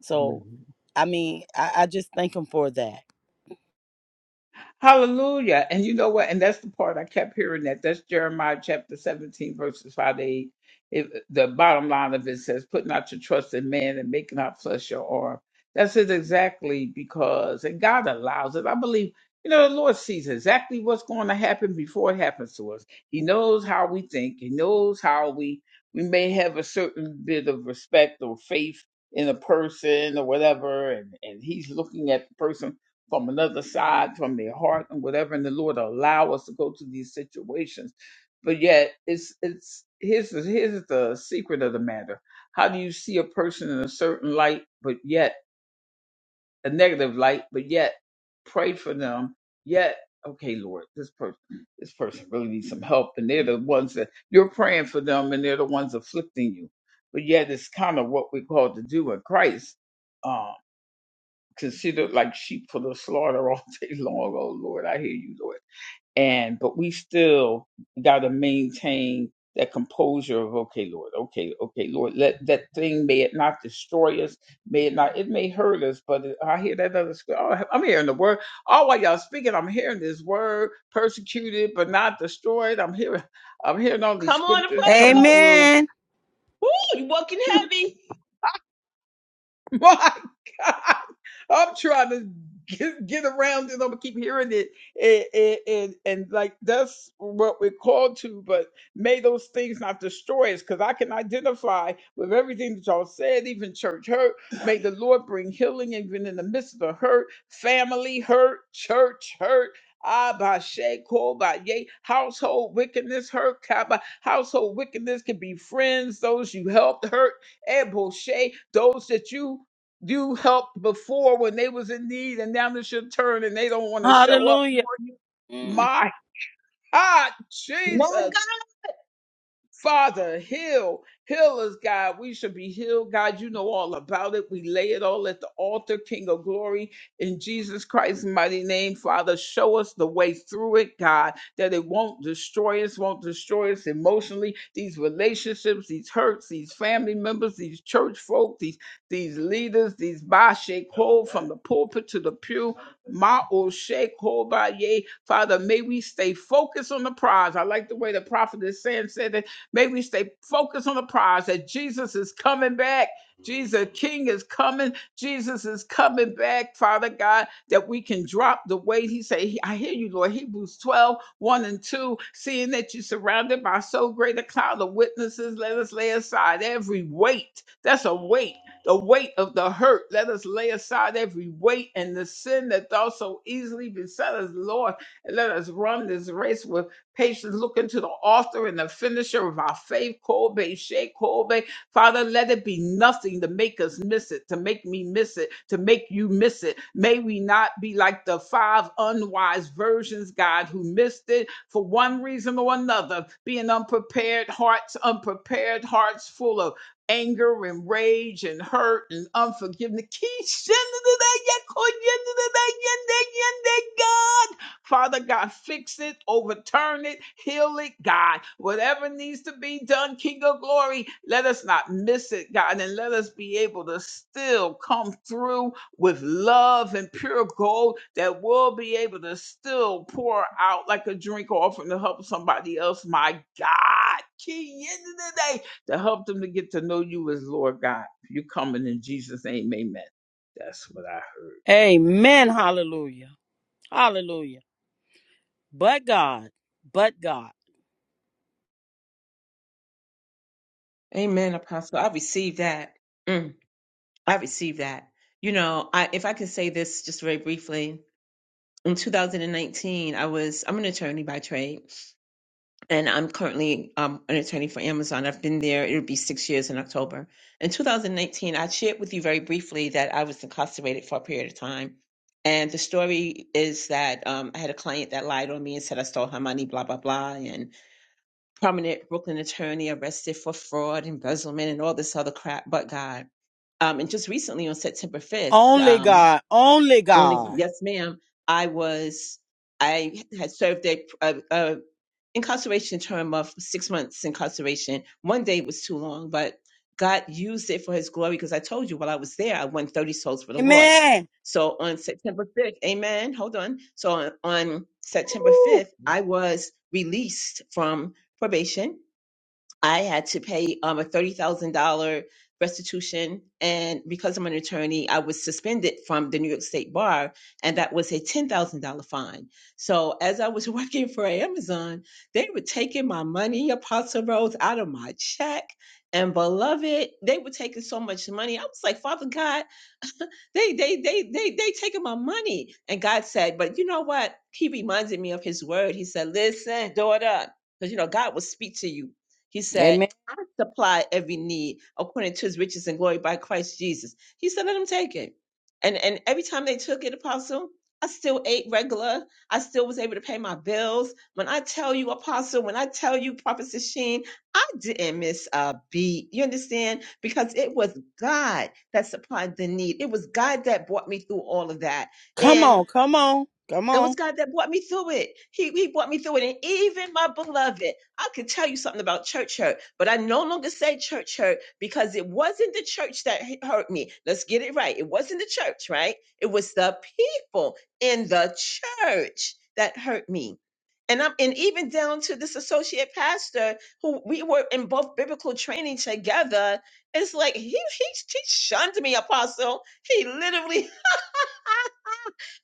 G: So
A: and
G: I mean, I, I just thank Him for that.
A: Hallelujah. And you know what? And that's the part I kept hearing that. That's Jeremiah chapter 17, verses 5 to 8. It, the bottom line of it says, put not your trust in man and make not flesh your arm. That's it exactly because, and God allows it. I believe, you know, the Lord sees exactly what's going to happen before it happens to us. He knows how we think. He knows how we, we may have a certain bit of respect or faith in a person or whatever. And, and he's looking at the person from another side, from their heart, and whatever. And the Lord allow us to go to these situations. But yet, it's it's here's the, here's the secret of the matter. How do you see a person in a certain light, but yet a negative light, but yet pray for them, yet okay, Lord, this person this person really needs some help, and they're the ones that you're praying for them, and they're the ones afflicting you. But yet, it's kind of what we're called to do in Christ um, considered like sheep for the slaughter [LAUGHS] all day long. Oh Lord, I hear you, Lord. And but we still got to maintain that composure of okay, Lord, okay, okay, Lord. Let that thing may it not destroy us, may it not. It may hurt us, but it- I hear that other. scrip- Oh, I'm hearing the word. Oh, while y'all speaking, I'm hearing this word: persecuted but not destroyed. I'm hearing, I'm hearing all these
D: Come on,
A: scriptures coming
D: Apostle.
A: through
G: Amen.
D: Ooh, you walking heavy.
A: [LAUGHS] My God, I'm trying to get, get around it. I'm gonna keep hearing it, and, and and and, like that's what we're called to. But may those things not destroy us, because I can identify with everything that y'all said, even church hurt. May the Lord bring healing, even in the midst of the hurt, family hurt, church hurt. Ah, by Shay, by Yay, household wickedness hurt, Kaba. Household wickedness can be friends, those you helped hurt, Eboshe, those that you you helped before when they was in need and now it's your turn and they don't want to show up
G: Hallelujah.
A: for you.
G: Mm.
A: My God, Jesus.
D: My God.
A: Father, heal, heal us, God. We should be healed, God. You know all about it. We lay it all at the altar, King of glory, in Jesus Christ's mighty name. Father, show us the way through it, God, that it won't destroy us, won't destroy us emotionally. These relationships, these hurts, these family members, these church folk, these these leaders, these ba shake hold from the pulpit to the pew, ma o shake hold by ye. Father, may we stay focused on the prize. I like the way the prophet is saying said May we stay focused on the prize that Jesus is coming back. Jesus King is coming. Jesus is coming back, Father God, that we can drop the weight. He said, I hear you, Lord. Hebrews twelve one and 2. Seeing that you're surrounded by so great a cloud of witnesses, let us lay aside every weight. That's a weight the weight of the hurt. Let us lay aside every weight and the sin that doth so easily beset us, Lord, and let us run this race with. Patience looking to the author and the finisher of our faith, Kobe, Shea Kobe. Father, let it be nothing to make us miss it, to make me miss it, to make you miss it. May we not be like the five unwise virgins, God, who missed it for one reason or another, being unprepared hearts, unprepared hearts full of anger and rage and hurt and unforgiveness. Keep sending it out, yeah, God. Father God, fix it, overturn it, heal it, God. Whatever needs to be done, King of glory, let us not miss it, God, and let us be able to still come through with love and pure gold that will be able to still pour out like a drink offering to help somebody else, my God. King. end of the day to help them to get to know you as Lord God. You coming in Jesus' name, amen. That's what I heard.
G: Amen. Hallelujah. Hallelujah. But God. But God.
D: Amen, Apostle. I receive that. Mm-hmm. I received that. You know, I if I could say this just very briefly. In 2019, I was I'm an attorney by trade, and I'm currently um, an attorney for Amazon. I've been there; it'll be six years in October. In 2019, I shared with you very briefly that I was incarcerated for a period of time, and the story is that um, I had a client that lied on me and said I stole her money, blah blah blah, and prominent Brooklyn attorney arrested for fraud, embezzlement, and all this other crap. But God. Um, and just recently on September 5th,
G: Only
D: um,
G: God. Only
D: only,
G: God.
D: yes, ma'am, I was, I had served a, a, a incarceration term of six months incarceration. One day was too long, but God used it for his glory because I told you while I was there, I won 30 souls for the Lord.
G: Amen.
D: So on September 5th, amen, hold on. So on, on September
A: Woo,
D: 5th, I was released from probation I had to pay um, a thirty thousand dollar restitution, and because I'm an attorney, I was suspended from the New York State Bar, and that was a ten thousand dollar fine. So as I was [LAUGHS] working for Amazon, they were taking my money, Apostle Rose, out of my check, and beloved, they were taking so much money. I was like, Father God. They they they they they taking my money. And God said, but you know what? He reminded me of his word. He said, Listen, daughter, because you know, God will speak to you. He said,
G: Amen.
D: I supply every need according to his riches and glory by Christ Jesus. He said, Let them take it. And and every time they took it, apostle, I still ate regular. I still was able to pay my bills. When I tell you, apostle, when I tell you, prophet Sheen, I didn't miss a beat. You understand? Because it was God that supplied the need. It was God that brought me through all of that.
G: Come
D: And
G: on. Come on. Come
D: it was
G: on.
D: God that brought me through it. He, he brought me through it. And even my beloved, I could tell you something about church hurt, but I no longer say church hurt because it wasn't the church that hu- hurt me. Let's get it right. It wasn't the church, right? It was the people in the church that hurt me. And I'm and even down to this associate pastor who we were in both biblical training together. It's like he he, he shunned me, apostle. He literally [LAUGHS]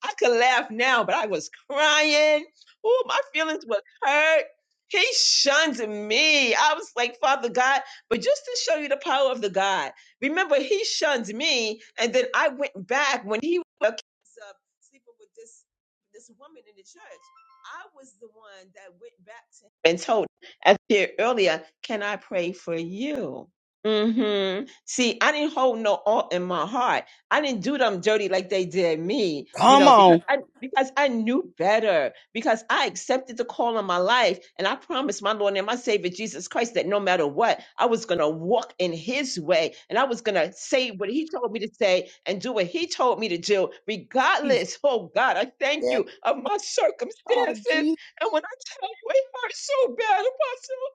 D: I could laugh now, but I was crying. Oh, my feelings were hurt. He shunned me. I was like, Father God, but just to show you the power of the God, remember, he shunned me. And then I went back when he was of sleeping with this, this woman in the church. I was the one that went back to him and told, him, as I shared earlier, can I pray for you? mm hmm See, I didn't hold no awe in my heart. I didn't do them dirty like they did me, you
G: Come
D: know, because
G: on.
D: I because I knew better, because I accepted the call on my life, and I promised my Lord and my Savior Jesus Christ that no matter what, I was gonna walk in His way, and I was gonna say what He told me to say and do what He told me to do,
G: Jesus.
D: regardless. Oh God, I thank
G: Yeah,
D: you of my
G: God,
D: circumstances,
G: Jesus.
D: and when I tell you, it hurt so bad, Apostle,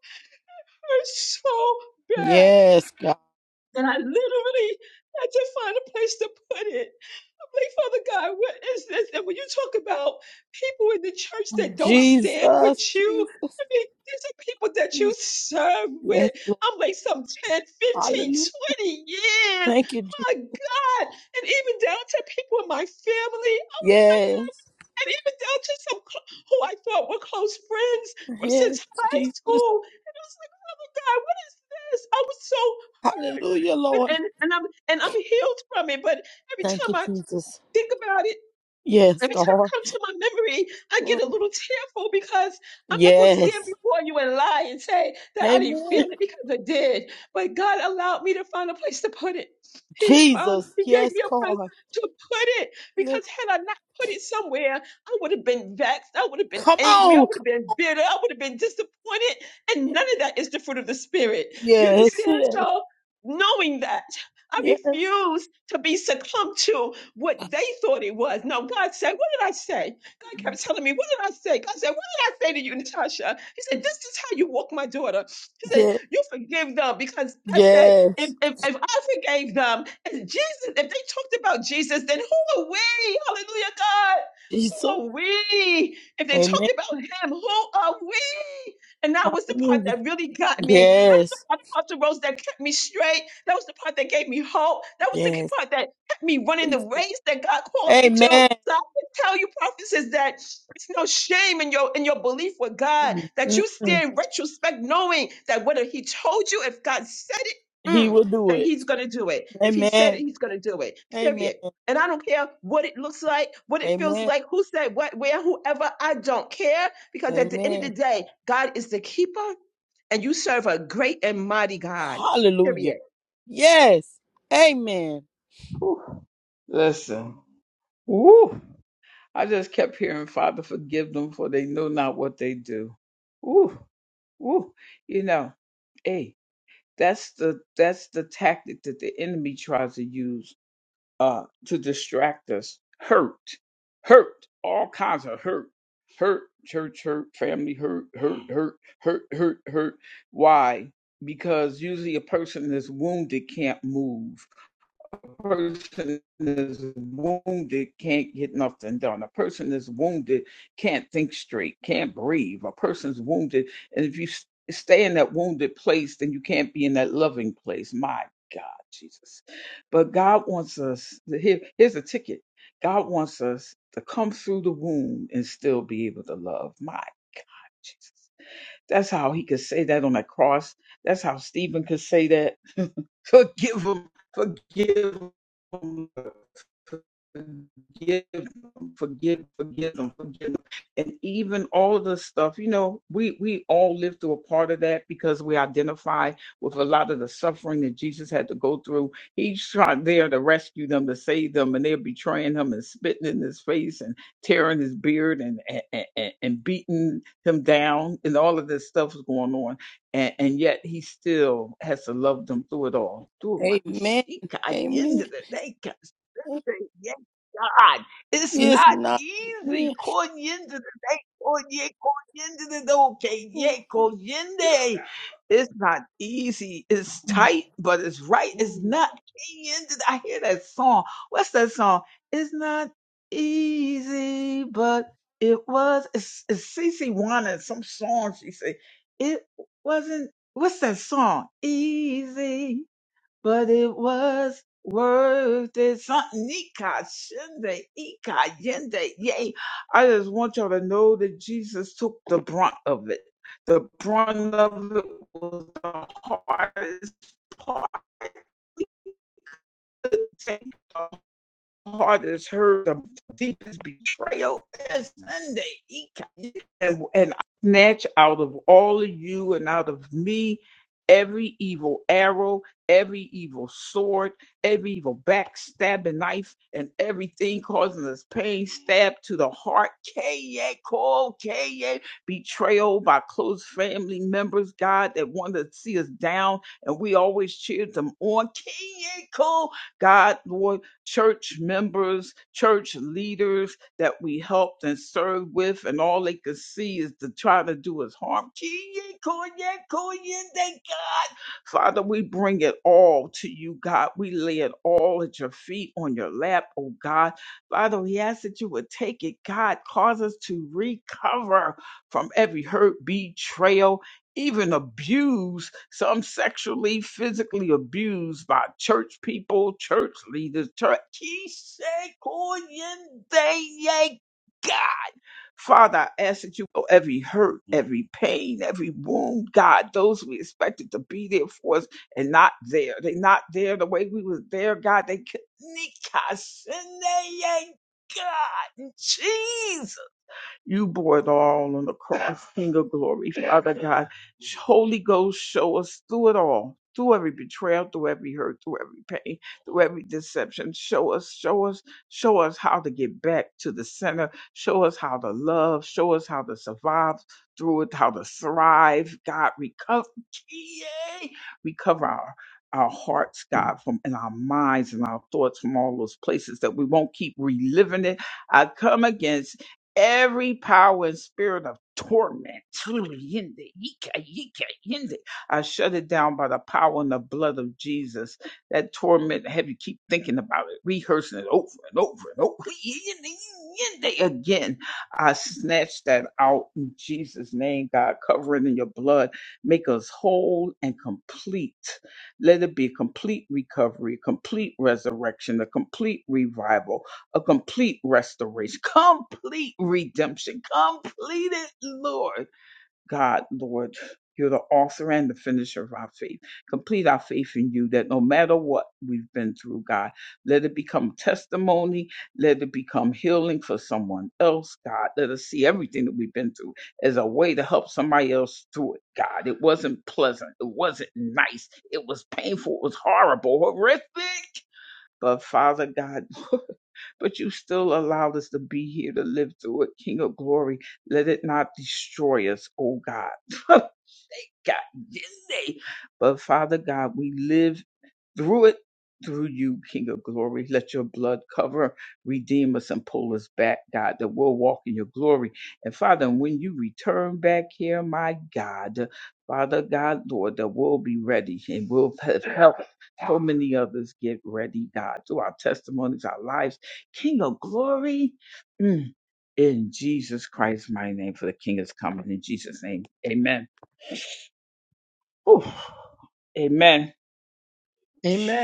D: it hurt so bad
G: Yes, God.
D: that I literally had to find a place to put it. Like, Father God, what is this? And when you talk about people in the church that don't stand with
G: Jesus.
D: you,
G: Jesus.
D: I mean, these are people that you
G: Jesus.
D: serve with.
G: Yes, Lord.
D: I'm like some 10, fifteen,
G: Hallelujah.
D: 20 years.
G: Thank you, Jesus.
D: My God. And even down to people in my family. Oh my God.
G: Yes.
D: And even down to some cl- who I thought were close friends from since
G: Yes,
D: high
G: Jesus.
D: school. And I was like, Father God, what is this? I was so hurt.
G: Hallelujah,
D: And,
G: Lord.
D: and, and I'm and I'm healed from it. But every
G: Thank
D: time
G: you,
D: I
G: Jesus.
D: think about it,
G: Yes,
D: Every time I
G: God.
D: come to my memory, I
G: Lord.
D: get a little tearful because I'm not going to stand
G: Yes.
D: before you and lie and say that I didn't feel
G: Amen.
D: it because I did. But God allowed me to find a place to put it. He found,
G: Jesus.
D: He gave
G: Yes,
D: me a place
G: God.
D: to put it
G: Yes.
D: because had I not put it somewhere, I would have been vexed. I would have been
G: Come
D: angry. I
G: on.
D: would have been bitter. I would have been disappointed. And none of that is the fruit of the Spirit. You
G: Yes.
D: understand?
G: Yes.
D: So knowing that, I
G: yes.
D: refuse to be succumbed to what they thought it was. No, God said, What did I say? God kept telling me, What did I say? God said, What did I say to you, Natasha? He said, This is how you walk my daughter. He said,
G: Yes.
D: You forgive them because I said, If,
G: Yes.
D: if, if I forgave them, if Jesus, if they talked about Jesus, then who are we? Hallelujah, God who
G: Jesus.
D: are we? If they
G: Amen.
D: talked about [LAUGHS] him, who are we? And that was the part
G: Hallelujah.
D: that really got me. That was the
G: Yes.
D: part about the Rose that kept me straight. That was the part that gave me hope. That was the key
G: Yes.
D: part that kept me running the
G: Jesus.
D: race that God called me to.
G: Amen.
D: So I can tell you, prophets, is that it's no shame in your in your belief with God that you
G: Mm-mm.
D: stand retrospect, knowing that whether He told you, if God said it,
G: He
D: mm,
G: will do
D: that He's
G: it.
D: gonna do it. If He said it,
G: Amen.
D: He's gonna do it.
G: Amen.
D: Period. And I don't care what it looks like, what it feels
G: Amen.
D: like, who said what, where, whoever. I don't care because at the end of the
G: Amen.
D: day, God is the keeper and you serve a great and mighty God.
G: Hallelujah.
D: Period.
G: Yes. Amen.
A: woo. Listen. Woo. I just kept hearing, Father, forgive them, for they know not what they do. Ooh, ooh, you know, hey, that's the that's the tactic that the enemy tries to use uh to distract us. Hurt, hurt, all kinds of hurt, hurt, church hurt, family hurt, hurt, hurt, hurt, hurt, hurt. Why? Because usually a person that's wounded can't move person is wounded can't get nothing done. A person is wounded can't think straight, can't breathe. A person's wounded, and if you s- stay in that wounded place, then you can't be in that loving place. My God, Jesus. But God wants us, here, here's a ticket. God wants us to come through the wound and still be able to love. My God, Jesus. That's how he could say that on the cross. That's how Stephen could say that. [LAUGHS] forgive him, forgive him, forgive him, forgive, forgive him, forgive him. And even all of the stuff, you know, we we all live through a part of that because we identify with a lot of the suffering that Jesus had to go through. He's trying there to rescue them, to save them, and they're betraying him and spitting in his face and tearing his beard and and, and, and beating him down and all of this stuff was going on and, and yet he still has to love them through it all through my
G: Amen.
A: she at the end
G: Amen.
A: of the day God, yes, God it's not
G: It's not.
A: easy Konyende the end of the day konye- konyende the day. Okay, door, kenye- konyende. it's not easy it's tight but it's right it's not Kenyende. I hear that song what's that song it's not easy but. It was it's, it's CC Wanna some song she said. It wasn't what's that song? Easy, but it was worth it. Something Ika Shinde Ika Yende Yay. I just want y'all to know that Jesus took the brunt of it. The brunt of it was the hardest part to take heart has heard the deepest betrayal is Sunday. He can- And, I snatch out of all of you and out of me every evil arrow, every evil sword, every evil backstabbing knife, and everything causing us pain, stab to the heart. K A, call K A, betrayal by close family members, God, that want to see us down, and we always cheer them on. K A, call God, Lord church members, church leaders that we helped and served with, and all they could see is to try to do us harm. God. Father, we bring it all to you, God. We lay it all at your feet on your lap, oh God. Father, we ask that you would take it, God. Cause us to recover from every hurt, betrayal, even abused, some sexually, physically abused by church people, church leaders, church. God. Father, I ask that you know every hurt, every pain, every wound, God, those we expected to be there for us and not there. They not there the way we was there, God. They could God. in Jesus. You bore it all on the cross, King of glory, Father God. Holy Ghost, show us through it all, through every betrayal, through every hurt, through every pain, through every deception. Show us, show us, show us how to get back to the center. Show us how to love. Show us how to survive through it, how to thrive. God, recover, yay! recover our our hearts, God, from and our minds and our thoughts from all those places that we won't keep reliving it. I come against every power and spirit of torment. Tuliyinde, yika, yika, yinde. I shut it down by the power and the blood of Jesus. That torment, have you keep thinking about it, rehearsing it over and over and over [LAUGHS] yinde, yinde, again. I snatch that out in Jesus' name, God. Cover it in your blood. Make us whole and complete. Let it be a complete recovery, complete resurrection, a complete revival a complete restoration, complete redemption, completed, Lord. God, Lord, you're the author and the finisher of our faith. Complete our faith in you that no matter what we've been through, God, let it become testimony. Let it become healing for someone else, God. Let us see everything that we've been through as a way to help somebody else through it, God. It wasn't pleasant. It wasn't nice. It was painful. It was horrible, horrific. But Father God, [LAUGHS] but you still allowed us to be here to live through it, King of glory. Let it not destroy us, oh God. [LAUGHS] God, yay. But Father God, we live through it, through you, King of glory. Let your blood cover, redeem us, and pull us back, God, that we'll walk in your glory. And Father, when you return back here, my God, Father God, Lord, that we'll be ready and we'll [LAUGHS] have helped so many others get ready, God, through our testimonies, our lives. King of glory, mm, in Jesus Christ, my name, for the King is coming. In Jesus' name, amen. Oof. Amen.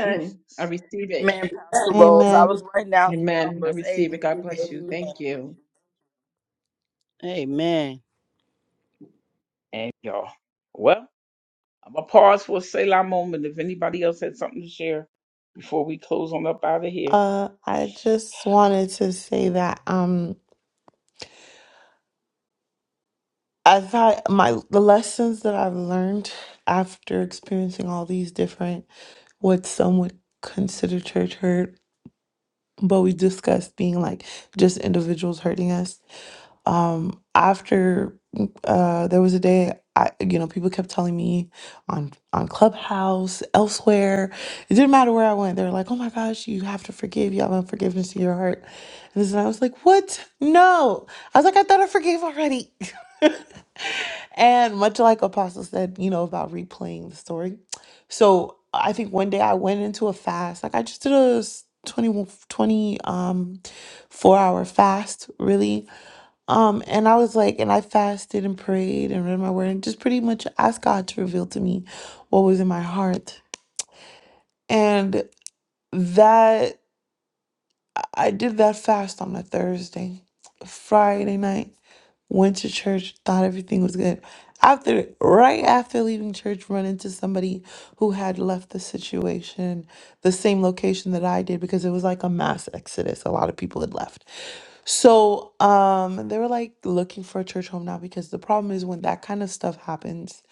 A: Jesus.
D: I receive it.
G: Man, Pastor Rose, I
B: Amen.
G: was writing down some
D: Amen. I
G: numbers.
D: receive it.
G: Amen.
D: God bless you.
G: Amen.
D: Thank you.
G: Amen.
A: And y'all. Well, I'm gonna pause for a Selah moment if anybody else had something to share before we close on up out of here.
B: Uh, I just wanted to say that. Um, As I my the lessons that I've learned after experiencing all these different what some would consider church hurt, but we discussed being like just individuals hurting us um after uh there was a day I you know people kept telling me on on Clubhouse elsewhere it didn't matter where I went they were like oh my gosh you have to forgive you have unforgiveness in your heart and this and I was like what no I was like I thought I forgave already [LAUGHS] and much like Apostle said you know about replaying the story so I think one day I went into a fast like I just did a s- 20 twenty, um 4 hour fast really um, and I was like, and I fasted and prayed and read my word and just pretty much asked God to reveal to me what was in my heart. And that I did that fast on a Thursday, Friday night, went to church, thought everything was good. After, right after leaving church, run into somebody who had left the situation, the same location that I did, because it was like a mass exodus. A lot of people had left. So um they were like looking for a church home now because the problem is when that kind of stuff happens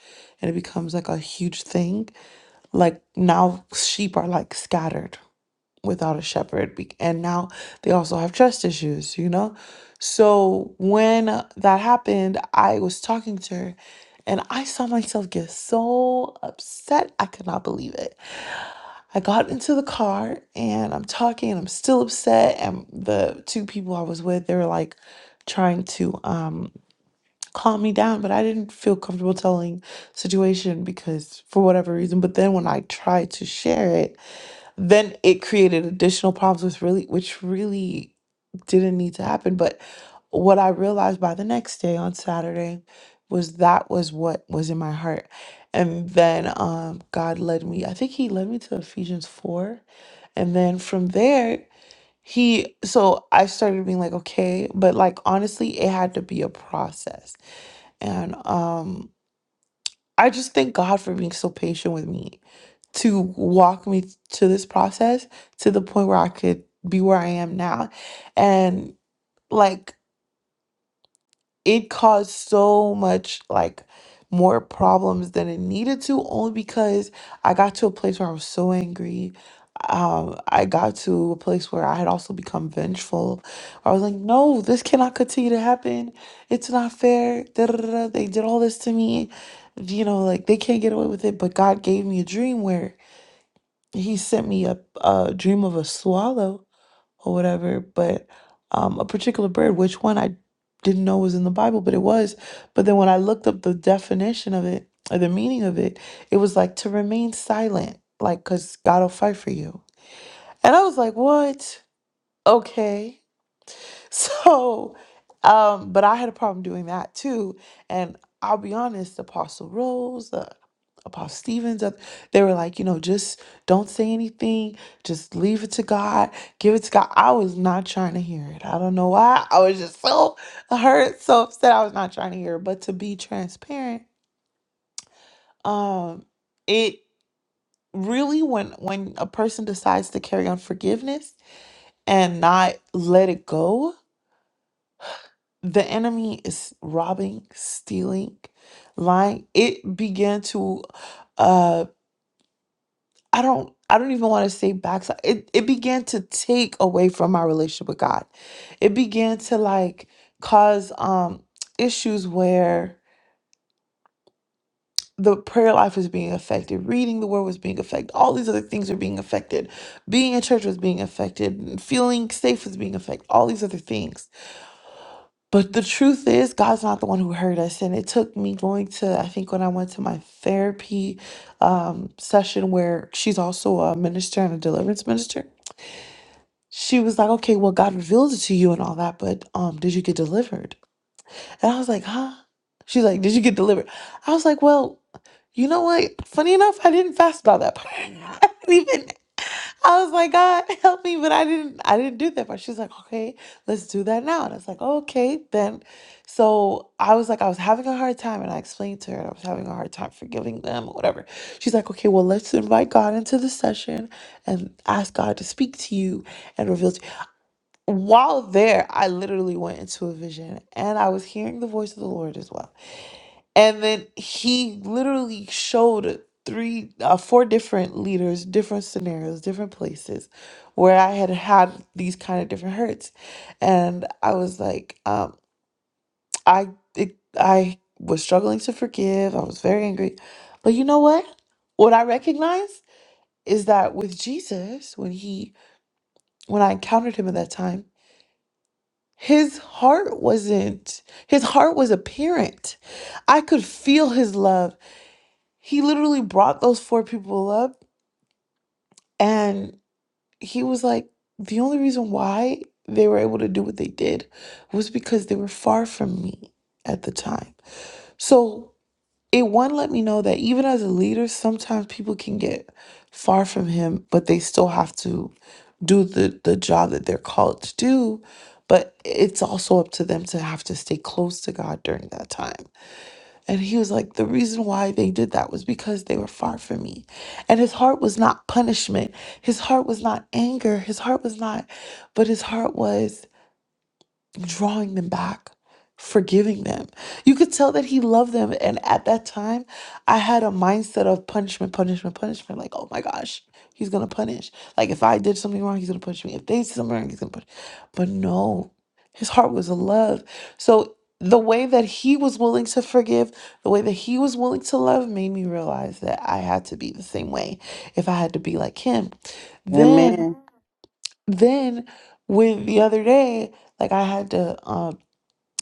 B: and it becomes like a huge thing, like now sheep are like scattered without a shepherd be- and now they also have trust issues, you know? So when that happened, I was talking to her and I saw myself get so upset. I could not believe it. I got into the car and I'm talking and I'm still upset. And the two people I was with, they were like trying to um, calm me down, but I didn't feel comfortable telling situation because for whatever reason. But then when I tried to share it, then it created additional problems with really which really didn't need to happen but what i realized by the next day on saturday was that was what was in my heart and then um god led me i think he led me to ephesians 4 and then from there he so i started being like okay but like honestly it had to be a process and um i just thank god for being so patient with me to walk me to this process to the point where I could be where I am now. And like it caused so much like more problems than it needed to only because I got to a place where I was so angry. Um, I got to a place where I had also become vengeful. I was like, no, this cannot continue to happen. It's not fair. Da, da, da, da. They did all this to me. You know, like they can't get away with it. But God gave me a dream where he sent me a, a dream of a swallow or whatever, but um, a particular bird, which one I didn't know was in the Bible, but it was. But then when I looked up the definition of it or the meaning of it, it was like to remain silent, like because God will fight for you. And I was like, what? Okay. [LAUGHS] So, um, but I had a problem doing that too. And I'll be honest, Apostle Rose, uh, Apostle Stevens, uh, they were like, you know, just don't say anything, just leave it to God, give it to God. I was not trying to hear it. I don't know why. [LAUGHS] I was just so hurt, so upset. I was not trying to hear it. But to be transparent, um, it really when when a person decides to carry on forgiveness and not let it go the enemy is robbing, stealing, lying. It began to uh I don't I don't even want to say backside. It it began to take away from my relationship with God. It began to like cause um issues where the prayer life was being affected, reading the word was being affected, all these other things were being affected, being in church was being affected, feeling safe was being affected, all these other things But the truth is, God's not the one who hurt us. And it took me going to, I think when I went to my therapy um, session, where she's also a minister and a deliverance minister, she was like, okay, well, God revealed it to you and all that, but um, did you get delivered? And I was like, huh? She's like, did you get delivered? I was like, well, you know what? Funny enough, I didn't fast about that part. [LAUGHS] I didn't even." I was like, God, [LAUGHS] help me, but I didn't I didn't do that part. She's like, okay, let's do that now. And I was like, okay, then. So I was like, I was having a hard time, and I explained to her I was having a hard time forgiving them or whatever. She's like, okay, well, let's invite God into the session and ask God to speak to you and reveal to you. While there, I literally went into a vision and I was hearing the voice of the Lord as well. And then he literally showed three, uh, four different leaders, different scenarios, different places where I had had these kind of different hurts. And I was like, um, I, it, I was struggling to forgive. I was very angry. But you know what? What I recognize is that with Jesus, when he, when I encountered him at that time, his heart wasn't, his heart was apparent. I could feel his love. He literally brought those four people up and he was like, the only reason why they were able to do what they did was because they were far from me at the time. So it one let me know that even as a leader, sometimes people can get far from him, but they still have to do the, the job that they're called to do. But it's also up to them to have to stay close to God during that time. And he was like, the reason why they did that was because they were far from me. And his heart was not punishment. His heart was not anger. His heart was not, but his heart was drawing them back, forgiving them. You could tell that he loved them. And at that time, I had a mindset of punishment, punishment, punishment. Like, oh my gosh, he's going to punish. Like, if I did something wrong, he's going to punish me. If they did something wrong, he's going to punish. But no, his heart was love. So the way that he was willing to forgive, the way that he was willing to love made me realize that I had to be the same way if I had to be like him. Then,
G: Amen.
B: then with the other day, like I had to uh,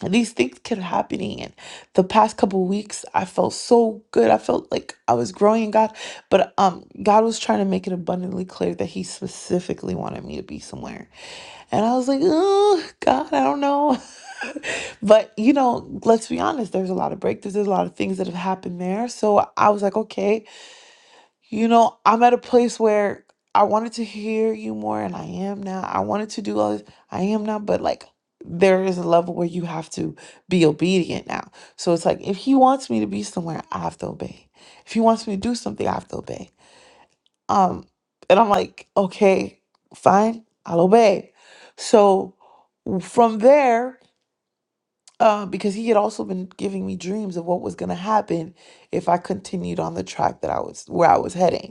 B: these things kept happening and the past couple weeks i felt so good i felt like i was growing in god but um god was trying to make it abundantly clear that he specifically wanted me to be somewhere and i was like oh god i don't know [LAUGHS] but you know let's be honest there's a lot of breakthroughs there's a lot of things that have happened there so i was like okay you know, I'm at a place where I wanted to hear you more, and I am now. I wanted to do all this, I am now, but like there is a level where you have to be obedient now. So it's like if he wants me to be somewhere, I have to obey. If he wants me to do something, I have to obey. Um, and I'm like, okay, fine, I'll obey. So from there, uh, because he had also been giving me dreams of what was gonna happen if I continued on the track that I was where I was heading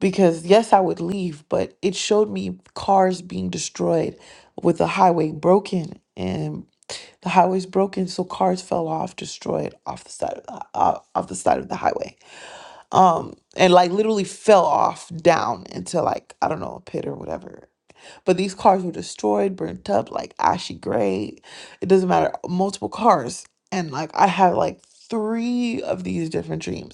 B: because yes, I would leave, but it showed me cars being destroyed with the highway broken and the highway's broken, so cars fell off, destroyed off the side of the, uh, off the side of the highway, um, and like literally fell off down into like I don't know a pit or whatever. But these cars were destroyed, burnt up, like ashy gray. It doesn't matter, multiple cars, and like I had like three of these different dreams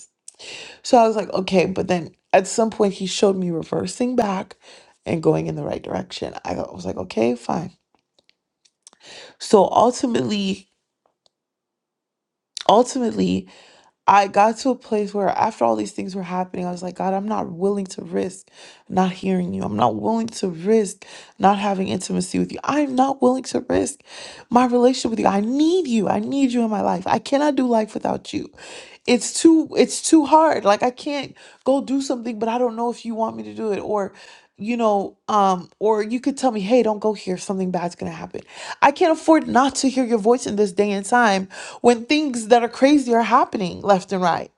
B: so I was like, okay, but then at some point he showed me reversing back and going in the right direction. I got- I was like, okay, fine. So ultimately, ultimately I got to a place where after all these things were happening, I was like, God, I'm not willing to risk not hearing you. I'm not willing to risk not having intimacy with you. I'm not willing to risk my relationship with you. I need you. I need you in my life. I cannot do life without you. It's too it's too hard. Like I can't go do something, but I don't know if you want me to do it or you know, um, or you could tell me, hey, don't go here. Something bad's gonna happen. I can't afford not to hear your voice in this day and time when things that are crazy are happening left and right.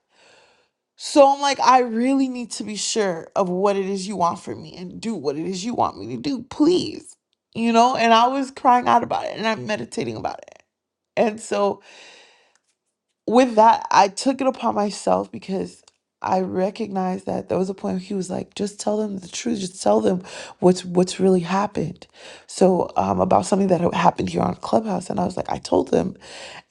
B: So I'm like, I really need to be sure of what it is you want from me and do what it is you want me to do, please. You know, and I was crying out about it and I'm meditating about it. And so with that, I took it upon myself because I recognized that there was a point where he was like, just tell them the truth, just tell them what's what's really happened. So um about something that had happened here on Clubhouse. And I was like, I told them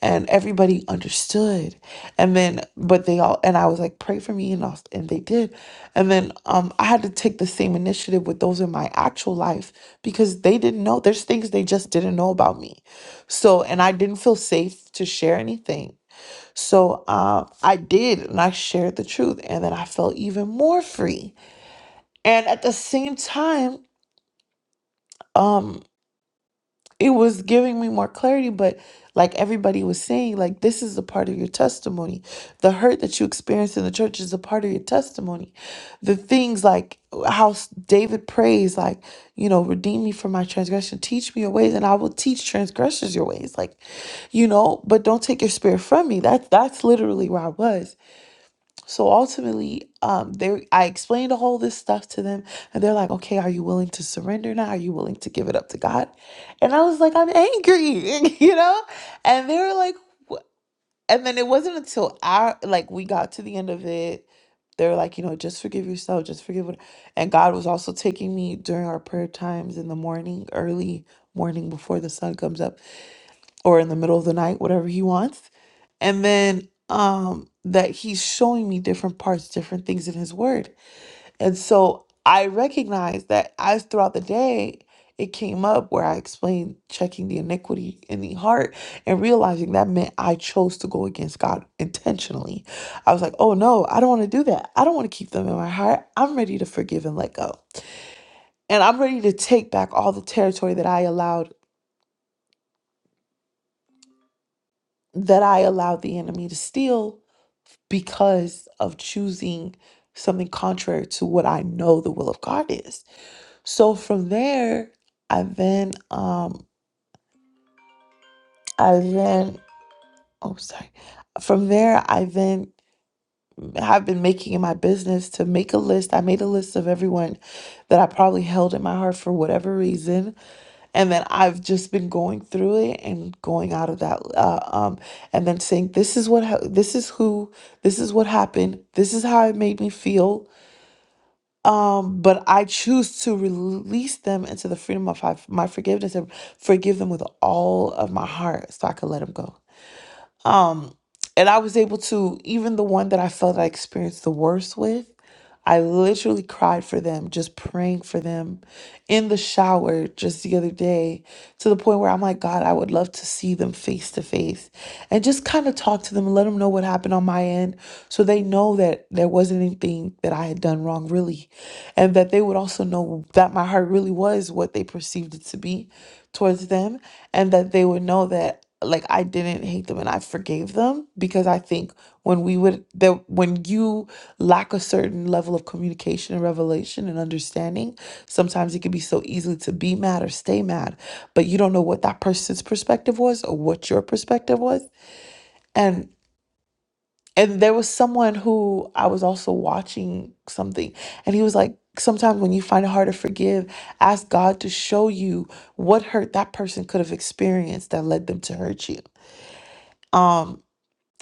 B: and everybody understood and then but they all and i was like pray for me and all, and they did and then um i had to take the same initiative with those in my actual life because they didn't know there's things they just didn't know about me so and i didn't feel safe to share anything so um i did and i shared the truth and then i felt even more free and at the same time um. it was giving me more clarity but like everybody was saying like this is a part of your testimony the hurt that you experienced in the church is a part of your testimony the things like how s- david prays like you know redeem me from my transgression teach me your ways and i will teach transgressors your ways like you know but don't take your spirit from me that's that's literally where i was so ultimately, um, they I explained all this stuff to them, and they're like, "Okay, are you willing to surrender now? Are you willing to give it up to God?" And I was like, "I'm angry," [LAUGHS] you know. And they were like, "Wh-" and then it wasn't until our like we got to the end of it, they were like, "You know, just forgive yourself, just forgive." What, and God was also taking me during our prayer times in the morning, early morning before the sun comes up or in the middle of the night, whatever he wants. And then um that he's showing me different parts, different things in his word. And so I recognized that as throughout the day it came up where I explained checking the iniquity in the heart and realizing that meant I chose to go against God intentionally. I was like, oh no, I don't want to do that. I don't want to keep them in my heart. I'm ready to forgive and let go. And I'm ready to take back all the territory that I allowed that I allowed the enemy to steal because of choosing something contrary to what I know the will of God is. So from there, I then um I then oh sorry. From there, I then have been making it my business to make a list. I made a list of everyone that I probably held in my heart for whatever reason and then I've just been going through it and going out of that, uh, um, and then saying, "This is what, ha- this is who, this is what happened, this is how it made me feel." Um, but I choose to release them into the freedom of my my forgiveness and forgive them with all of my heart, so I could let them go. Um, and I was able to even the one that I felt I experienced the worst with. I literally cried for them, just praying for them in the shower just the other day to the point where I'm like, God, I would love to see them face to face and just kind of talk to them and let them know what happened on my end so they know that there wasn't anything that I had done wrong, really. And that they would also know that my heart really was what they perceived it to be towards them and that they would know that like I didn't hate them and I forgave them because I think when we would that when you lack a certain level of communication and revelation and understanding sometimes it can be so easy to be mad or stay mad but you don't know what that person's perspective was or what your perspective was and and there was someone who i was also watching something and he was like sometimes when you find it hard to forgive ask god to show you what hurt that person could have experienced that led them to hurt you Um.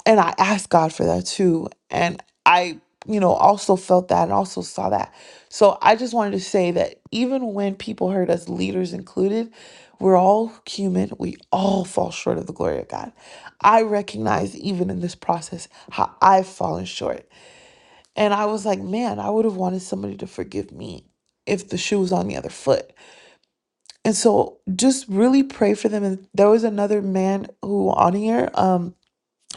B: And I asked God for that too. And I, you know, also felt that and also saw that. So I just wanted to say that even when people hurt us, leaders included, we're all human. We all fall short of the glory of God. I recognize even in this process how I've fallen short. And I was like, man, I would have wanted somebody to forgive me if the shoe was on the other foot. And so just really pray for them. And there was another man who on here. um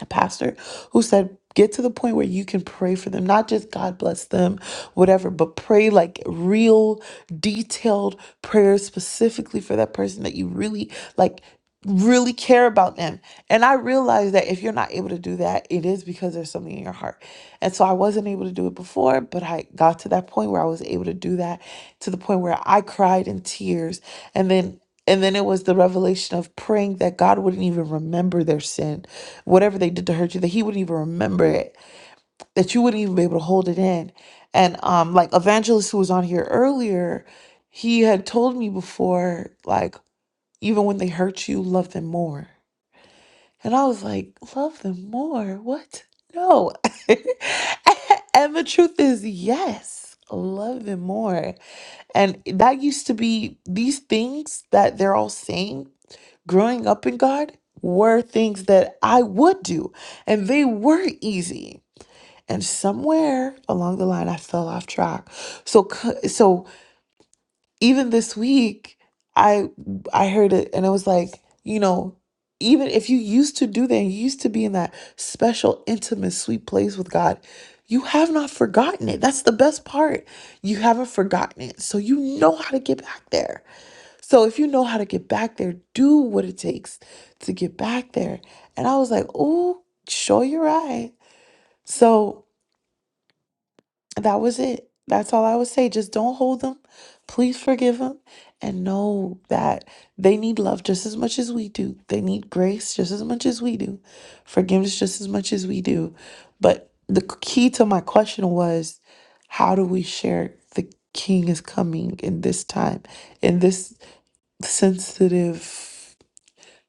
B: a pastor who said get to the point where you can pray for them not just god bless them whatever but pray like real detailed prayers specifically for that person that you really like really care about them and i realized that if you're not able to do that it is because there's something in your heart and so i wasn't able to do it before but i got to that point where i was able to do that to the point where i cried in tears and then and then it was the revelation of praying that God wouldn't even remember their sin, whatever they did to hurt you, that He wouldn't even remember it, that you wouldn't even be able to hold it in. And um, like Evangelist, who was on here earlier, he had told me before, like, even when they hurt you, love them more. And I was like, love them more? What? No. [LAUGHS] and the truth is, yes, love them more. And that used to be these things that they're all saying growing up in God were things that I would do, and they were easy. And somewhere along the line, I fell off track. So, c- so even this week, I I heard it, and it was like, you know, even if you used to do that, you used to be in that special, intimate, sweet place with God. You have not forgotten it. That's the best part. You haven't forgotten it. So you know how to get back there. So if you know how to get back there, do what it takes to get back there. And I was like, oh, sure you're right. So that was it. That's all I would say. Just don't hold them. Please forgive them and know that they need love just as much as we do. They need grace just as much as we do. Forgiveness just as much as we do. But the key to my question was how do we share the king is coming in this time, in this sensitive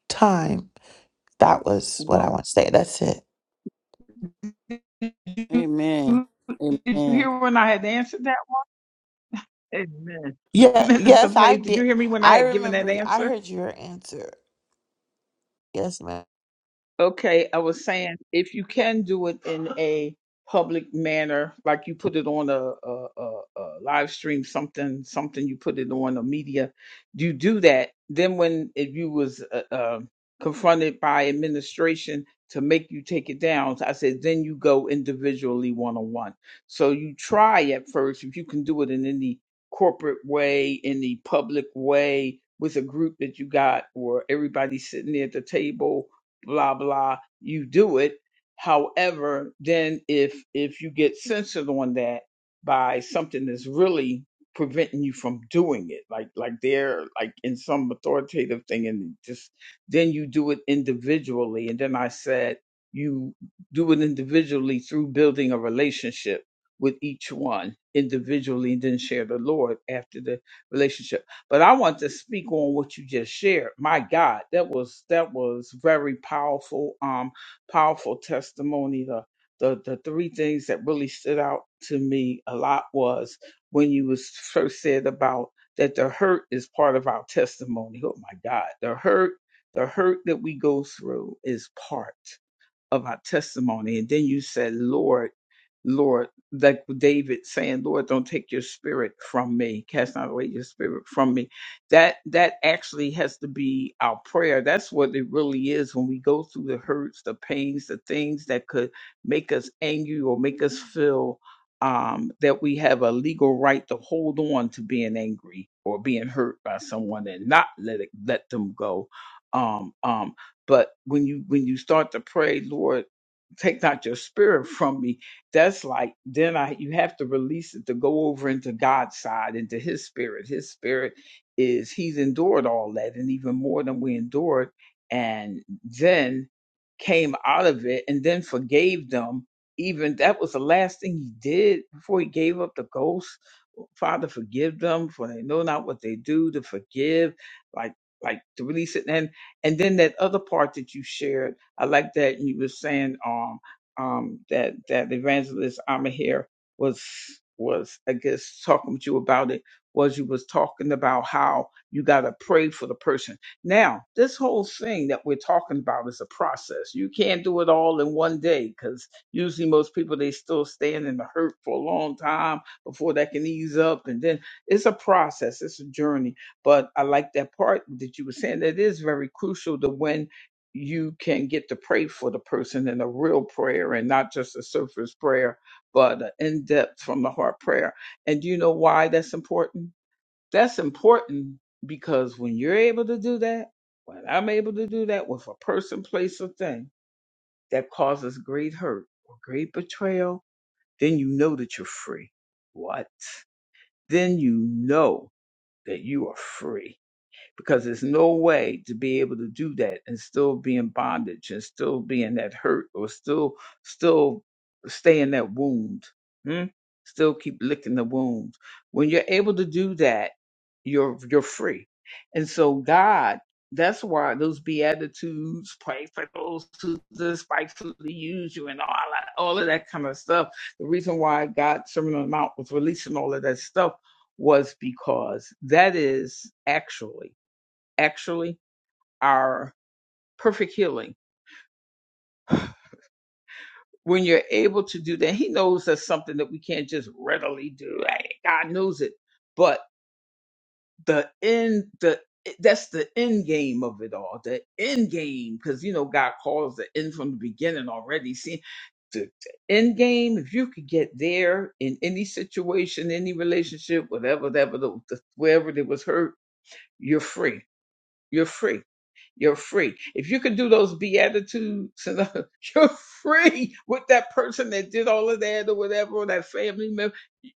B: time. That was what I
A: Well,
B: want to say. That's it.
A: did
G: Amen.
A: you did you
G: Amen.
A: hear when I had answered that? Amen. [LAUGHS]
B: Yeah,
A: Minister
B: yes, I
A: Faith, did
B: did.
A: you hear me when I
B: I
A: had given that
B: remember. I
A: answer?
B: heard your answer. Yes, ma'am.
A: Okay, I was saying if you can do it in a public manner, like you put it on a, a, a, a live stream, something, something you put it on a media, you do that. Then when if you was uh, uh, confronted by administration to make you take it down, I said then you go individually one on one. So you try at first if you can do it in any corporate way, in the public way with a group that you got or everybody sitting there at the table blah blah you do it however then if if you get censored on that by something that's really preventing you from doing it like like they're like in some authoritative thing and just then you do it individually and then i said you do it individually through building a relationship with each one individually and then share the lord after the relationship but I want to speak on what you just shared. My God, that was that was very powerful, um, powerful testimony. The the the three things that really stood out to me a lot was when you was first said about that the hurt is part of our testimony. Oh my God, the hurt, the hurt that we go through is part of our testimony. And then you said, Lord, Lord, like David saying, Lord, don't take your spirit from me. Cast not away your spirit from me. That that actually has to be our prayer. That's what it really is when we go through the hurts, the pains, the things that could make us angry or make us feel um, that we have a legal right to hold on to being angry or being hurt by someone and not let it let them go Um, um, but when you when you start to pray, Lord, take not your spirit from me, that's like then I you have to release it to go over into God's side, into his spirit. His spirit is he's endured all that and even more than we endured, and then came out of it and then forgave them. Even that was the last thing he did before he gave up the ghost. Father, forgive them for they know not what they do to forgive, like like to release it. and. And then that other part that you shared, I like that you were saying um um that that evangelist Amahir was was I guess talking with you about it was you was talking about how you gotta pray for the person. Now this whole thing that we're talking about is a process. You can't do it all in one day because usually most people they still staying in the hurt for a long time before that can ease up, and then it's a process. It's a journey but I like that part that you were saying. That is very crucial to when you can get to pray for the person in a real prayer and not just a surface prayer, but an in depth from the heart prayer. And do you know why that's important? That's important because when you're able to do that, when I'm able to do that with a person, place, or thing that causes great hurt or great betrayal, then you know that you're free. What? Then you know that you are free because there's no way to be able to do that and still be in bondage and still be in that hurt or still still stay in that wound hmm? still keep licking the wound when you're able to do that you're you're free and so god that's why those beatitudes pray for those who despitefully use you and all that all of that kind of stuff the reason why god's sermon on the mount was releasing all of that stuff was because that is actually actually our perfect healing. When you're able to do that, He knows that's something that we can't just readily do. Hey, God knows it, but the end, the eh, that's the end game of it all. The end game, because you know God calls the end from the beginning already. See, the, the end game. If you could get there in any situation, any relationship, whatever, whatever, the, the, wherever there was hurt, you're free. You're free You're free. If you can do those beatitudes, and [LAUGHS] you're free with that person that did all of that or whatever, or that family member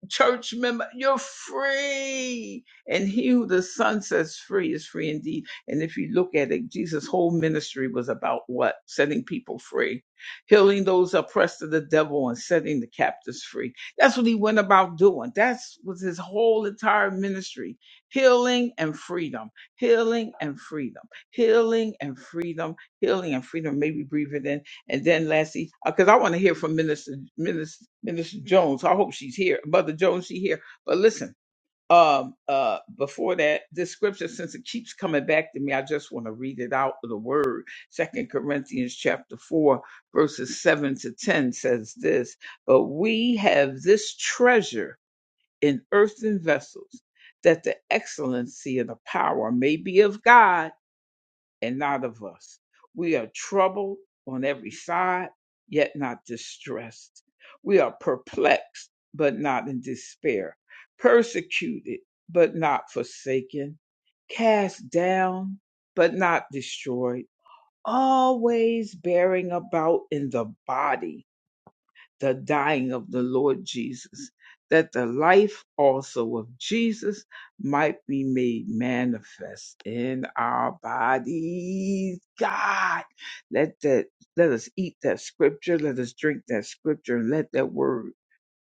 A: church member. You're free. And he who the Son sets free is free indeed. And if you look at it, Jesus' whole ministry was about what? Setting people free, healing those oppressed of the devil, and setting the captives free. That's what he went about doing. That was his whole entire ministry healing and freedom, healing and freedom, healing and freedom, healing and freedom. Maybe breathe it in and then lastly, because I want to hear from Minister, Minister Minister Jones. I hope she's here, Mother Jones. She here. But listen, um, uh, before that, this scripture, since it keeps coming back to me, I just want to read it out of the Word. Second Corinthians chapter four, verses seven to ten says this: But we have this treasure in earthen vessels, that the excellency of the power may be of God and not of us. We are troubled on every side, yet not distressed. We are perplexed, but not in despair. Persecuted, but not forsaken. Cast down, but not destroyed. Always bearing about in the body the dying of the Lord Jesus, that the life also of Jesus might be made manifest in our bodies. God, let that let us eat that scripture, let us drink that scripture, and let that word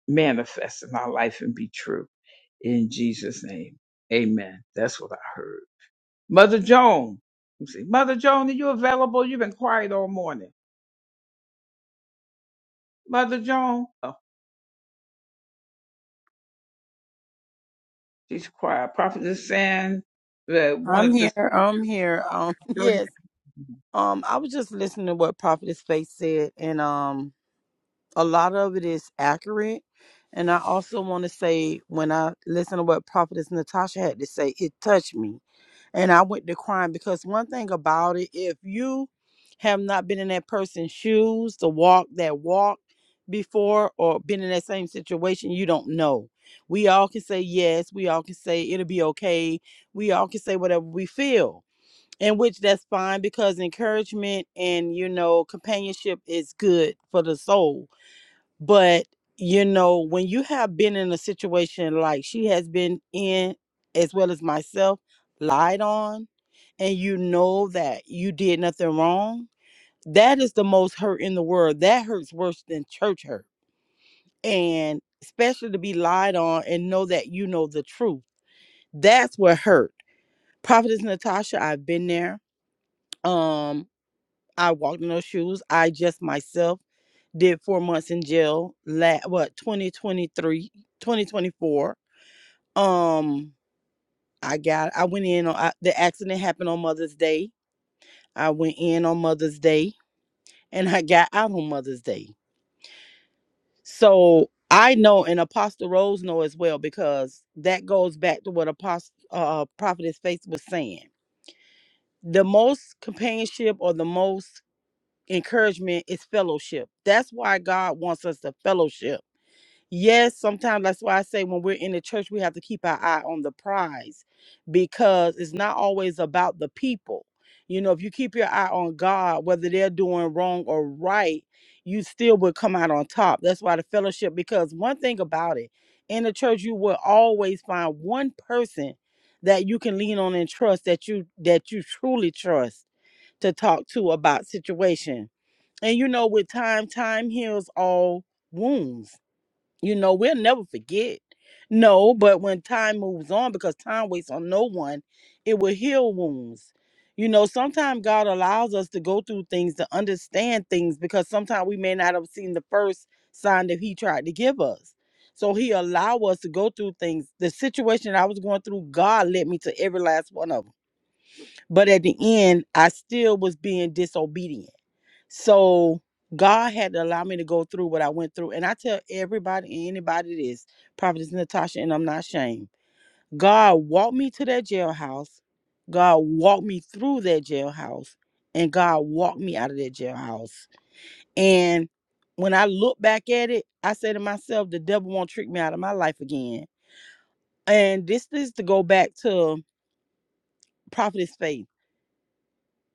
A: manifest in our life and be true. In Jesus' name. Amen. That's what I heard. Mother Joan. let me see. Mother Joan, are you available? You've been quiet all morning. Mother Joan. She's quiet. Prophetess Sand that wanted
G: I'm
A: to
G: here.
A: speak.
G: I'm here. Um, [LAUGHS]
A: Go
G: yes.
A: ahead.
G: Um, I was just listening to what Prophetess Faith said, and um, a lot of it is accurate. And I also want to say, when I listened to what Prophetess Natasha had to say, it touched me, and I went to crying because one thing about it, if you have not been in that person's shoes to walk that walk before, or been in that same situation, you don't know. We all can say yes. We all can say it'll be okay. We all can say whatever we feel in which that's fine because encouragement and you know companionship is good for the soul but you know when you have been in a situation like she has been in as well as myself lied on and you know that you did nothing wrong that is the most hurt in the world that hurts worse than church hurt and especially to be lied on and know that you know the truth that's what hurt prophetess natasha i've been there um I walked in those shoes. I just myself did four months in jail. La- what 2023, 2024. Um, I got. I went in on I, the accident happened on Mother's Day. I went in on Mother's Day, and I got out on Mother's Day. So I know, and Apostle Rose know as well, because that goes back to what Apostle uh, Prophetess Faith was saying. The most companionship or the most encouragement is fellowship. That's why God wants us to fellowship Yes, sometimes that's why I say when we're in the church, we have to keep our eye on the prize because it's not always about the people. You know, if you keep your eye on God, whether they're doing wrong or right, you still would come out on top. That's why the fellowship, because one thing about it, in the church, you will always find one person that you can lean on and trust that you that you truly trust to talk to about situation. And you know, with time, time heals all wounds. You know, we'll never forget. No, but when time moves on, because time waits on no one, it will heal wounds. You know, sometimes God allows us to go through things to understand things because sometimes we may not have seen the first sign that He tried to give us. So He allowed us to go through things. The situation I was going through, God led me to every last one of them. But at the end, I still was being disobedient so God had to allow me to go through what I went through. And I tell everybody, anybody this, Prophetess Natasha, and I'm not ashamed. God walked me to that jailhouse. God walked me through that jailhouse. And God walked me out of that jailhouse. And when I look back at it, I say to myself, the devil won't trick me out of my life again. And this is to go back to Prophetess Faith.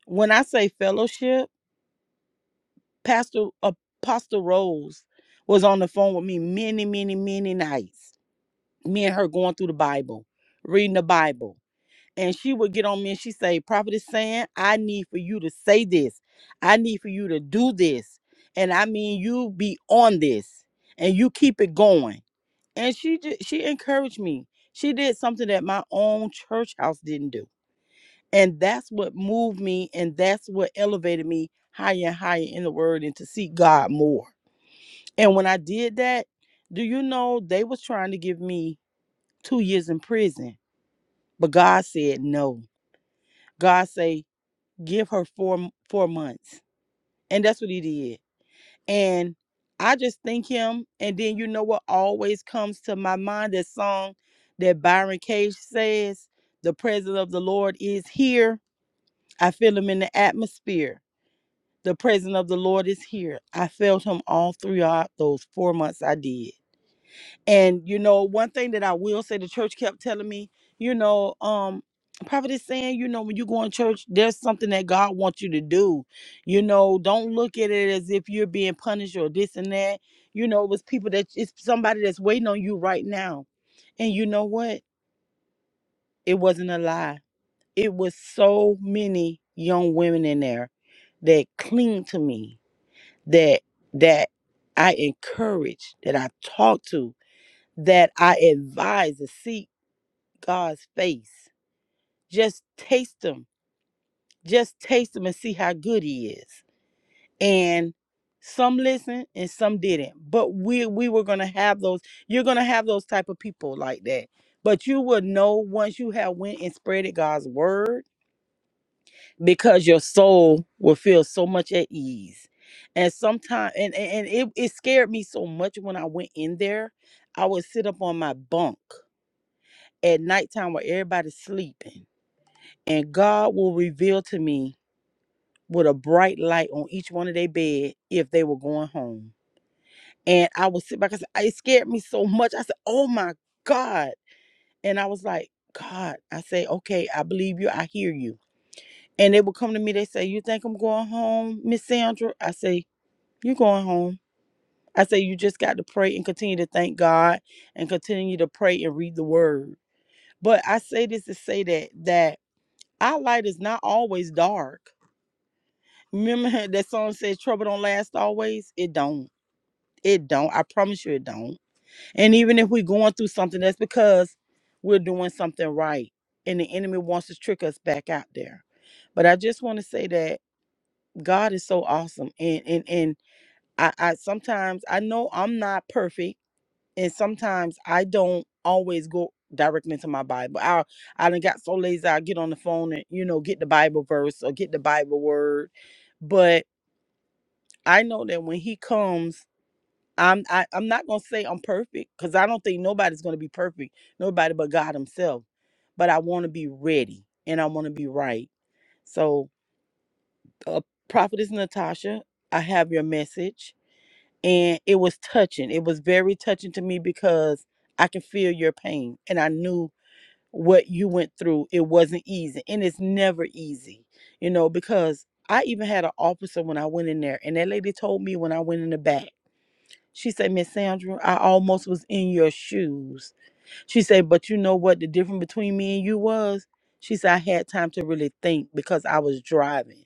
G: When I say fellowship, Pastor Apostle Rose was on the phone with me many, many, many nights. Me and her going through the Bible, reading the Bible. And she would get on me and she say, Prophetess saying, I need for you to say this. I need for you to do this. And I mean you be on this and you keep it going. And she just, she encouraged me. She did something that my own church house didn't do. And that's what moved me and that's what elevated me higher and higher in the word and to seek God more. And when I did that, do you know they was trying to give me two years in prison, but God said no. God say give her four four months, and that's what He did. And I just thank Him. And then you know what always comes to my mind that song that Byron Cage says, "The presence of the Lord is here. I feel Him in the atmosphere. The presence of the Lord is here. I felt Him all throughout those four months I did." And you know, one thing that I will say, the church kept telling me, you know, um, prophet is saying, you know, when you go in church, there's something that God wants you to do. You know, don't look at it as if you're being punished or this and that. You know, it was people that it's somebody that's waiting on you right now. And you know what? It wasn't a lie. It was so many young women in there that cling to me, that that I encouraged, that I talked to, that I advise to seek God's face. Just taste Him. Just taste Him and see how good He is. And some listened and some didn't. But we we were gonna have those. You're gonna have those type of people like that. But you will know once you have went and spreaded God's word because your soul will feel so much at ease. And sometimes and, and and it, it scared me so much when I went in there. I would sit up on my bunk at nighttime while everybody's sleeping. And God will reveal to me with a bright light on each one of their bed if they were going home. And I would sit back and say, it scared me so much. I said, oh my God. And I was like, God, I say, okay, I believe you. I hear you. And they would come to me, they say, You think I'm going home, Miss Sandra? I say, You're going home. I say, You just got to pray and continue to thank God and continue to pray and read the word. But I say this to say that that Our light is not always dark. Remember [LAUGHS] that song says trouble don't last always? It don't. It don't. I promise you it don't. And even if we're going through something, that's because we're doing something right. And the enemy wants to trick us back out there. But I just want to say that God is so awesome. And and and I, I sometimes I know I'm not perfect and sometimes I don't always go directly to my Bible. I I done got so lazy I get on the phone and you know get the Bible verse or get the Bible word, but I know that when He comes, I'm I, I'm not gonna say I'm perfect because I don't think nobody's gonna be perfect, nobody but God Himself. But I want to be ready and I want to be right. So, uh, Prophetess Natasha, I have your message and it was touching. It was very touching to me because I can feel your pain and I knew what you went through. It wasn't easy and it's never easy, you know, because I even had an officer when I went in there and that lady told me when I went in the back. She said, Miss Sandra, I almost was in your shoes. She said, but you know what the difference between me and you was? She said, I had time to really think because I was driving.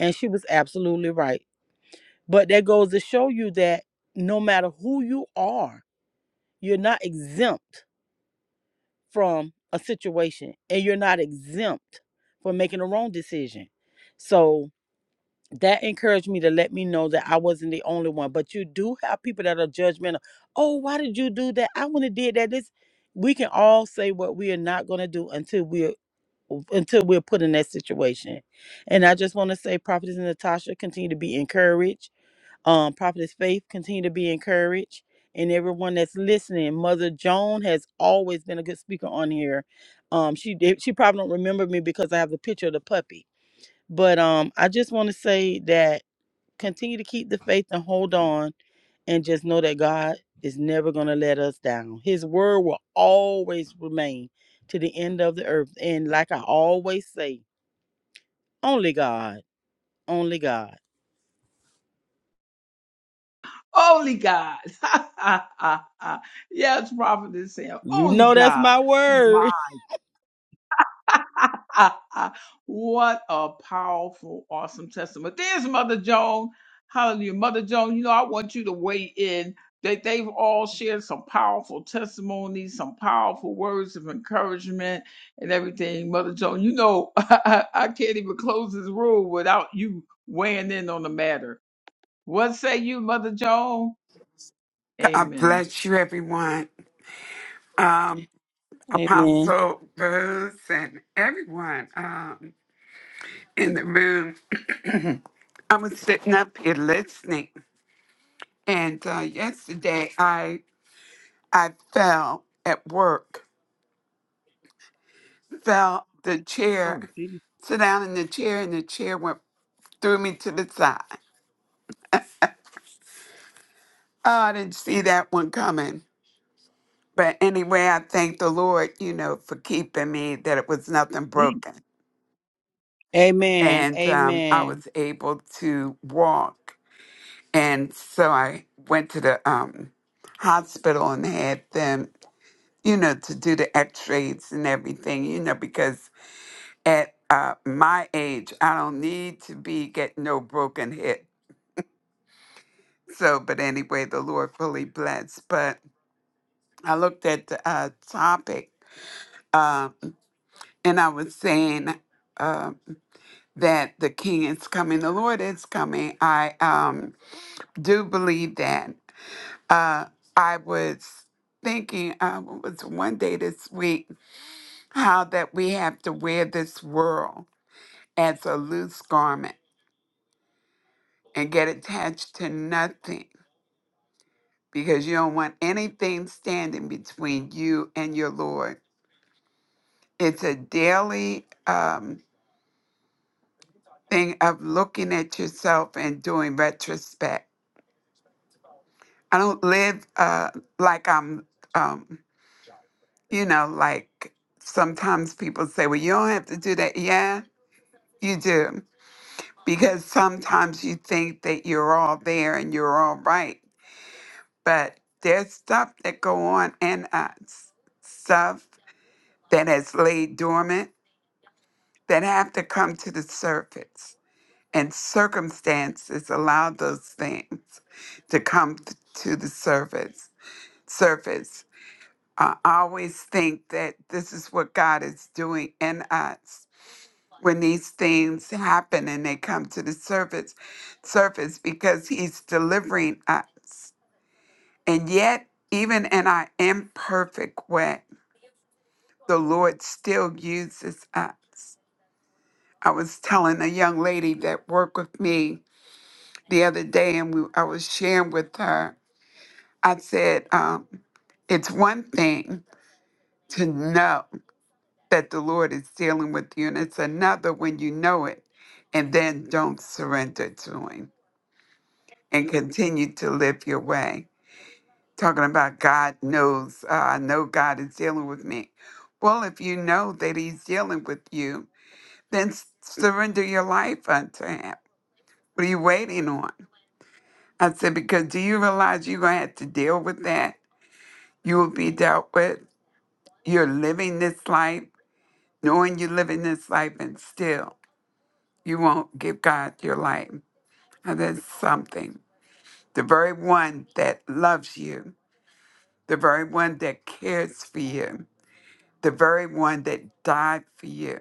G: And she was absolutely right. But that goes to show you that no matter who you are, you're not exempt from a situation and you're not exempt from making a wrong decision. So that encouraged me to let me know that I wasn't the only one. But you do have people that are judgmental. Oh, why did you do that? I wouldn't have did that. This we can all say what we are not gonna do until we're until we're put in that situation. And I just want to say, Prophetess Natasha, continue to be encouraged um, Prophetess Faith, continue to be encouraged. And everyone that's listening, Mother Joan has always been a good speaker on here. Um, she did, she probably don't remember me because I have the picture of the puppy. But um, I just want to say that continue to keep the faith and hold on, and just know that God is never going to let us down. His word will always remain to the end of the earth. And like I always say, only God, only God.
A: Only God. [LAUGHS] yes, Prophetess Sam.
G: You
A: Only
G: know that's
A: God.
G: my word.
A: [LAUGHS] what a powerful, awesome testament. There's Mother Joan. Hallelujah. Mother Joan, you know, I want you to weigh in. They, they've all shared some powerful testimonies, some powerful words of encouragement and everything. Mother Joan, you know, [LAUGHS] I, I can't even close this room without you weighing in on the matter. What say you, Mother Joan?
H: God
A: Amen.
H: bless you, everyone. Um,
G: [LAUGHS] Amen.
H: Apostle Bruce and everyone um, in the room. I was sitting up here listening, and uh, yesterday I I fell at work, fell the chair,
A: Oh, gee,
H: sit down in the chair, and the chair went threw me to the side. Oh, I didn't see that one coming. But anyway, I thank the Lord, you know, for keeping me, that it was nothing
A: gee.
H: broken.
G: Amen.
H: and um, I
G: Amen.
H: was able to walk. And so I went to the um, hospital and had them, you know, to do the x rays and everything, you know, because at uh, my age, I don't need to be getting no broken hip. So, but anyway, the Lord fully blessed. But I looked at the uh, topic uh, and I was saying uh, that the King is coming, the Lord is coming. I um, do believe that. uh, I was thinking uh, it was one day this week how that we have to wear this world as a loose garment and get attached to nothing because you don't want anything standing between you and your Lord. It's a daily um, thing of looking at yourself and doing retrospect. I don't live uh, like I'm, um, you know, like sometimes people say, well, you don't have to do that. Yeah, You do, because sometimes you think that you're all there and you're all right, but there's stuff that go on in us, stuff that has laid dormant that have to come to the surface, and circumstances allow those things to come t- to the surface. Surface. I always think that this is what God is doing in us when these things happen and they come to the surface surface because he's delivering us and yet even in our imperfect way the lord still uses us i was telling a young lady that worked with me the other day and we, i was sharing with her i said um, it's one thing to know that the lord is dealing with you and it's another when you know it and then don't surrender to him and continue to live your way. Talking about God knows, uh, I know God is dealing with me. Well, if you know that He's dealing with you, then s- surrender your life unto Him. What are you waiting on? I said, because do you realize you're going to have to deal with that? You will be dealt with. You're living this life, knowing you're living this life, and still you won't give God your life. Now, that's something. The very one that loves you the very one that cares for you, the very one that died for you.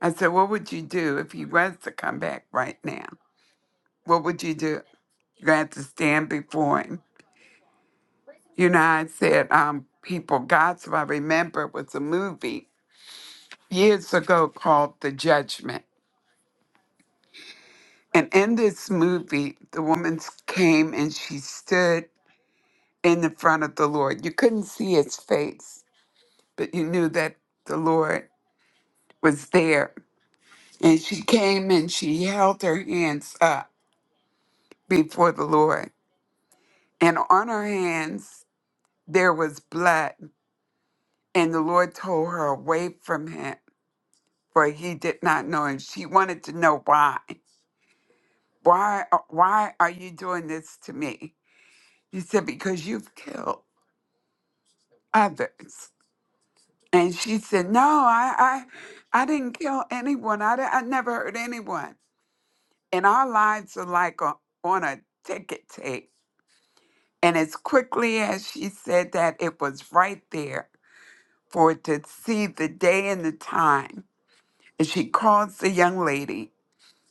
H: I said, What would you do if he was to come back right now? What would you do? You're going to have to stand before him. You know, I said, um, People, Gospel, I remember was a movie years ago called The Judgment. And in this movie, the woman came and she stood in the front of the Lord. You couldn't see his face, but you knew that the Lord was there And she came and she held her hands up before the Lord. And on her hands there was blood. And the Lord told her, Away from him, for he did not know. And she wanted to know why. Why, why are you doing this to me? He said, Because you've killed others. And she said, No, I, I, I didn't kill anyone. I, di- I never hurt anyone. And our lives are like a, on a ticket tape And as quickly as she said that, it was right there for it to see the day and the time. And she calls the young lady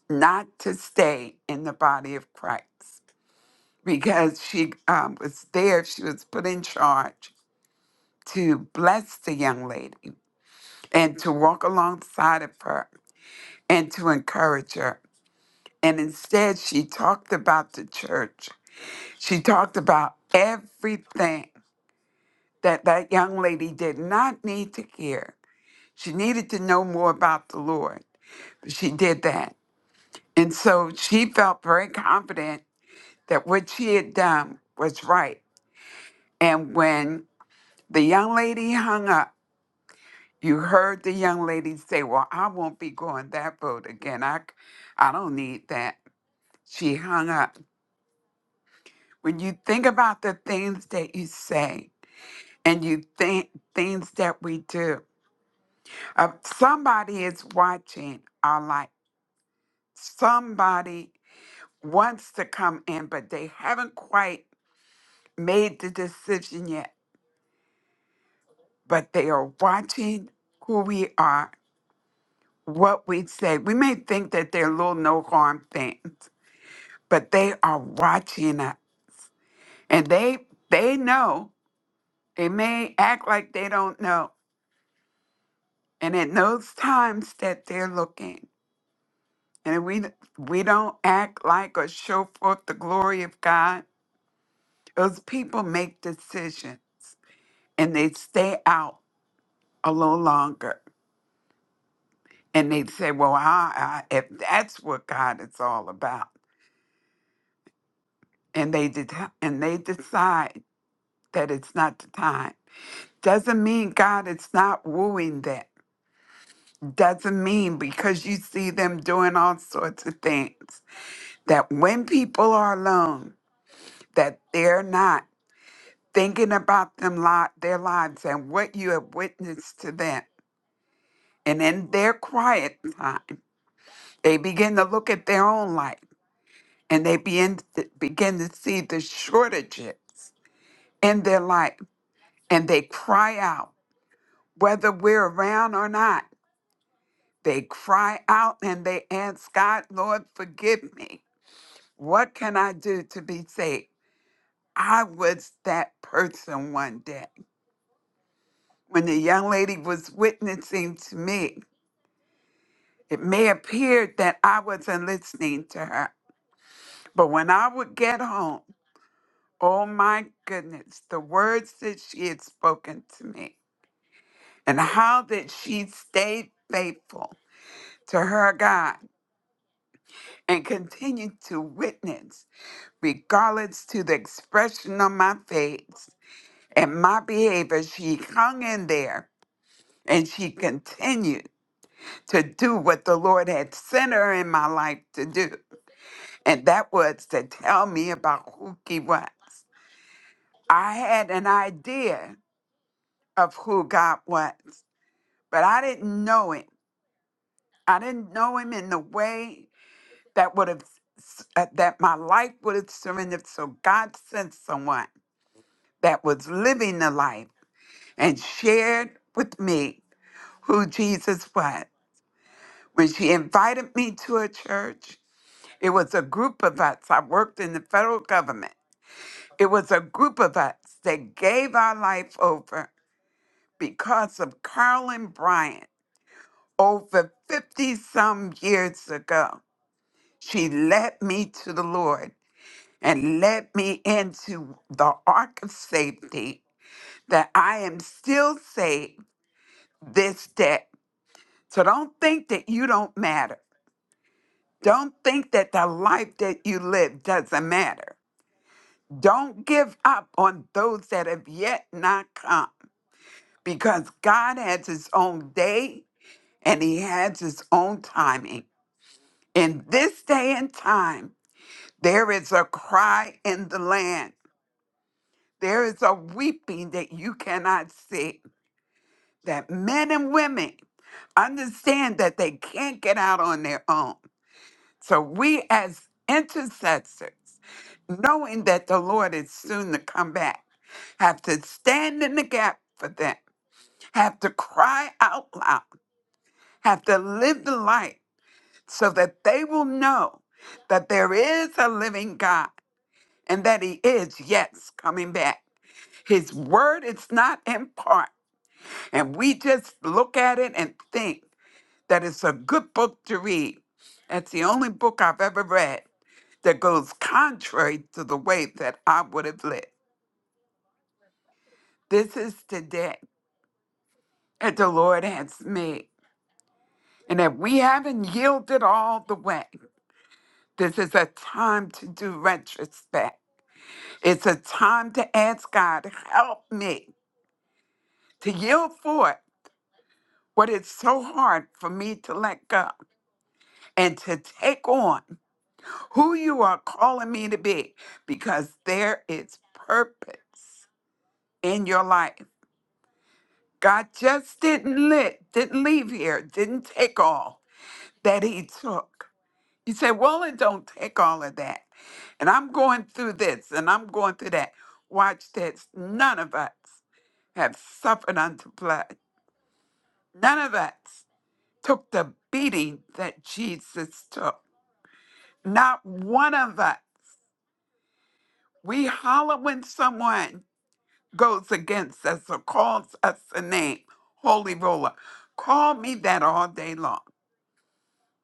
H: not to stay in the body of Christ because she um, was there, she was put in charge to bless the young lady and to walk alongside of her and to encourage her. And instead, she talked about the church. She talked about everything that that young lady did not need to care. She needed to know more about the Lord. She did that. And so she felt very confident that what she had done was right. And when the young lady hung up, you heard the young lady say, Well, I won't be going that road again. I, c- I don't need that. She hung up. When you think about the things that you say and you think things that we do, Uh, somebody is watching our life. Somebody wants to come in, but they haven't quite made the decision yet. But they are watching who we are, what we say. We may think that they're little no harm things, but they are watching us, and they they know. They may act like they don't know, and at those times that they're looking, and we we don't act like or show forth the glory of God Those people make decisions and they stay out a little longer and they say, "Well, I, I, if that's what God is all about," and they det- and they decide that it's not the time. Doesn't mean God is not wooing them. Doesn't mean because you see them doing all sorts of things that when people are alone, that they're not thinking about them lot their lives and what you have witnessed to them And in their quiet time, they begin to look at their own life and they begin to, begin to see the shortages in their life and they cry out, whether we're around or not. They cry out and they ask God, Lord, forgive me. What can I do to be saved? I was that person one day. When the young lady was witnessing to me, it may appear that I wasn't listening to her. But when I would get home, Oh my goodness, the words that she had spoken to me, and how that she stayed faithful to her God and continued to witness, regardless to the expression on my face and my behavior. She hung in there and she continued to do what the Lord had sent her in my life to do, and that was to tell me about who He was. I had an idea of who God was but I didn't know him. I didn't know him in the way that would have uh, that my life would have surrendered. So God sent someone that was living the life and shared with me who Jesus was. When she invited me to a church, it was a group of us. I worked in the federal government. It was a group of us that gave our life over because of Carolyn Bryant over 50 some years ago. She led me to the Lord and led me into the ark of safety that I am still saved this day. So don't think that you don't matter. Don't think that the life that you live doesn't matter. Don't give up on those that have yet not come because God has his own day and he has his own timing. In this day and time, there is a cry in the land There is a weeping that you cannot see, that men and women understand that they can't get out on their own. So we, as intercessors, knowing that the Lord is soon to come back, have to stand in the gap for them, have to cry out loud, have to live the life so that they will know that there is a living God and that He is, yes, coming back. His word is not in part. And we just look at it and think that it's a good book to read. That's the only book I've ever read that goes contrary to the way that I would have lived. This is the day that the Lord has made. And if we haven't yielded all the way, this is a time to do retrospect. It's a time to ask God, help me to yield forth what is so hard for me to let go and to take on. who you are calling me to be because there is purpose in your life. God just didn't lit, didn't leave here, didn't take all that he took. You say, well, it don't take all of that. And I'm going through this and I'm going through that. Watch this. None of us have suffered unto blood. None of us took the beating that Jesus took. Not one of us. We holler when someone goes against us or calls us a name, holy roller. Call me that all day long.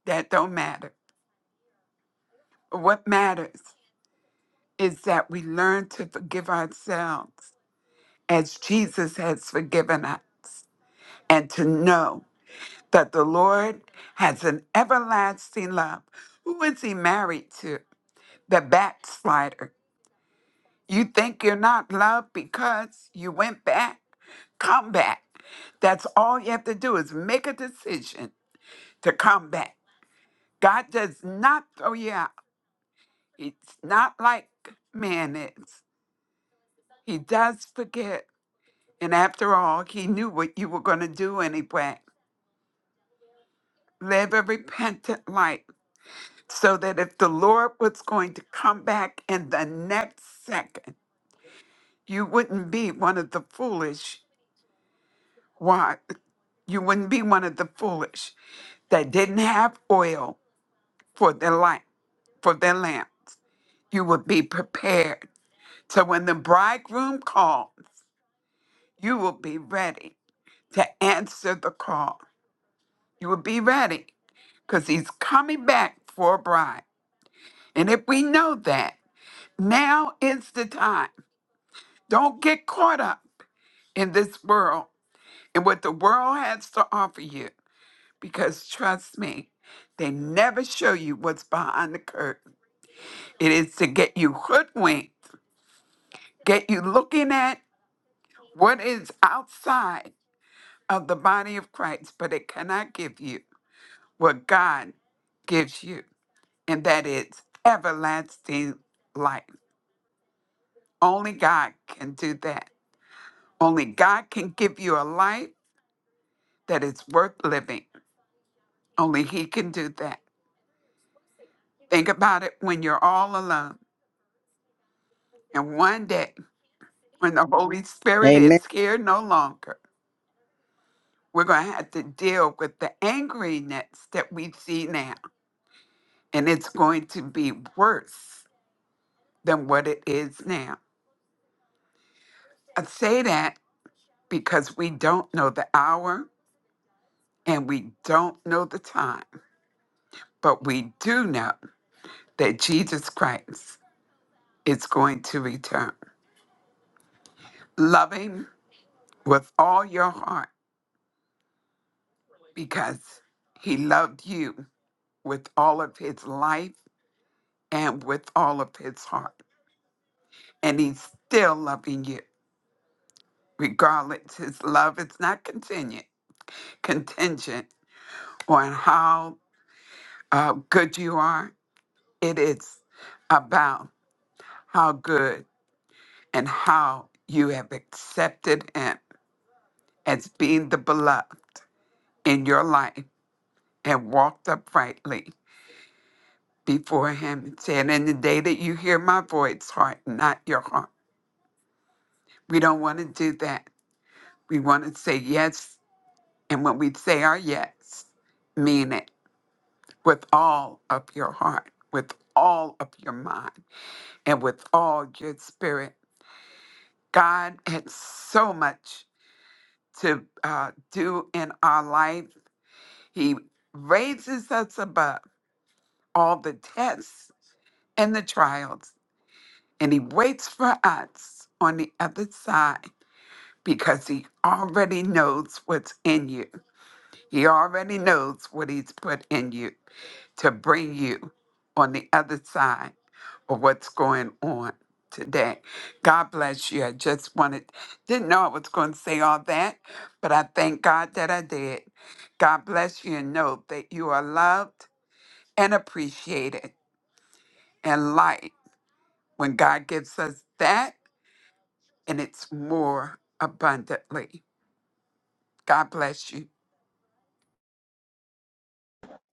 H: That don't matter. What matters is that we learn to forgive ourselves as Jesus has forgiven us and to know that the Lord has an everlasting love. Who is he married to? The backslider. You think you're not loved because you went back? Come back. That's all you have to do is make a decision to come back. God does not throw you out. It's not like man is. He does forget. And after all, he knew what you were going to do anyway. Live a repentant life so that if the Lord was going to come back in the next second, you wouldn't be one of the foolish ones You wouldn't be one of the foolish that didn't have oil for their light, for their lamps. You would be prepared. So when the bridegroom calls, you will be ready to answer the call. You will be ready because he's coming back for a bride. And if we know that, now is the time. Don't get caught up in this world and what the world has to offer you because trust me, they never show you what's behind the curtain. It is to get you hoodwinked, get you looking at what is outside of the body of Christ, but it cannot give you what God gives you, and that is everlasting life. Only God can do that. Only God can give you a life that is worth living. Only He can do that. Think about it when you're all alone. And one day, when the Holy Spirit is
G: Amen.
H: here no longer, we're going to have to deal with the angriness that we see now, and it's going to be worse than what it is now. I say that because we don't know the hour and we don't know the time, but we do know that Jesus Christ is going to return. Love him with all your heart because he loved you with all of his life and with all of his heart, and he's still loving you regardless his love is not contingent contingent on how uh, good you are it is about how good and how you have accepted him as being the beloved in your life and walked uprightly before him and said in the day that you hear my voice heart not your heart we don't want to do that we want to say yes and when we say our yes mean it with all of your heart, with all of your mind, and with all your spirit. God had so much to uh, do in our life. He raises us above all the tests and the trials, and He waits for us on the other side because He already knows what's in you. He already knows what He's put in you to bring you on the other side for what's going on today. God bless you. I just wanted, didn't know I was going to say all that, but I thank God that I did. God bless you and know that you are loved and appreciated and light when God gives us that and it's more abundantly. God bless you.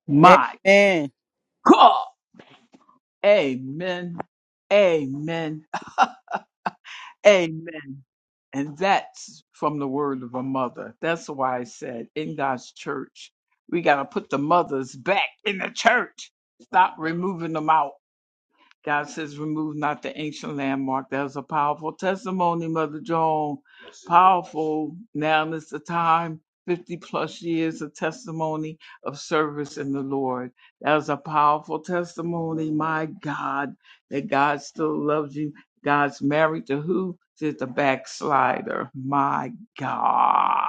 A: my
G: Amen.
A: God. Amen. Amen Amen. And that's from the word of a mother. That's why I said in God's church, we got to put the mothers back in the church. Stop removing them out. God says, remove not the ancient landmark. That was a powerful testimony, Mother Joan. Yes, Powerful. Now is the time, 50 plus years of testimony of service in the Lord. That was a powerful testimony, my God, that God still loves you. God's married to who? To the backslider. My God.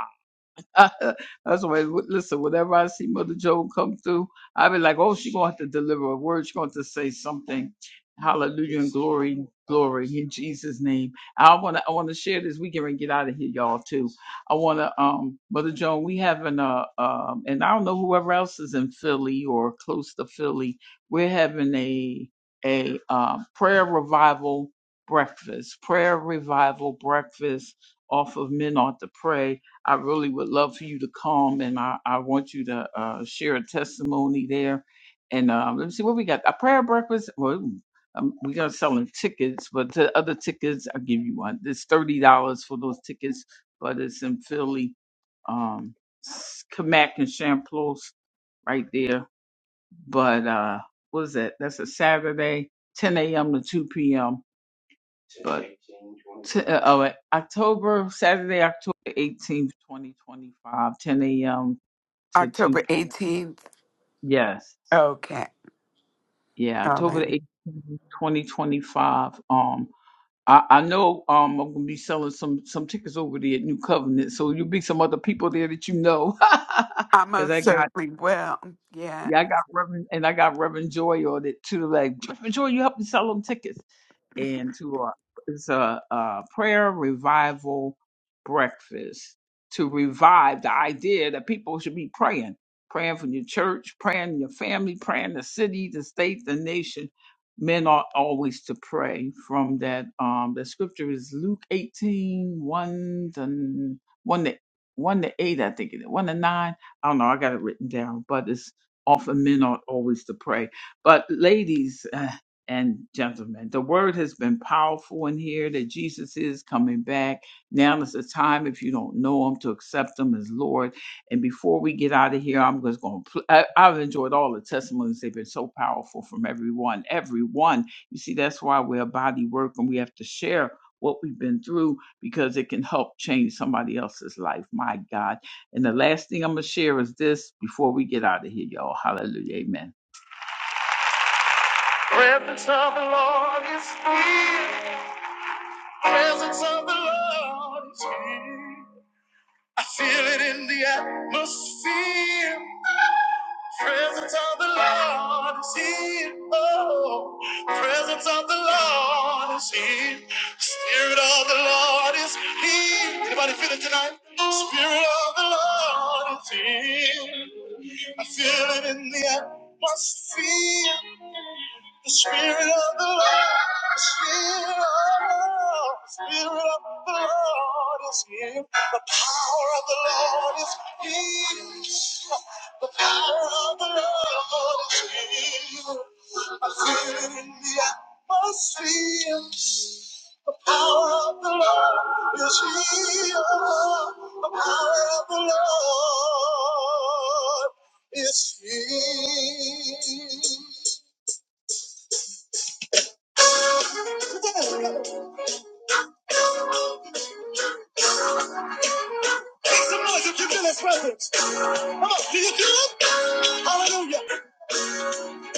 A: [LAUGHS] That's why. Listen, whenever I see Mother Joan come through, I be like, "Oh, she gonna have to deliver a word. She gonna have to say something." Hallelujah and glory, glory in Jesus' name. I wanna, I wanna share this. We can get out of here, y'all. Too. I wanna, um, Mother Joan, we having a, um, and I don't know whoever else is in Philly or close to Philly. We're having a a um, prayer revival breakfast. Prayer revival breakfast off of Men Ought to Pray I really would love for you to come and I, I want you to uh, share a testimony there. And um, let me see what we got. A prayer breakfast. Well, um, we're going to sell them tickets, but the other tickets, I'll give you one. It's $30 for those tickets, but it's in Philly, um, Kamak and Shamplos right there. But uh, what is that? That's a Saturday, 10 a.m. to 2 p.m. T- uh, oh, October, Saturday, October 18th, twenty five, ten a.m. to 2
H: October
A: p.m.
H: 18th.
A: Yes.
H: Okay.
A: Yeah,
H: All
A: October the
H: right.
A: 18th, 2025. Um, I, I know um I'm gonna be selling some some tickets over there at New Covenant, so you'll be some other people there that you know.
H: I
A: [LAUGHS] Cause
H: most
A: I got
H: certainly will. Yeah.
A: yeah, I got Reverend and I got Reverend Joy on it too. Like Reverend Joy, you help me sell them tickets. and to a it's a, a prayer revival breakfast to revive the idea that people should be praying, praying for your church, praying your family, praying the city, the state, the nation. Men ought always to pray. From that, um, the scripture is Luke eighteen one to one to one to eight, I think it is. One to nine. I don't know. I got it written down, but it's often men ought always to pray. But ladies, [LAUGHS] and gentlemen. The word has been powerful in here that Jesus is coming back. Now is the time, if you don't know him, to accept him as Lord. And before we get out of here, I'm just going to, pl- I, I've enjoyed all the testimonies. They've been so powerful from everyone. Everyone. You see, that's why we're a body work and we have to share what we've been through because it can help change somebody else's life. My God. And the last thing I'm going to share is this before we get out of here, y'all. Hallelujah. Amen Presence of the Lord is here. Presence of the Lord is here. I feel it in the atmosphere. Presence of the Lord is here. Oh, presence of the Lord is here. Spirit of the Lord is here. Anybody feel it tonight? Spirit of the Lord is here. I feel it in the atmosphere. The Spirit of the Lord is here. The Spirit of the Lord is here. The power of the Lord is here. The power of the Lord is here. I feel it in the atmosphere. The power of the Lord is here. The power of the Lord is here. Make some noise if you feel His presence. Come on, do you feel it? Hallelujah.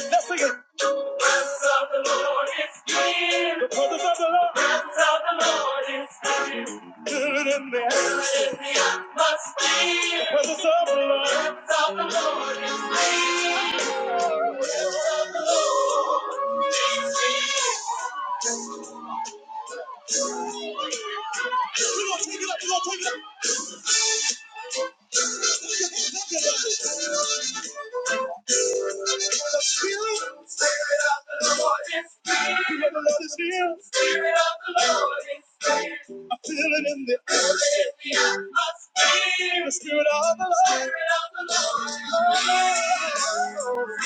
A: Let's sing it. For the love of the Lord is good in me. Good in me, I the Lord. Presence of the Lord is here. The Presence of the Lord is here. We're gonna take it up, we're gonna take it up. The spirit. spirit of the Spirit of the Lord is here. The Spirit of the Lord is here. I feel it in the air. The Spirit of the Lord. Spirit of the Lord.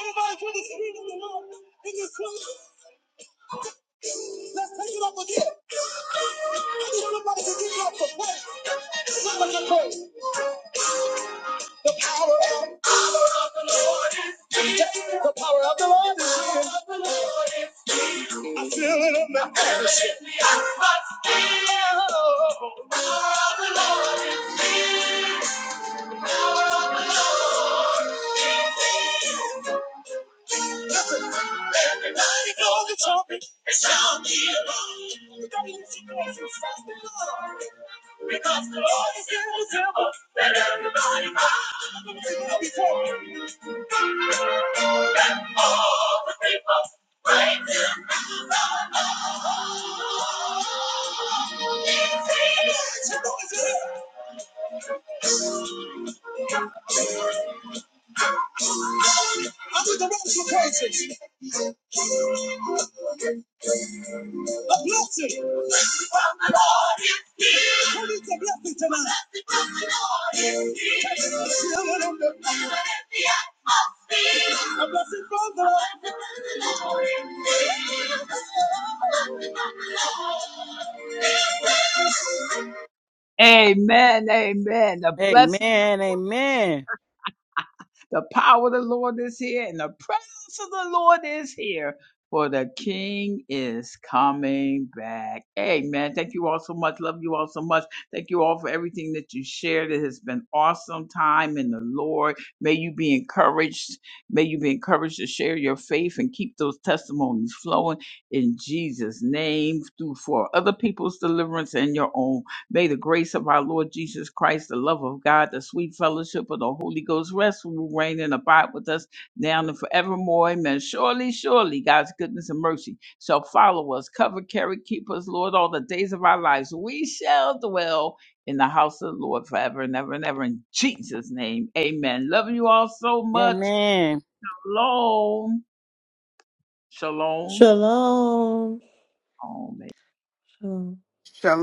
A: Anybody feel the Spirit of the Lord in this room? Let's take it up again. I need Somebody can give God some praise. Somebody can praise. The power of the Lord is here. The power of the Lord is here. I feel it in my atmosphere. The power of the Lord is here. Listen, everybody know the topic. It's on the alone. Because the Lord is in the temple. Let everybody bow before him. Let all the people praise him. He's here. He's here. I'm with the rest of praises. A blessing. From the Lord is here. Who needs a blessing tonight? from the Lord is here. Take the atmosphere. A blessing from the Lord. from the Lord is here. A blessing from the Lord. Amen, amen. The blessing of the
G: Amen.
A: Lord.
G: Amen.
A: The power of the Lord is here, and the presence of the Lord is here. For the King is coming back. Amen. Thank you all so much. Love you all so much. Thank you all for everything that you shared. It has been awesome time in the Lord. May you be encouraged. May you be encouraged to share your faith and keep those testimonies flowing in Jesus' name through for other people's deliverance and your own May the grace of our Lord Jesus Christ, the love of God, the sweet fellowship of the Holy Ghost rest, rule, reign, and abide with us now and forevermore. Amen. Surely, surely, God's goodness and mercy shall follow us, cover, carry, keep us, Lord, all the days of our lives. We shall dwell in the house of the Lord forever and ever and ever. In Jesus' name, amen. Love you all so much.
G: Amen.
A: Shalom. Shalom.
B: Shalom.
A: Amen.
B: Shalom.
H: Shalom.